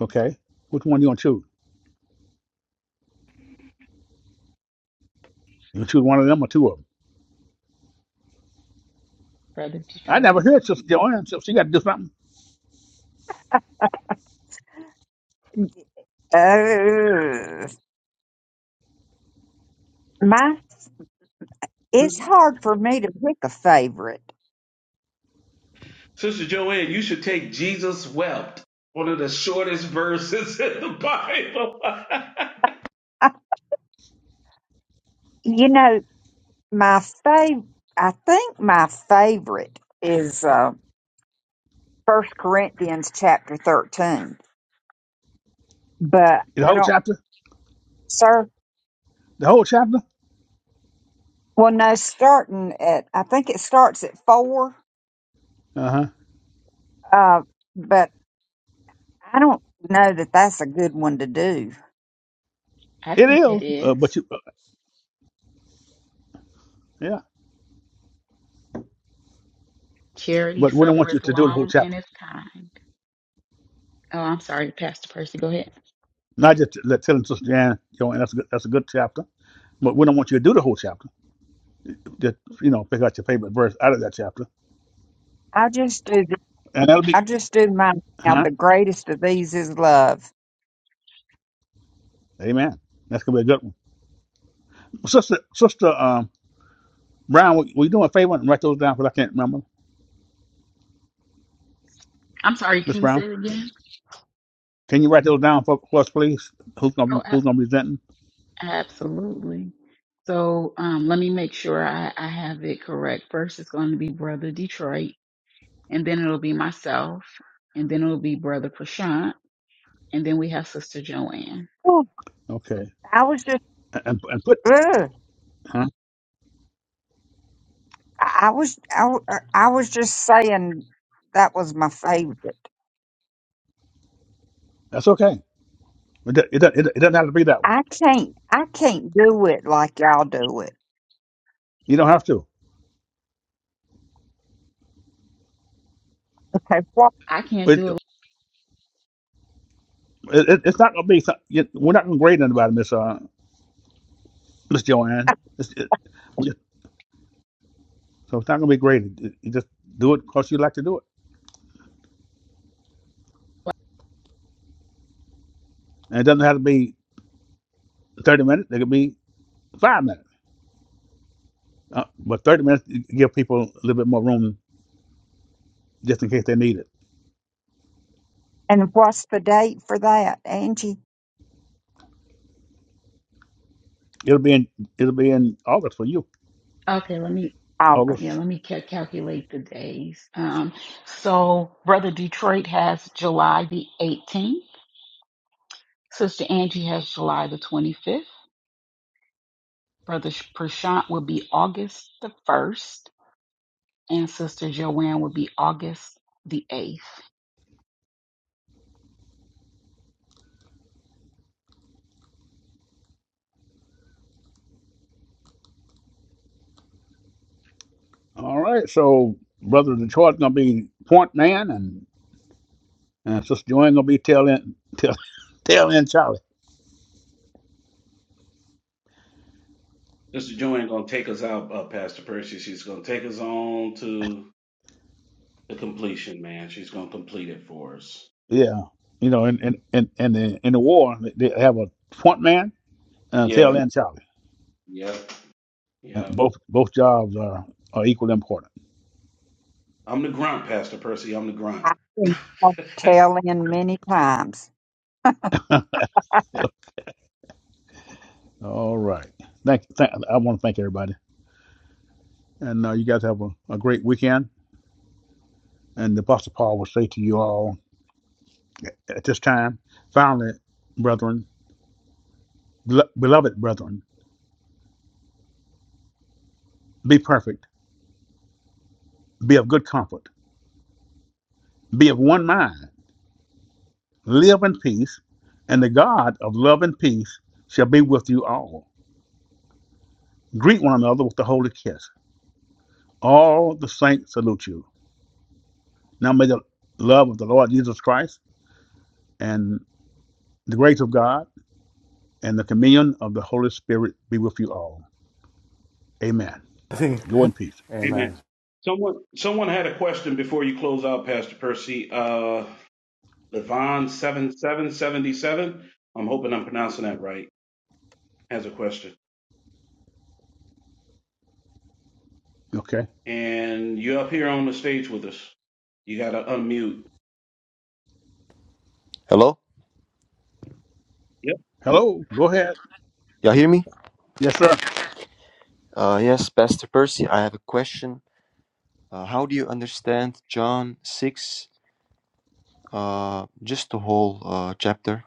Okay. Which one you gonna choose? You to choose one of them or two of them?
Brother
I
Detroit.
never heard Sister Joanne. So she got to do something.
Oh, my! It's hard for me to pick a favorite.
Sister Joanne, you should take Jesus wept, one of the shortest verses in the Bible.
I, you know. my fav I think my favorite is uh First Corinthians chapter thirteen, but
The
I
whole
don't,
chapter.
sir.
The whole chapter.
Well, no, starting at I think it starts at four,
Uh huh.
uh, but I don't know that that's a good one to do.
I
It
think it
is, uh, but
is.
you, uh, yeah.
Charity
But we don't want you
suffereth
to do the whole
long and
chapter.
is kind. Oh, I'm sorry, Pastor Percy. Go ahead.
Not just let telling Sister Joanne, Joanne, that's a good, that's a good chapter. But we don't want you to do the whole chapter. Just you know, pick out your favorite verse out of that chapter,
I just do the-
and that'll be,
I just do mine now.
huh?
The greatest of these is love.
Amen. That's gonna be a good one. Sister Sister um, Brown, will, will you do me a favor and write those down because I can't remember.
I'm sorry.
Miss
Can you say
Brown,
it again?
can you write those down for, for us, please? Who's gonna
Oh, ab-
Who's gonna be presenting?
absolutely. So um, let me make sure I, I have it correct. First, it's going to be Brother Detroit and then it'll be myself, and then it'll be Brother Prashant, and then we have Sister Joanne.
Ooh,
Okay,
I was just
and and put
ugh,
huh?
I I was I I was just saying that was my favorite.
That's okay. It do- it, do- it, do- it doesn't have to be that one.
I can't I can't do it like y'all do it.
You don't have to.
Okay, what
I can't
It,
do it.
it, it- it's not gonna be. some- you- We're not gonna grade anybody, Miss uh, Miss Joanne. It's, it, we- so it's not gonna be graded. You you just do it because you like to do it, and it doesn't have to be thirty minutes. It could be five minutes. Uh, but 30 minutes give people a little bit more room just in case they need it.
and what's the date for that, Angie?
It'll be in it'll be in August for you.
Like, okay, let me
August.
yeah,
August.
let me ca- calculate the days. Um, so Brother Detroit has July the 18th. Sister Angie has July the 25th. Brother Sh- Prashant will be August the 1st, and Sister Joanne will be August the 8th.
All right. So brother Detroit gonna be point man and and sister Joanne gonna be tail end tail, tail end Charlie.
Sister Joanne gonna take us out, uh, Pastor Percy. She's gonna take us on to the completion, man. She's gonna complete it for us.
Yeah. You know, in in in, in the in the war they they have a point man and a
Yeah,
tail end Charlie.
yeah,
And
yeah.
both both jobs are are equally important.
I'm the grunt, Pastor Percy. I'm the grunt.
I've been telling many times.
Yeah. All right. Thank, thank I want to thank everybody. And uh, you guys have a, a great weekend. And the Apostle Paul will say to you all at this time, finally, brethren, Bel- Beloved brethren, be perfect, be of good comfort, be of one mind, live in peace, and the God of love and peace shall be with you all. Greet one another with a holy kiss. All the saints salute you. Now may the love of the Lord Jesus Christ and the grace of God and the communion of the Holy Spirit be with you all. Amen.
I think.
Go in peace.
Amen.
Amen. Someone, someone had a question before you close out, Pastor Percy. Uh, Levon seven seven seventy seven. I'm hoping I'm pronouncing that right. Has a question.
Okay.
and you're up here on the stage with us. You got to unmute.
Hello?
Yep.
Hello. Go ahead.
Y'all hear me?
Yes, sir.
Uh, yes, Pastor Percy, I have a question. Uh, how do you understand John 6, uh, just the whole uh, chapter?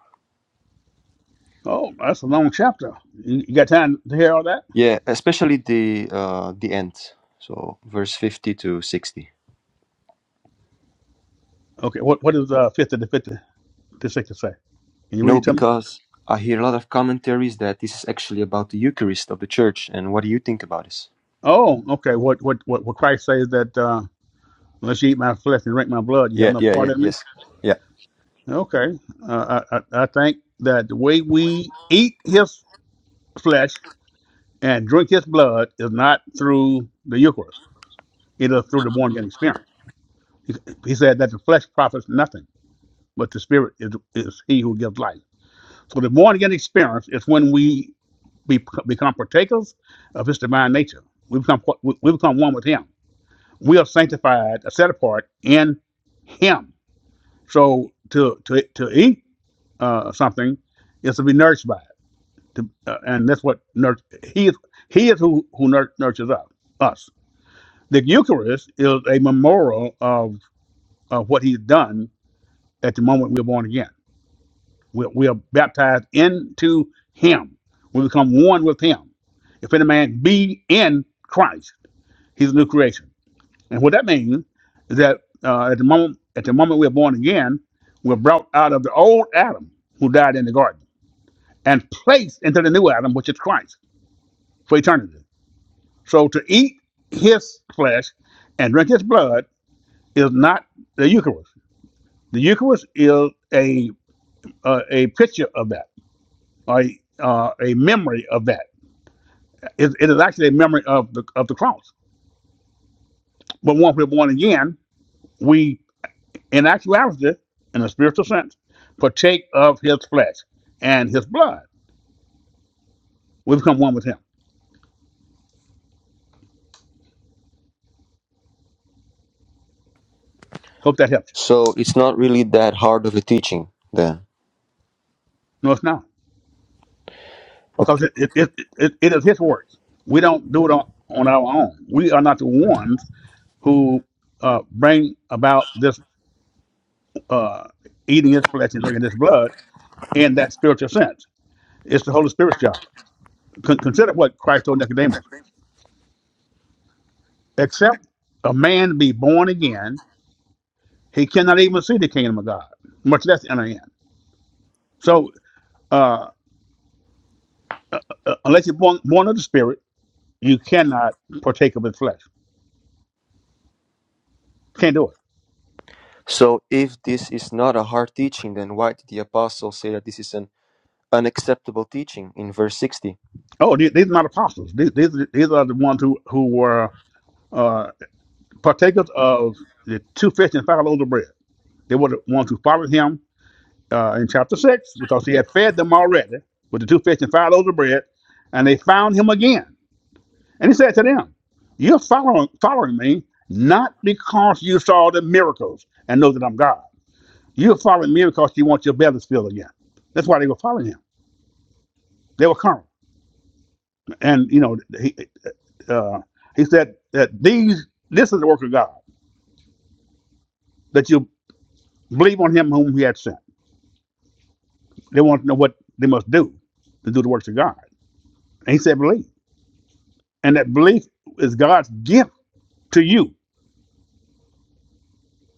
Oh, that's a long chapter. You you got time to hear all that?
Yeah, especially the uh, the end, so verse 50 to 60.
Okay. What What is uh, fifty to fifty? What the can say? Can you read
No,
it to me?
because I hear a lot of commentaries that this is actually about the Eucharist of the church, and what do you think about this?
Oh, okay. What what what, what Christ says that uh, unless you eat my flesh and drink my blood, you have
Yeah,
no
yeah,
part
yeah,
in me.
yes. Yeah.
Okay, uh, I, I I think that the way we eat His flesh and drink His blood is not through the Eucharist; it is through the born again experience. He, he said that the flesh profits nothing, but the Spirit is is He who gives life. So the born again experience is when we be, become partakers of His divine nature. We become we become one with Him we are sanctified, uh, set apart in Him. So to to to eat uh, something is to be nourished by it, to, uh, and that's what nur- He is. He is who who nur- nurtures us. Us. The Eucharist is a memorial of of what He's done at the moment we're born again. We, we are baptized into Him. We become one with Him. If any man be in Christ, he's a new creation. And what that means is that uh, at the moment at the moment we're born again, we're brought out of the old Adam who died in the garden and placed into the new Adam, which is Christ, for eternity. So to eat his flesh and drink his blood is not the Eucharist. The Eucharist is a uh, a picture of that, a uh, a memory of that. It, it is actually a memory of the of the cross. But once we're born again, we in actuality, in a spiritual sense, partake of his flesh and his blood. We become one with him. Hope that helps you.
So it's not really that hard of a teaching then.
No, it's not.
Okay.
Because it, it, it, it, it is his work. We don't do it on, on our own. We are not the ones who uh, bring about this uh, eating his flesh and drinking his blood in that spiritual sense. It's the Holy Spirit's job. Con- consider what Christ told Nicodemus. Except a man be born again, he cannot even see the kingdom of God, much less enter in. So uh, Uh, unless you're born, born of the Spirit, you cannot partake of His flesh. Can't do it.
So if this is not a hard teaching, then why did the apostle say that this is an unacceptable teaching in verse 60.
Oh, these, these are not apostles. These, these are- these are the ones who who were uh, partakers of the two fish and five loaves of bread. They were the ones who followed Him uh, in chapter six because He had fed them already with the two fish and five loaves of bread, and they found Him again. And He said to them, "You're following following me." Not because you saw the miracles and know that I'm God. You're following me because you want your bellies filled again. That's why they were following him. They were carnal, and you know he uh, he said that these this is the work of God that you believe on Him whom He had sent. They want to know what they must do to do the works of God, and He said believe, and that belief is God's gift to you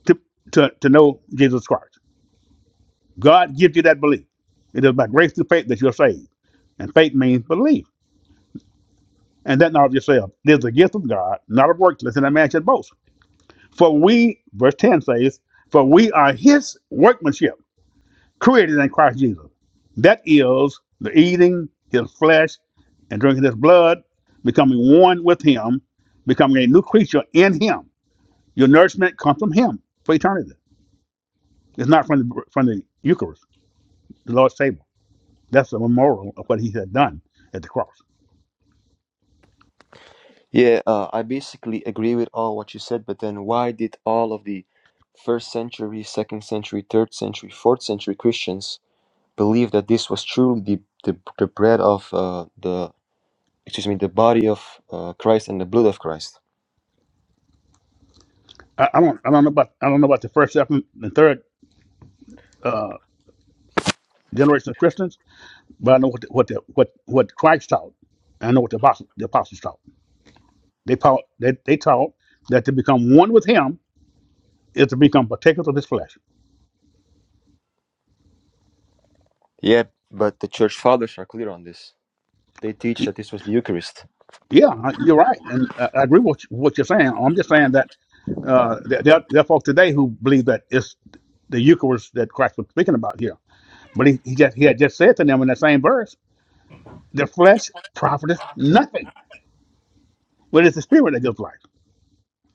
to to, to know Jesus Christ. God gives you that belief. It is by grace through faith that you're saved, and faith means belief. And that not of yourself. It is a gift of God, not of works, lest any man should boast. For we, verse 10 says, For we are his workmanship created in Christ Jesus. That is the eating his flesh and drinking his blood, becoming one with him, becoming a new creature in him. Your nourishment comes from him for eternity. It's not from the, from the Eucharist, the Lord's table. That's the memorial of what he had done at the cross.
Yeah, uh, I basically agree with all what you said, but then why did all of the first century, second century, third century, fourth century Christians believe that this was truly the, the, the bread of uh, the, excuse me, the body of uh, Christ and the blood of Christ?
I, I don't I don't know about I don't know about the first, second, and third generation of Christians, but I know what the, what the, what what Christ taught. I know what the apostles, the apostles taught. They taught they, they taught that to become one with him is to become partakers of his flesh.
Yeah, but the church fathers are clear on this. They teach
Y-
that this was the Eucharist.
Yeah, I- you're right, and I I agree with what you're saying. I'm just saying that uh, there, there are there are folks today who believe that it's the Eucharist that Christ was speaking about here, but he, he just he had just said to them in that same verse, "The flesh profiteth nothing, but it's the Spirit that gives life.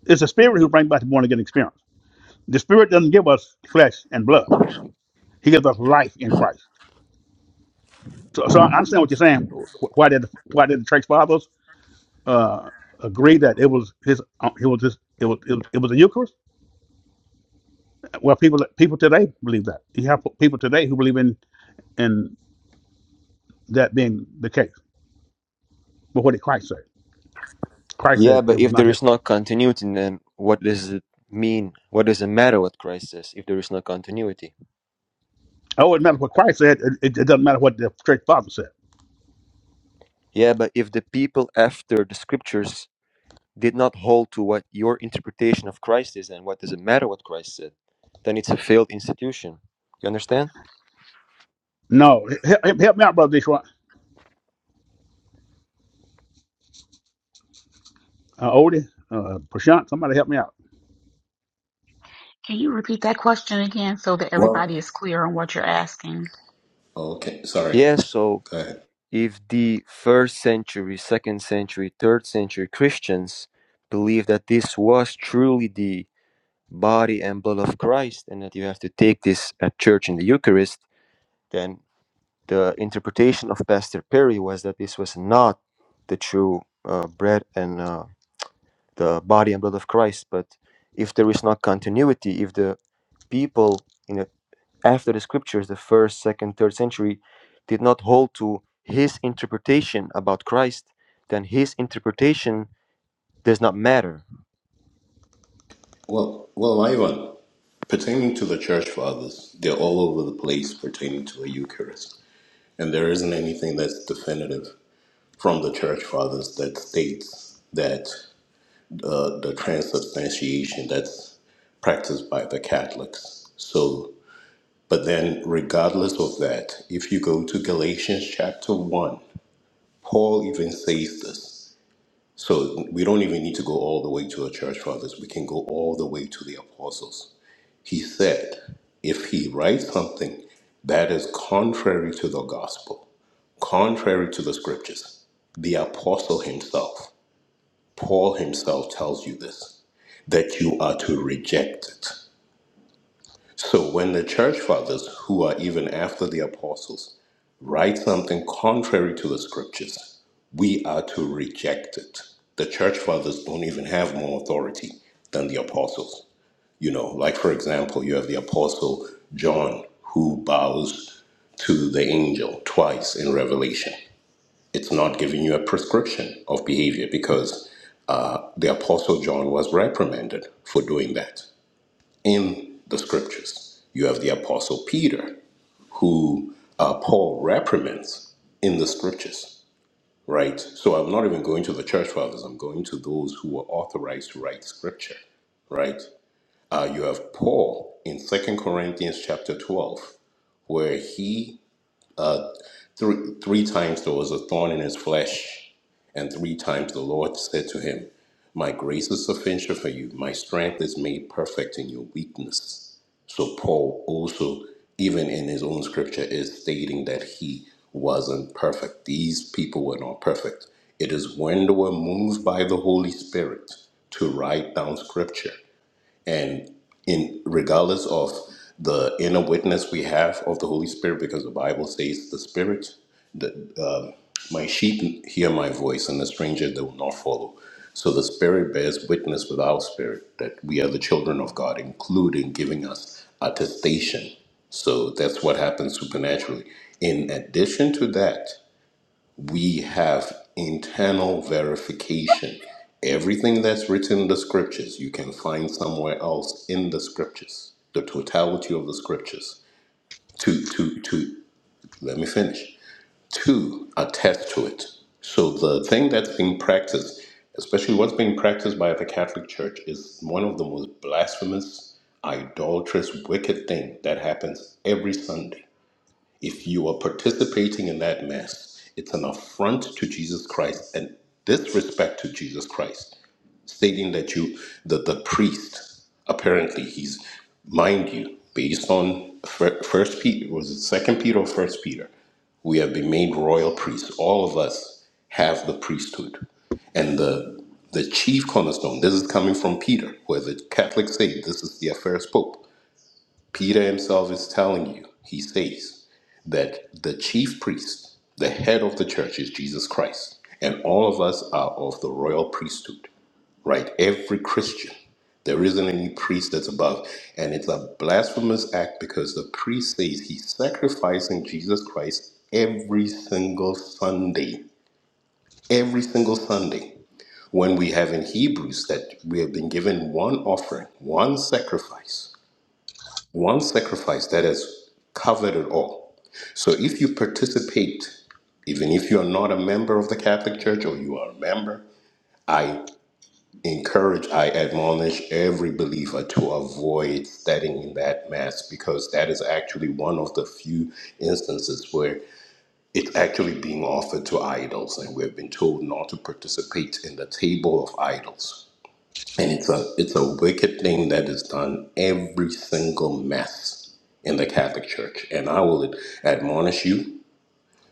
It's the Spirit who brings about the born again experience. The Spirit doesn't give us flesh and blood; He gives us life in Christ." So, so I understand what you're saying. wh- Why did the, why did the church fathers? uh, agree that it was his. Uh, it was just it was, it was it was a Eucharist. Well, people people today believe that. You have people today who believe in in that being the case. But what did Christ say? Christ
Yeah,
said it
but
was
if
not
there
his.
is no continuity, then what does it mean? What does it matter what Christ says if there is no continuity?
Oh, it matters what Christ said. It, it, it doesn't matter what the church father said.
Yeah, but if the people after the scriptures did not hold to what your interpretation of Christ is, then what does it matter what Christ said? Then it's a failed institution. You understand?
No, help, help me out, brother Detroit. Uh, Odie, uh, Prashant, somebody help me out.
Can you repeat that question again so that everybody
Well,
is clear on what you're asking?
okay, sorry.
Yeah, so
Go ahead.
if the first century, second century, third century Christians believe that this was truly the body and blood of Christ and that you have to take this at church in the Eucharist, then the interpretation of Pastor Perry was that this was not the true uh, bread and uh, the body and blood of Christ. But if there is not continuity, if the people in the, after the scriptures, the first, second, third century, did not hold to his interpretation about Christ, then his interpretation does not matter.
Well, well, Ivan, pertaining to the church fathers, they're all over the place pertaining to the Eucharist, and there isn't anything that's definitive from the church fathers that states that uh, the transubstantiation that's practiced by the Catholics. So, but then, regardless of that, if you go to Galatians chapter one, Paul even says this. So we don't even need to go all the way to the church fathers. We can go all the way to the apostles. He said, if he writes something that is contrary to the gospel, contrary to the scriptures, the apostle himself, Paul himself tells you this, that you are to reject it. So when the church fathers, who are even after the apostles, write something contrary to the scriptures, we are to reject it. The church fathers don't even have more authority than the apostles. You know, like for example, you have the apostle John who bows to the angel twice in Revelation. It's not giving you a prescription of behavior because uh, the apostle John was reprimanded for doing that in the scriptures. You have the Apostle Peter, who uh, Paul reprimands in the scriptures, right? So I'm not even going to the church fathers, I'm going to those who were authorized to write scripture, right? Uh, you have Paul in Second Corinthians chapter 12, where he Three, three times there was a thorn in his flesh, and three times the Lord said to him, My grace is sufficient for you, my strength is made perfect in your weakness. So, Paul also, even in his own scripture, is stating that he wasn't perfect. These people were not perfect. It is when they were moved by the Holy Spirit to write down scripture and in regardless of the inner witness we have of the holy spirit because the bible says the spirit the um, my sheep hear my voice and the stranger they will not follow so the spirit bears witness with our spirit that we are the children of god including giving us attestation so that's what happens supernaturally in addition to that we have internal verification. Everything that's written in the scriptures, you can find somewhere else in the scriptures. The totality of the scriptures. To to to let me finish. To attest to it. So the thing that's being practiced, especially what's being practiced by the Catholic Church, is one of the most blasphemous, idolatrous, wicked thing that happens every Sunday if you are participating in that mess, it's an affront to Jesus Christ and disrespect to Jesus Christ, stating that you, that the priest, apparently he's, mind you, based on fir- First Peter, was it Second Peter or First Peter? We have been made royal priests. All of us have the priesthood, and the the chief cornerstone. This is coming from Peter, where the Catholics say this is their first pope Peter himself is telling you, he says that the chief priest, the head of the church is Jesus Christ, and all of us are of the royal priesthood, right? Every Christian. There isn't any priest that's above. And it's a blasphemous act because the priest says he's sacrificing Jesus Christ every single Sunday. Every single Sunday. When we have in Hebrews that we have been given one offering, one sacrifice one sacrifice that has covered it all. So if you participate, even if you are not a member of the Catholic Church or you are a member, I encourage, I admonish every believer to avoid standing in that mass because that is actually one of the few instances where it's actually being offered to idols, and we've been told not to participate in the table of idols. And it's a it's a wicked thing that is done every single mass in the Catholic Church. And I will admonish you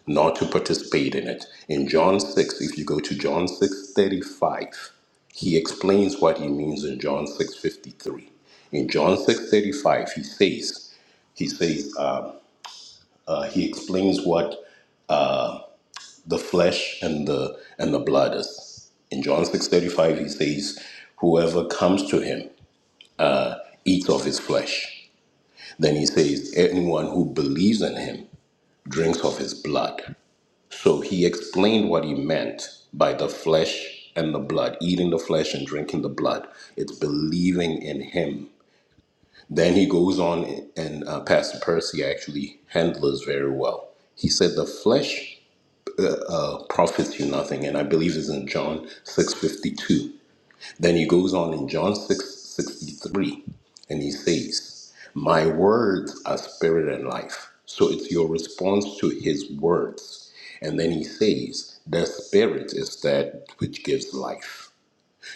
not to participate in it. In John 6, if you go to John 6 35, he explains what he means in John 6 53. In John 6 35, he says, he says, uh, uh, he explains what the flesh and the and the blood is. In John 6 35, he says, Whoever comes to him eats of his flesh Then he says, Anyone who believes in him drinks of his blood. So he explained what he meant by the flesh and the blood, eating the flesh and drinking the blood. It's believing in him. Then he goes on, and uh, Pastor Percy actually handles very well. He said, The flesh uh, profits you nothing. And I believe it's in John 6.52. Then he goes on in John 6 63, and he says, My words are spirit and life. So it's your response to his words. And then he says, The spirit is that which gives life.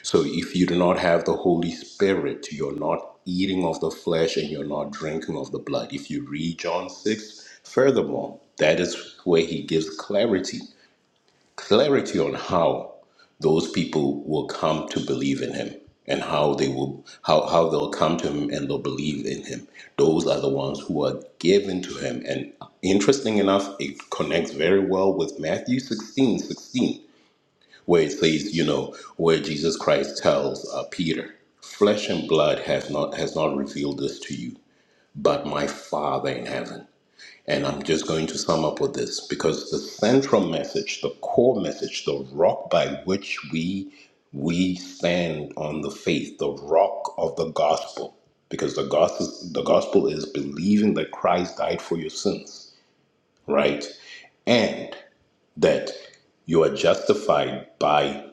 So if you do not have the Holy Spirit, you're not eating of the flesh and you're not drinking of the blood. If you read John 6, furthermore, that is where he gives clarity clarity on how those people will come to believe in him and how they will how, how they'll come to him and they'll believe in him those are the ones who are given to him and interesting enough it connects very well with matthew 16 16, where it says you know where jesus christ tells uh, peter flesh and blood has not has not revealed this to you but my father in heaven and I'm just going to sum up with this because the central message, the core message, the rock by which we we stand on the faith, the rock of the gospel, because the gospel the gospel is believing that Christ died for your sins, right? And that you are justified by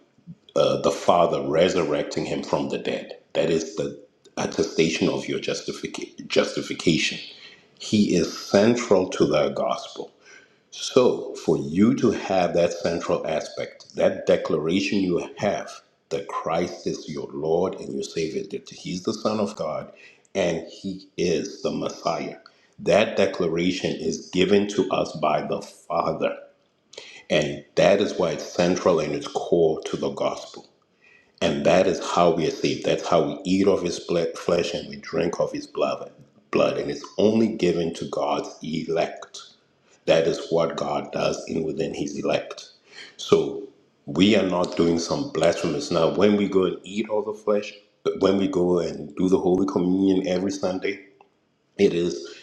uh, the Father resurrecting him from the dead. That is the attestation of your justific- justification. He is central to the gospel so, for you to have that central aspect, that declaration you have that Christ is your Lord and your Savior, that He's the Son of God and He is the Messiah, that declaration is given to us by the Father. And that is why it's central and it's core to the gospel. And that is how we are saved. That's how we eat of His ble- flesh and we drink of His blood. Blood, and it's only given to God's elect. That is what God does in within his elect. So we are not doing some blasphemous. Now, when we go and eat all the flesh, when we go and do the Holy Communion every Sunday, it is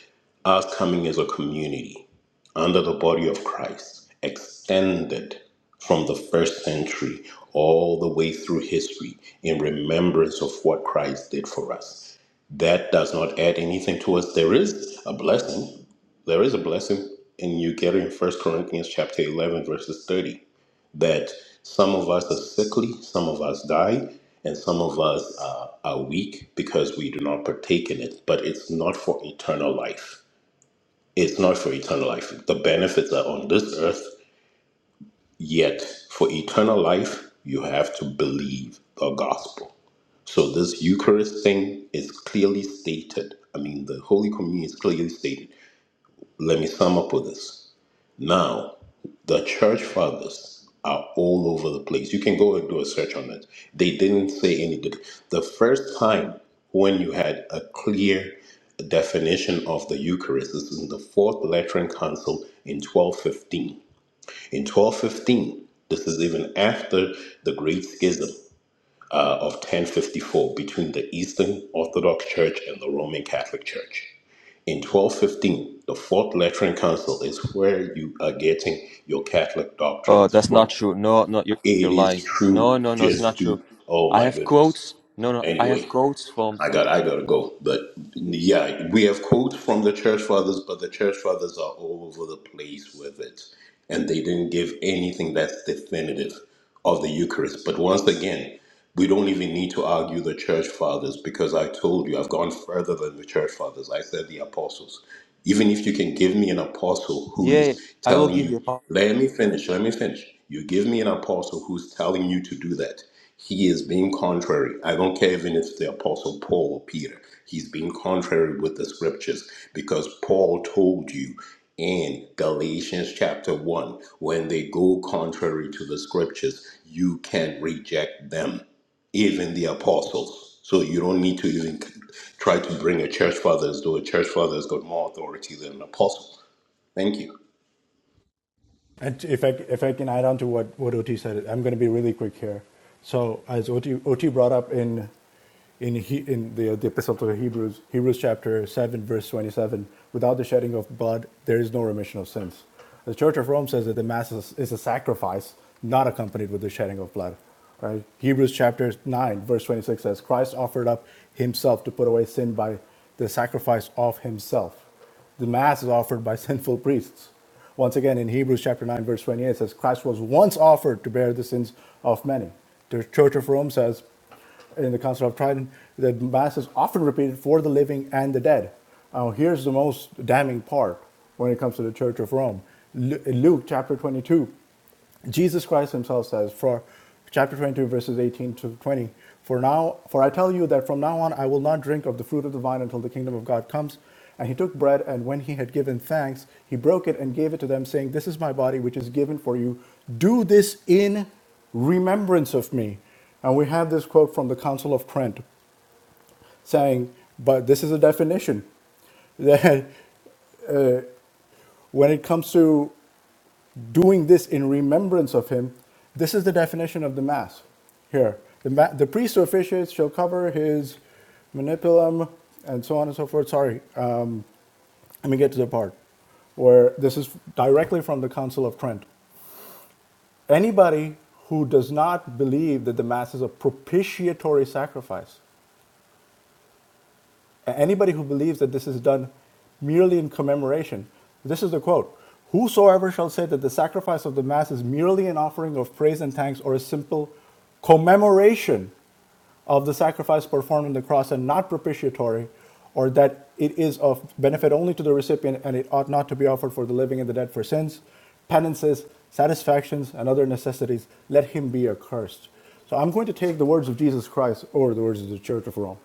us coming as a community under the body of Christ, extended from the first century all the way through history in remembrance of what Christ did for us. That does not add anything to us. There is a blessing. There is a blessing, and you get it in First Corinthians chapter 11, verses 30 that some of us are sickly, some of us die, and some of us uh, are weak because we do not partake in it. But it's not for eternal life. It's not for eternal life. The benefits are on this earth, yet for eternal life, you have to believe the gospel. So this Eucharist thing is clearly stated. I mean, the Holy Communion is clearly stated. Let me sum up with this. Now, the church fathers are all over the place. You can go and do a search on it. They didn't say anything. The first time when you had a clear definition of the Eucharist is in the Fourth Lateran Council in 1215. In 1215, this is even after the Great Schism uh, of 1054 between the Eastern Orthodox Church and the Roman Catholic Church. In 1215, the Fourth Lateran Council is where you are getting your Catholic
Oh,
doctrines
that's not
from.
true. No, no, you're, you're
It is
lying. No,
true.
no, no, it's not
Just
true.
do. Oh
I
my
have
goodness.
quotes. No, no, I have
Anyway,
quotes from.
I got I gotta go. But yeah, we have quotes from the church fathers, but the church fathers are all over the place with it, and they didn't give anything that's definitive of the Eucharist. But once again, we don't even need to argue the church fathers because I told you I've gone further than the church fathers. I said the apostles. Even if you can give me an apostle who
Yeah,
is
I will
telling
give
you,
you a.
let me finish, let me finish. You give me an apostle who's telling you to do that. He is being contrary. I don't care even if it's the Apostle Paul or Peter. He's being contrary with the scriptures because Paul told you in Galatians chapter 1 when they go contrary to the scriptures, you can reject them, even the apostles. So you don't need to even try to bring a church father as though a church father has got more authority than an apostle. Thank you.
And if I, if I can add on to what, what OT said, I'm going to be really quick here. So, as OT, OT brought up in in he, in the, the epistle to the Hebrews, Hebrews chapter 7, verse 27, without the shedding of blood, there is no remission of sins. The Church of Rome says that the Mass is, is a sacrifice not accompanied with the shedding of blood. Right? Hebrews chapter 9, verse 26 says, Christ offered up himself to put away sin by the sacrifice of himself. The Mass is offered by sinful priests. Once again, in Hebrews chapter 9, verse 28, it says, Christ was once offered to bear the sins of many. The Church of Rome says, in the Council of Trident, the Mass is often repeated for the living and the dead. Now, here's the most damning part when it comes to the Church of Rome. Lu- Luke chapter 22, Jesus Christ himself says for chapter 22 verses 18 to 20 for now for I tell you that from now on I will not drink of the fruit of the vine until the kingdom of God comes and he took bread and when he had given thanks he broke it and gave it to them saying this is my body which is given for you do this in remembrance of me and we have this quote from the Council of Trent saying but this is a definition that when it comes to doing this in remembrance of him. This is the definition of the Mass here. The, ma- the priest who officiates shall cover his manipulum and so on and so forth. Sorry, uh, let me get to the part where this is directly from the Council of Trent. Anybody who does not believe that the Mass is a propitiatory sacrifice Anybody who believes that this is done merely in commemoration, this is the quote Whosoever shall say that the sacrifice of the Mass is merely an offering of praise and thanks or a simple commemoration of the sacrifice performed on the cross and not propitiatory, or that it is of benefit only to the recipient and it ought not to be offered for the living and the dead for sins, penances, satisfactions, and other necessities, let him be accursed. So I'm going to take the words of Jesus Christ over the words of the Church of Rome.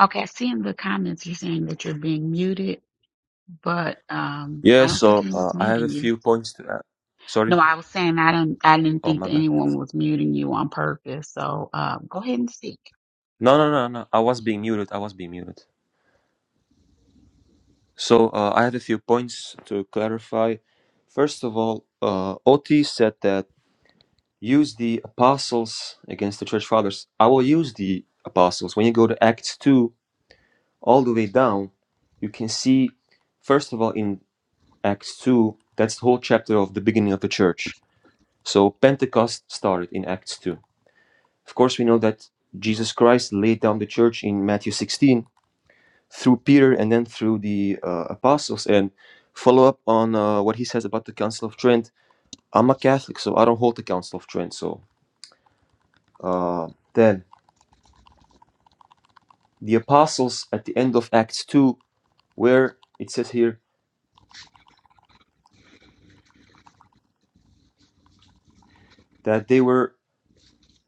Okay, I see in the comments you're saying that you're being muted, but um,
Yeah,
I don't think
so uh,
anyone's
I have a
muting you.
few points to add. Sorry?
No, I was saying I didn't. I didn't
Oh,
think
my
that
bad.
anyone was muting you on purpose. So uh, go ahead and speak.
No, no, no, no. I was being muted. I was being muted. So uh, I have a few points to clarify. First of all, uh, OT said that use the apostles against the church fathers. I will use the apostles. When you go to Acts 2, all the way down, you can see, first of all, in Acts 2, that's the whole chapter of the beginning of the church. So Pentecost started in Acts 2 Of course, we know that Jesus Christ laid down the church in Matthew 16 through Peter and then through the uh, apostles. And follow up on uh, what he says about the Council of Trent. I'm a Catholic, so I don't hold the Council of Trent. So uh, then the apostles at the end of Acts 2, where it says here that they were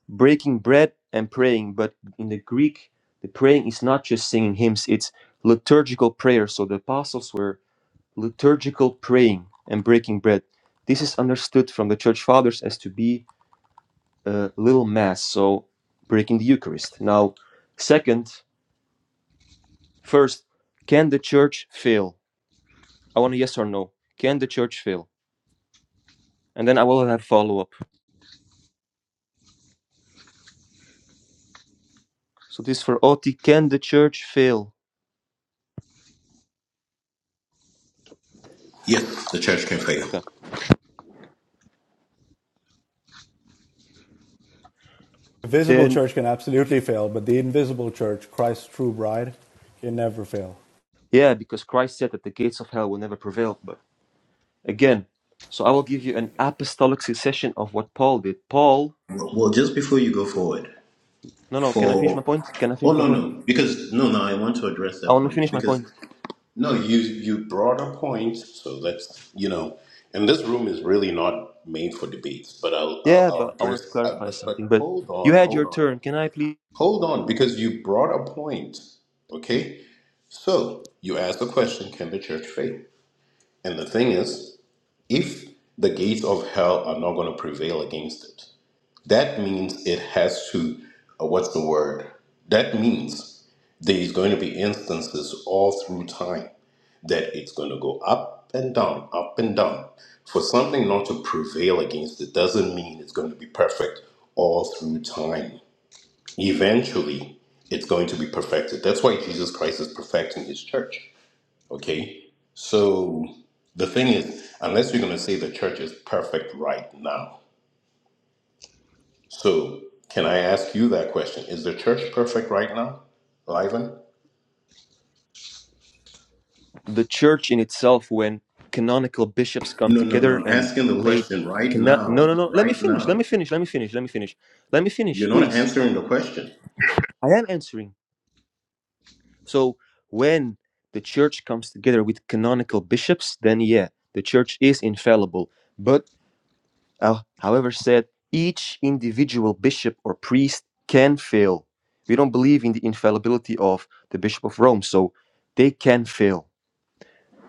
breaking bread and praying, but in the Greek, the praying is not just singing hymns, it's liturgical prayer. So the apostles were liturgical praying and breaking bread. This is understood from the church fathers as to be a little mass, so breaking the Eucharist. Now, second, first, can the church fail? I want a yes or no. Can the church fail? And then I will have follow up. So this for Oti, can the church fail?
Yes, the church can fail.
Okay.
The visible
Then,
church can absolutely fail, but the invisible church, Christ's true bride, can never fail.
yeah, because Christ said that the gates of hell will never prevail. But again, so I will give you an apostolic succession of what Paul did. Paul,
Well, just before you go forward,
no, no, can I finish my
for
point? Can I
Oh
finish my
no
point?
no because no no I want to address
I
that
want to
point
finish my
because
point.
no you you brought a point so let's you know and this room is really not made for debates but I'll I'll,
Yeah,
I'll
but I wanted to
address uh,
clarify
but but
something. But
hold
you
on
had your
hold on
turn. Can I please?
hold on because you brought a point okay so you asked the question can the church fail and the thing is if the gates of hell are not going to prevail against it that means it has to, uh, what's the word? That means there's going to be instances all through time that it's going to go up and down, up and down. For something not to prevail against it doesn't mean it's going to be perfect all through time. Eventually, it's going to be perfected. That's why Jesus Christ is perfecting his church. Okay? So the thing is, unless you're going to say the church is perfect right now, so, can I ask you that question? Is the church perfect right now, Liven?
The church in itself, when canonical bishops come
No, no, no.
together
I'm
and
asking the
lay
question right
cannot. No, no,
now.
no. Let me
Right
finish. Let
now.
me finish. Let me finish. Let me finish. Let me
You're
finish,
not
please.
answering the question.
I am answering. So when the church comes together with canonical bishops, then yeah, the church is infallible. But uh, however, said each individual bishop or priest can fail. We don't believe in the infallibility of the Bishop of Rome, so they can fail.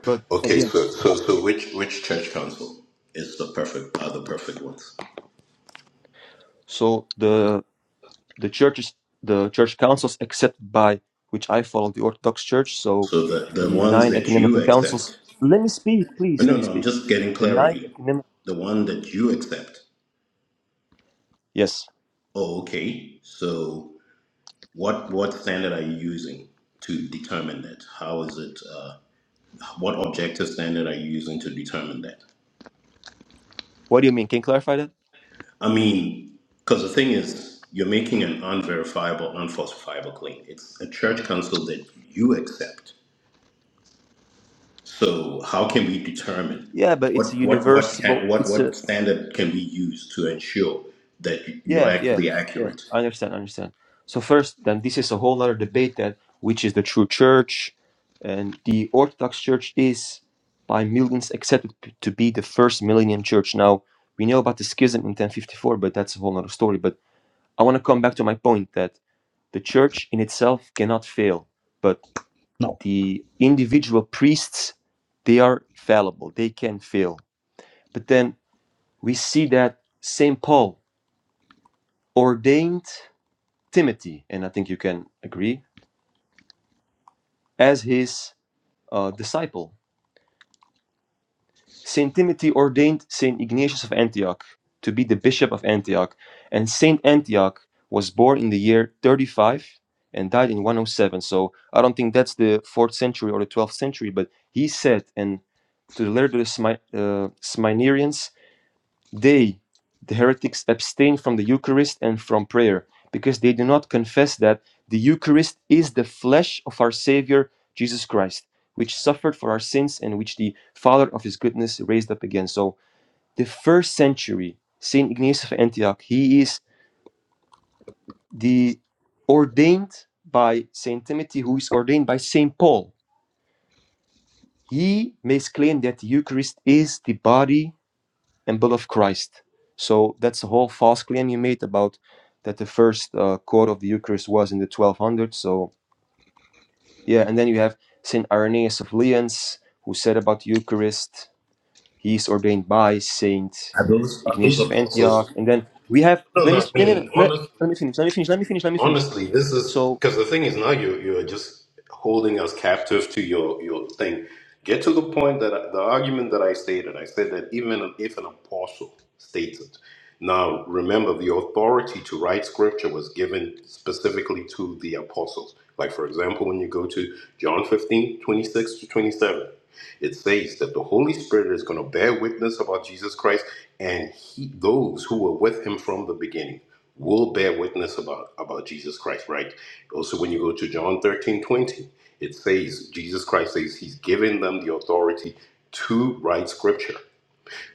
But
Okay,
again,
so so so which which church council? is the perfect are the perfect ones.
so the the churches, the church councils, except by which I follow the Orthodox Church, so
So the, the
the
ones
nine
that you
ecumenical councils.
accept.
Let me speak,
Uh,
please. Let
No,
me
no, I'm
speak.
just getting
The nine
clarity.
ecumenical.
The one that you accept.
Yes.
Oh, okay. So what what standard are you using to determine that? How is it? uh, What objective standard are you using to determine that?
What do you mean? Can you clarify that?
I mean, because the thing is, you're making an unverifiable, unfalsifiable claim. It's a church council that you accept. So how can we determine
Yeah, but it's a
what what what
universal.
can what
It's a
what standard can we use to ensure that you're
Yeah, yeah,
actually
yeah.
accurate?
I understand, I understand. So first, then this is a whole other debate that which is the true church, and the Orthodox Church is by millions accepted p- to be the first millennium church. Now we know about the schism in 1054, but that's a whole other story. But I want to come back to my point that the church in itself cannot fail, but
No,
the individual priests they are fallible; they can fail. But then we see that Saint Paul ordained Timothy, and I think you can agree, as his uh, disciple. Saint Timothy ordained Saint Ignatius of Antioch to be the bishop of Antioch, and Saint Antioch was born in the year 35 and died in 107. So I don't think that's the fourth century or the 12th century, but he said, and to the letter of the Smy- uh, They, the heretics, abstain from the Eucharist and from prayer because they do not confess that the Eucharist is the flesh of our Savior Jesus Christ, which suffered for our sins and which the Father of His goodness raised up again. So, the first century, Saint Ignatius of Antioch, he is the ordained by Saint Timothy, who is ordained by Saint Paul. He makes claim that the Eucharist is the body and blood of Christ. So that's the whole false claim you made about that the first uh, court of the Eucharist was in the 1200s. So yeah, and then you have Saint Irenaeus of Lyons who said about the Eucharist, he's ordained by Saint
Are those are those
Ignatius of
apostles?
Antioch, and then we have.
No,
Let me
no. I
s- no no no.
mean,
Let,
honestly.
let me finish. Let me finish. Let me finish. Let me finish.
honestly, this is
So
because the thing is now you you are just holding us captive to your your thing. Get to the point that I- the argument that I stated. I said that even if an apostle states it. Now remember, the authority to write scripture was given specifically to the apostles. Like for example, when you go to John 15 26 to 27, it says that the Holy Spirit is going to bear witness about Jesus Christ and he, those who were with him from the beginning will bear witness about, about Jesus Christ, right? Also, when you go to John 13 20, it says, Jesus Christ says he's given them the authority to write scripture,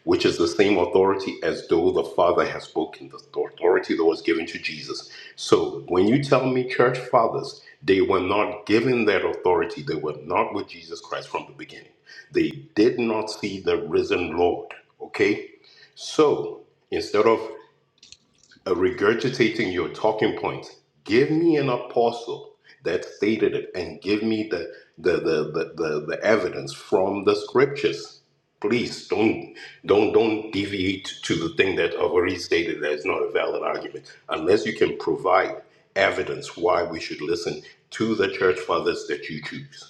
which is the same authority as though the Father has spoken, the authority that was given to Jesus. So when you tell me church fathers, they were not given that authority, they were not with Jesus Christ from the beginning. They did not see the risen Lord, okay? So instead of uh, regurgitating your talking points. Give me an apostle that stated it and give me the the, the, the, the, the evidence from the scriptures. Please don't don't don't deviate to the thing that I've already stated that is not a valid argument unless you can provide evidence why we should listen to the church fathers that you choose.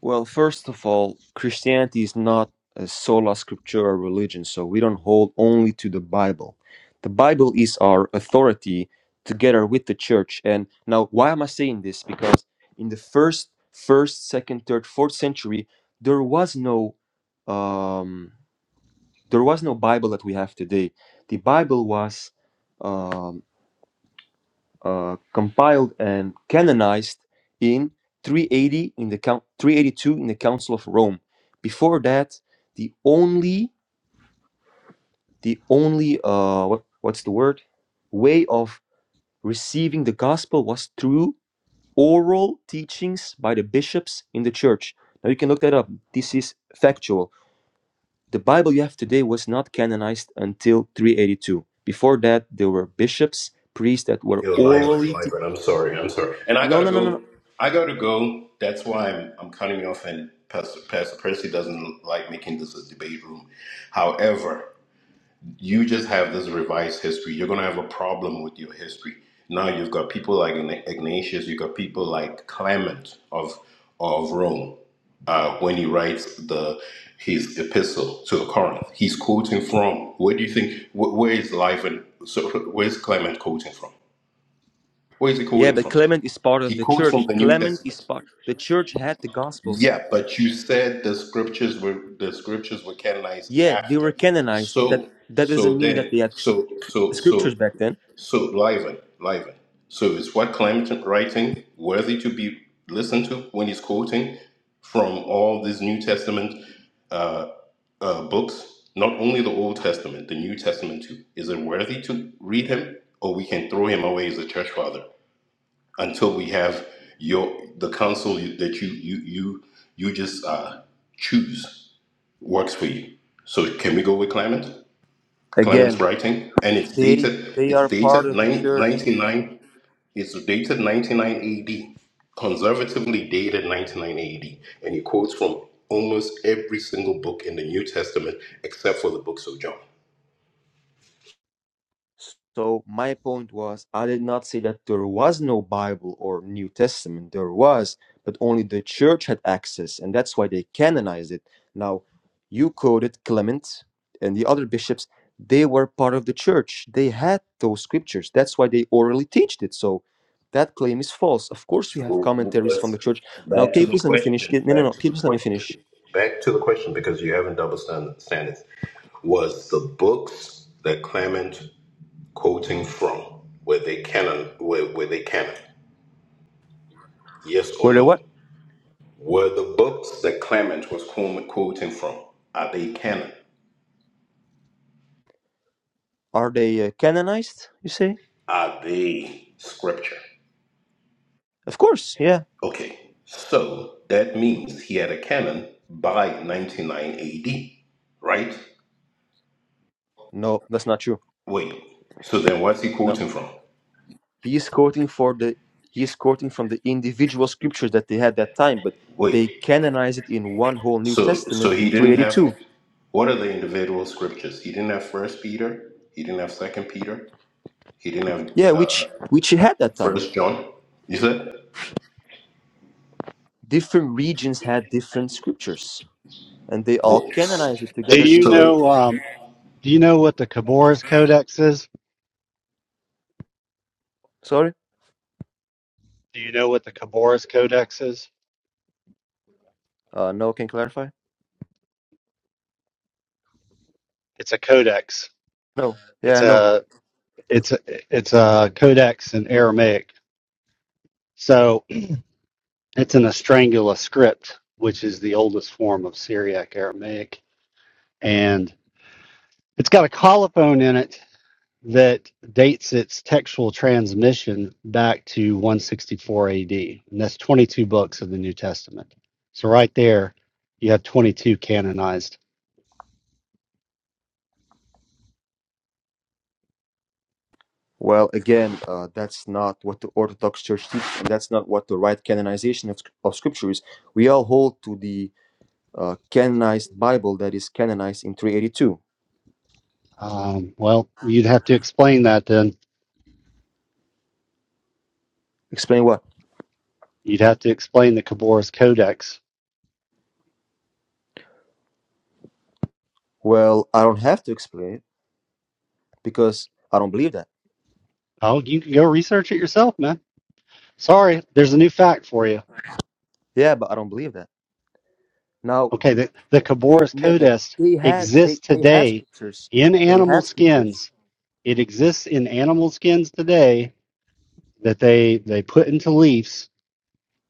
Well, first of all, Christianity is not a sola scriptura religion, so we don't hold only to the Bible. The Bible is our authority together with the church. And now, why am I saying this? Because in the first, first, second, third, fourth century, there was no, um, there was no Bible that we have today. The Bible was um, uh, compiled and canonized in 380 in the coun 382 in the Council of Rome. Before that, the only the only uh, what, what's the word way of receiving the gospel was through oral teachings by the bishops in the church. Now you can look that up. This is factual. The Bible you have today was not canonized until 382. Before that, there were bishops, priests that were
You're a liar,
orally. Te-
I'm sorry, I'm sorry. And I
no, no,
gotta
no, no. no.
go. I gotta go. That's why I'm I'm cutting you off. And Pastor, Pastor Percy doesn't like making this a debate room. However, you just have this revised history. You're gonna have a problem with your history. Now you've got people like Ign- Ignatius. You've got people like Clement of of Rome. Uh, when he writes the his epistle to Corinth, he's quoting from. Where do you think? Wh- where is life and so? Where's Clement quoting from? Where is he
Yeah,
quoting
but
from?
Clement is part of
He
the
quotes from
church.
the New
Clement is
Testament.
part. The church had the gospels.
Yeah, but you said the scriptures were the scriptures were canonized
Yeah, they
after.
were canonized. That
So
that doesn't
so
mean
then
that they had s-
so so
scriptures
so
back then.
so Liven, Liven. So is what Clement writing worthy to be listened to when he's quoting from all these New Testament uh, uh, books? Not only the Old Testament, the New Testament too. Is it worthy to read him, or we can throw him away as a church father? until we have your the council that you you you you just uh, choose works for you. So can we go with Clement?
Again,
Clement's writing, and it's
they
dated.
they
It's
are part
dated
of the
nine-
church.
ninety-nine. It's dated 99 AD, conservatively dated 99 AD, and he quotes from almost every single book in the New Testament except for the books of John.
So my point was, I did not say that there was no Bible or New Testament. There was, but only the church had access, and that's why they canonized it. Now, you quoted Clement and the other bishops; they were part of the church. They had those scriptures. That's why they orally taught it. So that claim is false. Of course, we have
So what
commentaries from the
was
church. Now,
back
can
to
you
the
please let me finish?
question?
Can- No, no,
Back
no.
to
Can you
the
please let me
question.
finish?
Back to the question because you haven't double stand- standards. Was the books that Clement quoting from were they canon? Were, were they canon? Yes or
Were they
no?
what?
Were the books that Clement was quote quoting from are they canon?
Are they uh, canonized? You say?
Are they scripture?
Of course. Yeah.
Okay, so that means he had a canon by 99 AD, right?
No, that's not true.
Wait. So then, what's he
No.
quoting from?
He is quoting for the he is quoting from the individual scriptures that they had that time, but they
Wait,
canonize it in one whole New
so so
Testament in
he didn't have
382.
what are the individual scriptures? He didn't have First Peter. He didn't have Second Peter. He didn't have
Yeah,
uh,
which which he had that time.
First John. You said
Different regions had different scriptures, and they all
what?
canonized it
Do
together
you
in a.
So
know? Um, do you know what the Caboras Codex is?
Sorry,
Do you know what the Caboras Codex is?
uh, no, can clarify.
It's a codex.
No,
It's
yeah, no.
a it's a, it's a codex in Aramaic. So it's an Estrangula script, which is the oldest form of Syriac Aramaic, and it's got a colophon in it that dates its textual transmission back to 164 AD, and that's 22 books of the New Testament. So right there, you have 22 canonized.
Well, again, uh, that's not what the Orthodox Church teaches, and that's not what the right canonization of, sc- of scripture is. We all hold to the uh, canonized Bible that is canonized in 382.
Um, well, you'd have to explain that then.
Explain what?
You'd have to explain the Caboras Codex.
Well, I don't have to explain it because I don't believe that.
Oh, you can go research it yourself, man. Sorry, there's a new fact for you.
Yeah, but I don't believe that. Now
Okay, the, the
they
Caboras
no, no,
Codex
they had they
exists
they had
today
scriptures.
in
They
animal
had scriptures.
skins. It exists in animal skins today that they they put into leaves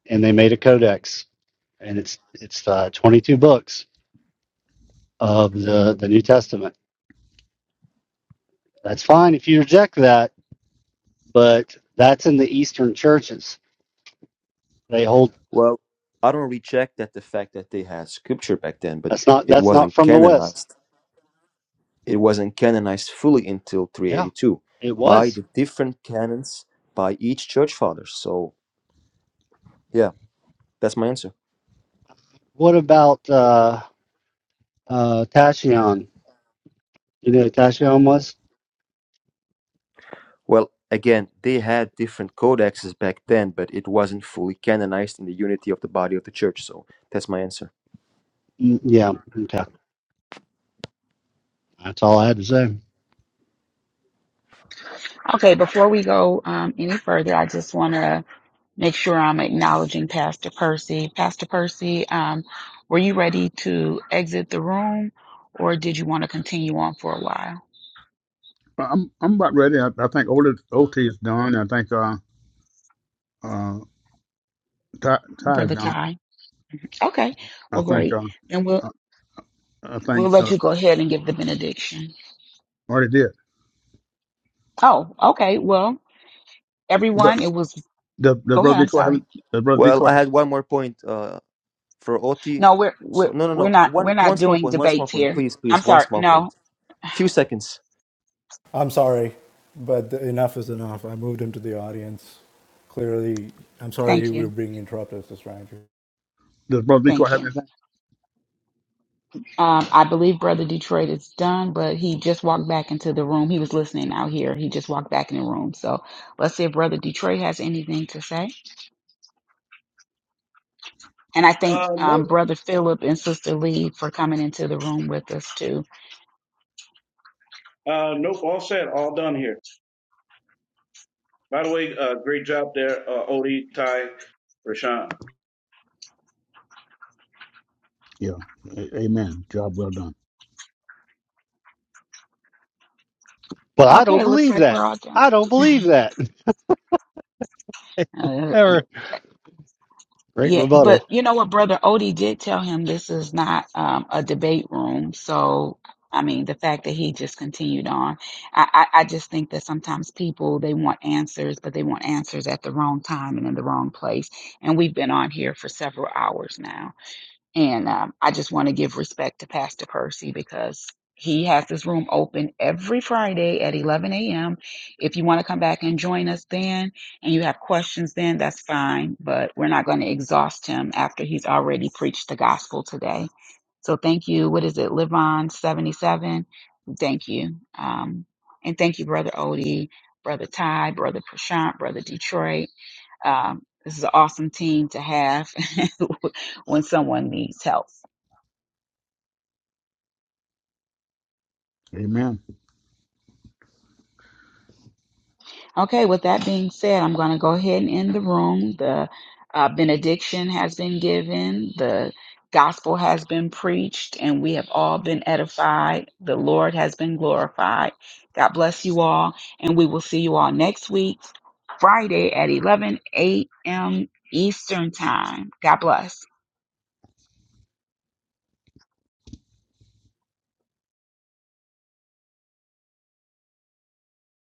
and they made a codex and it's it's uh, 22 books of the the New Testament. That's fine if you reject that, but that's in the Eastern churches. They hold
Well, I don't reject that the fact that they had scripture back then, but
that's not
it
that's not
wasn't
from the West.
canonized. It wasn't canonized fully until
Yeah,
382
it
by
was.
the different canons by each church father. So yeah, that's my answer.
What about uh uh Tashion? You know who Tashion was?
Well, again, they had different codexes back then, but it wasn't fully canonized in the unity of the body of the church. So that's my answer.
Mm, yeah, okay. That's all I had to say.
Okay, before we go um, any further, I just want to make sure I'm acknowledging Pastor Percy. Pastor Percy, um, were you ready to exit the room, or did you want to continue on for a while,
I'm I'm about ready. I, I think Ol- OT is done. I think uh uh Ty, Ty is
Brother
done.
Ty? Okay,
I
well,
think
great.
uh
Then we'll
I, I
we'll
think
let
uh,
you go ahead and give the benediction.
already did.
Oh, okay. Well,
but.
everyone, it was.
Does, does
Go ahead.
Brother
I'm
Detroit have
sorry.
does Brother
Well, I
Detroit have
had one more point uh, for Oti.
No, we're
So
we're
no, no,
we're
no.
not we're
One, one
not
small
doing
point. One small
debates
point,
here.
please,
I'm
please. One
sorry.
small
No,
point. Few seconds.
I'm sorry, but enough is enough. I moved him to the audience. Clearly, I'm sorry
thank
we were
you,
being interrupted, Sister Andrew.
does Brother Detroit
thank
have
you.
anything?
Um, I believe Brother Detroit is done, but he just walked back into the room. He was listening out here. He just walked back in the room. So let's see if Brother Detroit has anything to say. And I thank
Uh, nope.
um, Brother Philip and Sister Lee for coming into the room with us too.
Uh, nope. All set. All done here. By the way, uh, great job there, uh, Odie, Ty, Rashawn.
Yeah. A- amen. Job well done.
But I
Okay,
don't
looks
believe
like
that.
we're all
I don't believe that.
done.
Ever. Great
Yeah, but
rebuttal.
you know what, Brother Odie did tell him this is not um, a debate room. So, I mean, the fact that he just continued on, I, I, I just think that sometimes people they want answers, but they want answers at the wrong time and in the wrong place. And we've been on here for several hours now. And um, I just want to give respect to Pastor Percy because he has this room open every Friday at 11 a.m. If you want to come back and join us then and you have questions then, that's fine. But we're not going to exhaust him after he's already preached the gospel today. So thank you. What is it? Live on 77. Thank you. Um, and thank you, Brother Odie, Brother Ty, Brother Prashant, Brother Detroit um, this is an awesome team to have when someone needs help.
Amen.
Okay, with that being said, I'm going to go ahead and end the room. The uh, benediction has been given, the gospel has been preached, and we have all been edified. The Lord has been glorified. God bless you all, and we will see you all next week, Friday at 11 a.m. Eastern Time. God bless.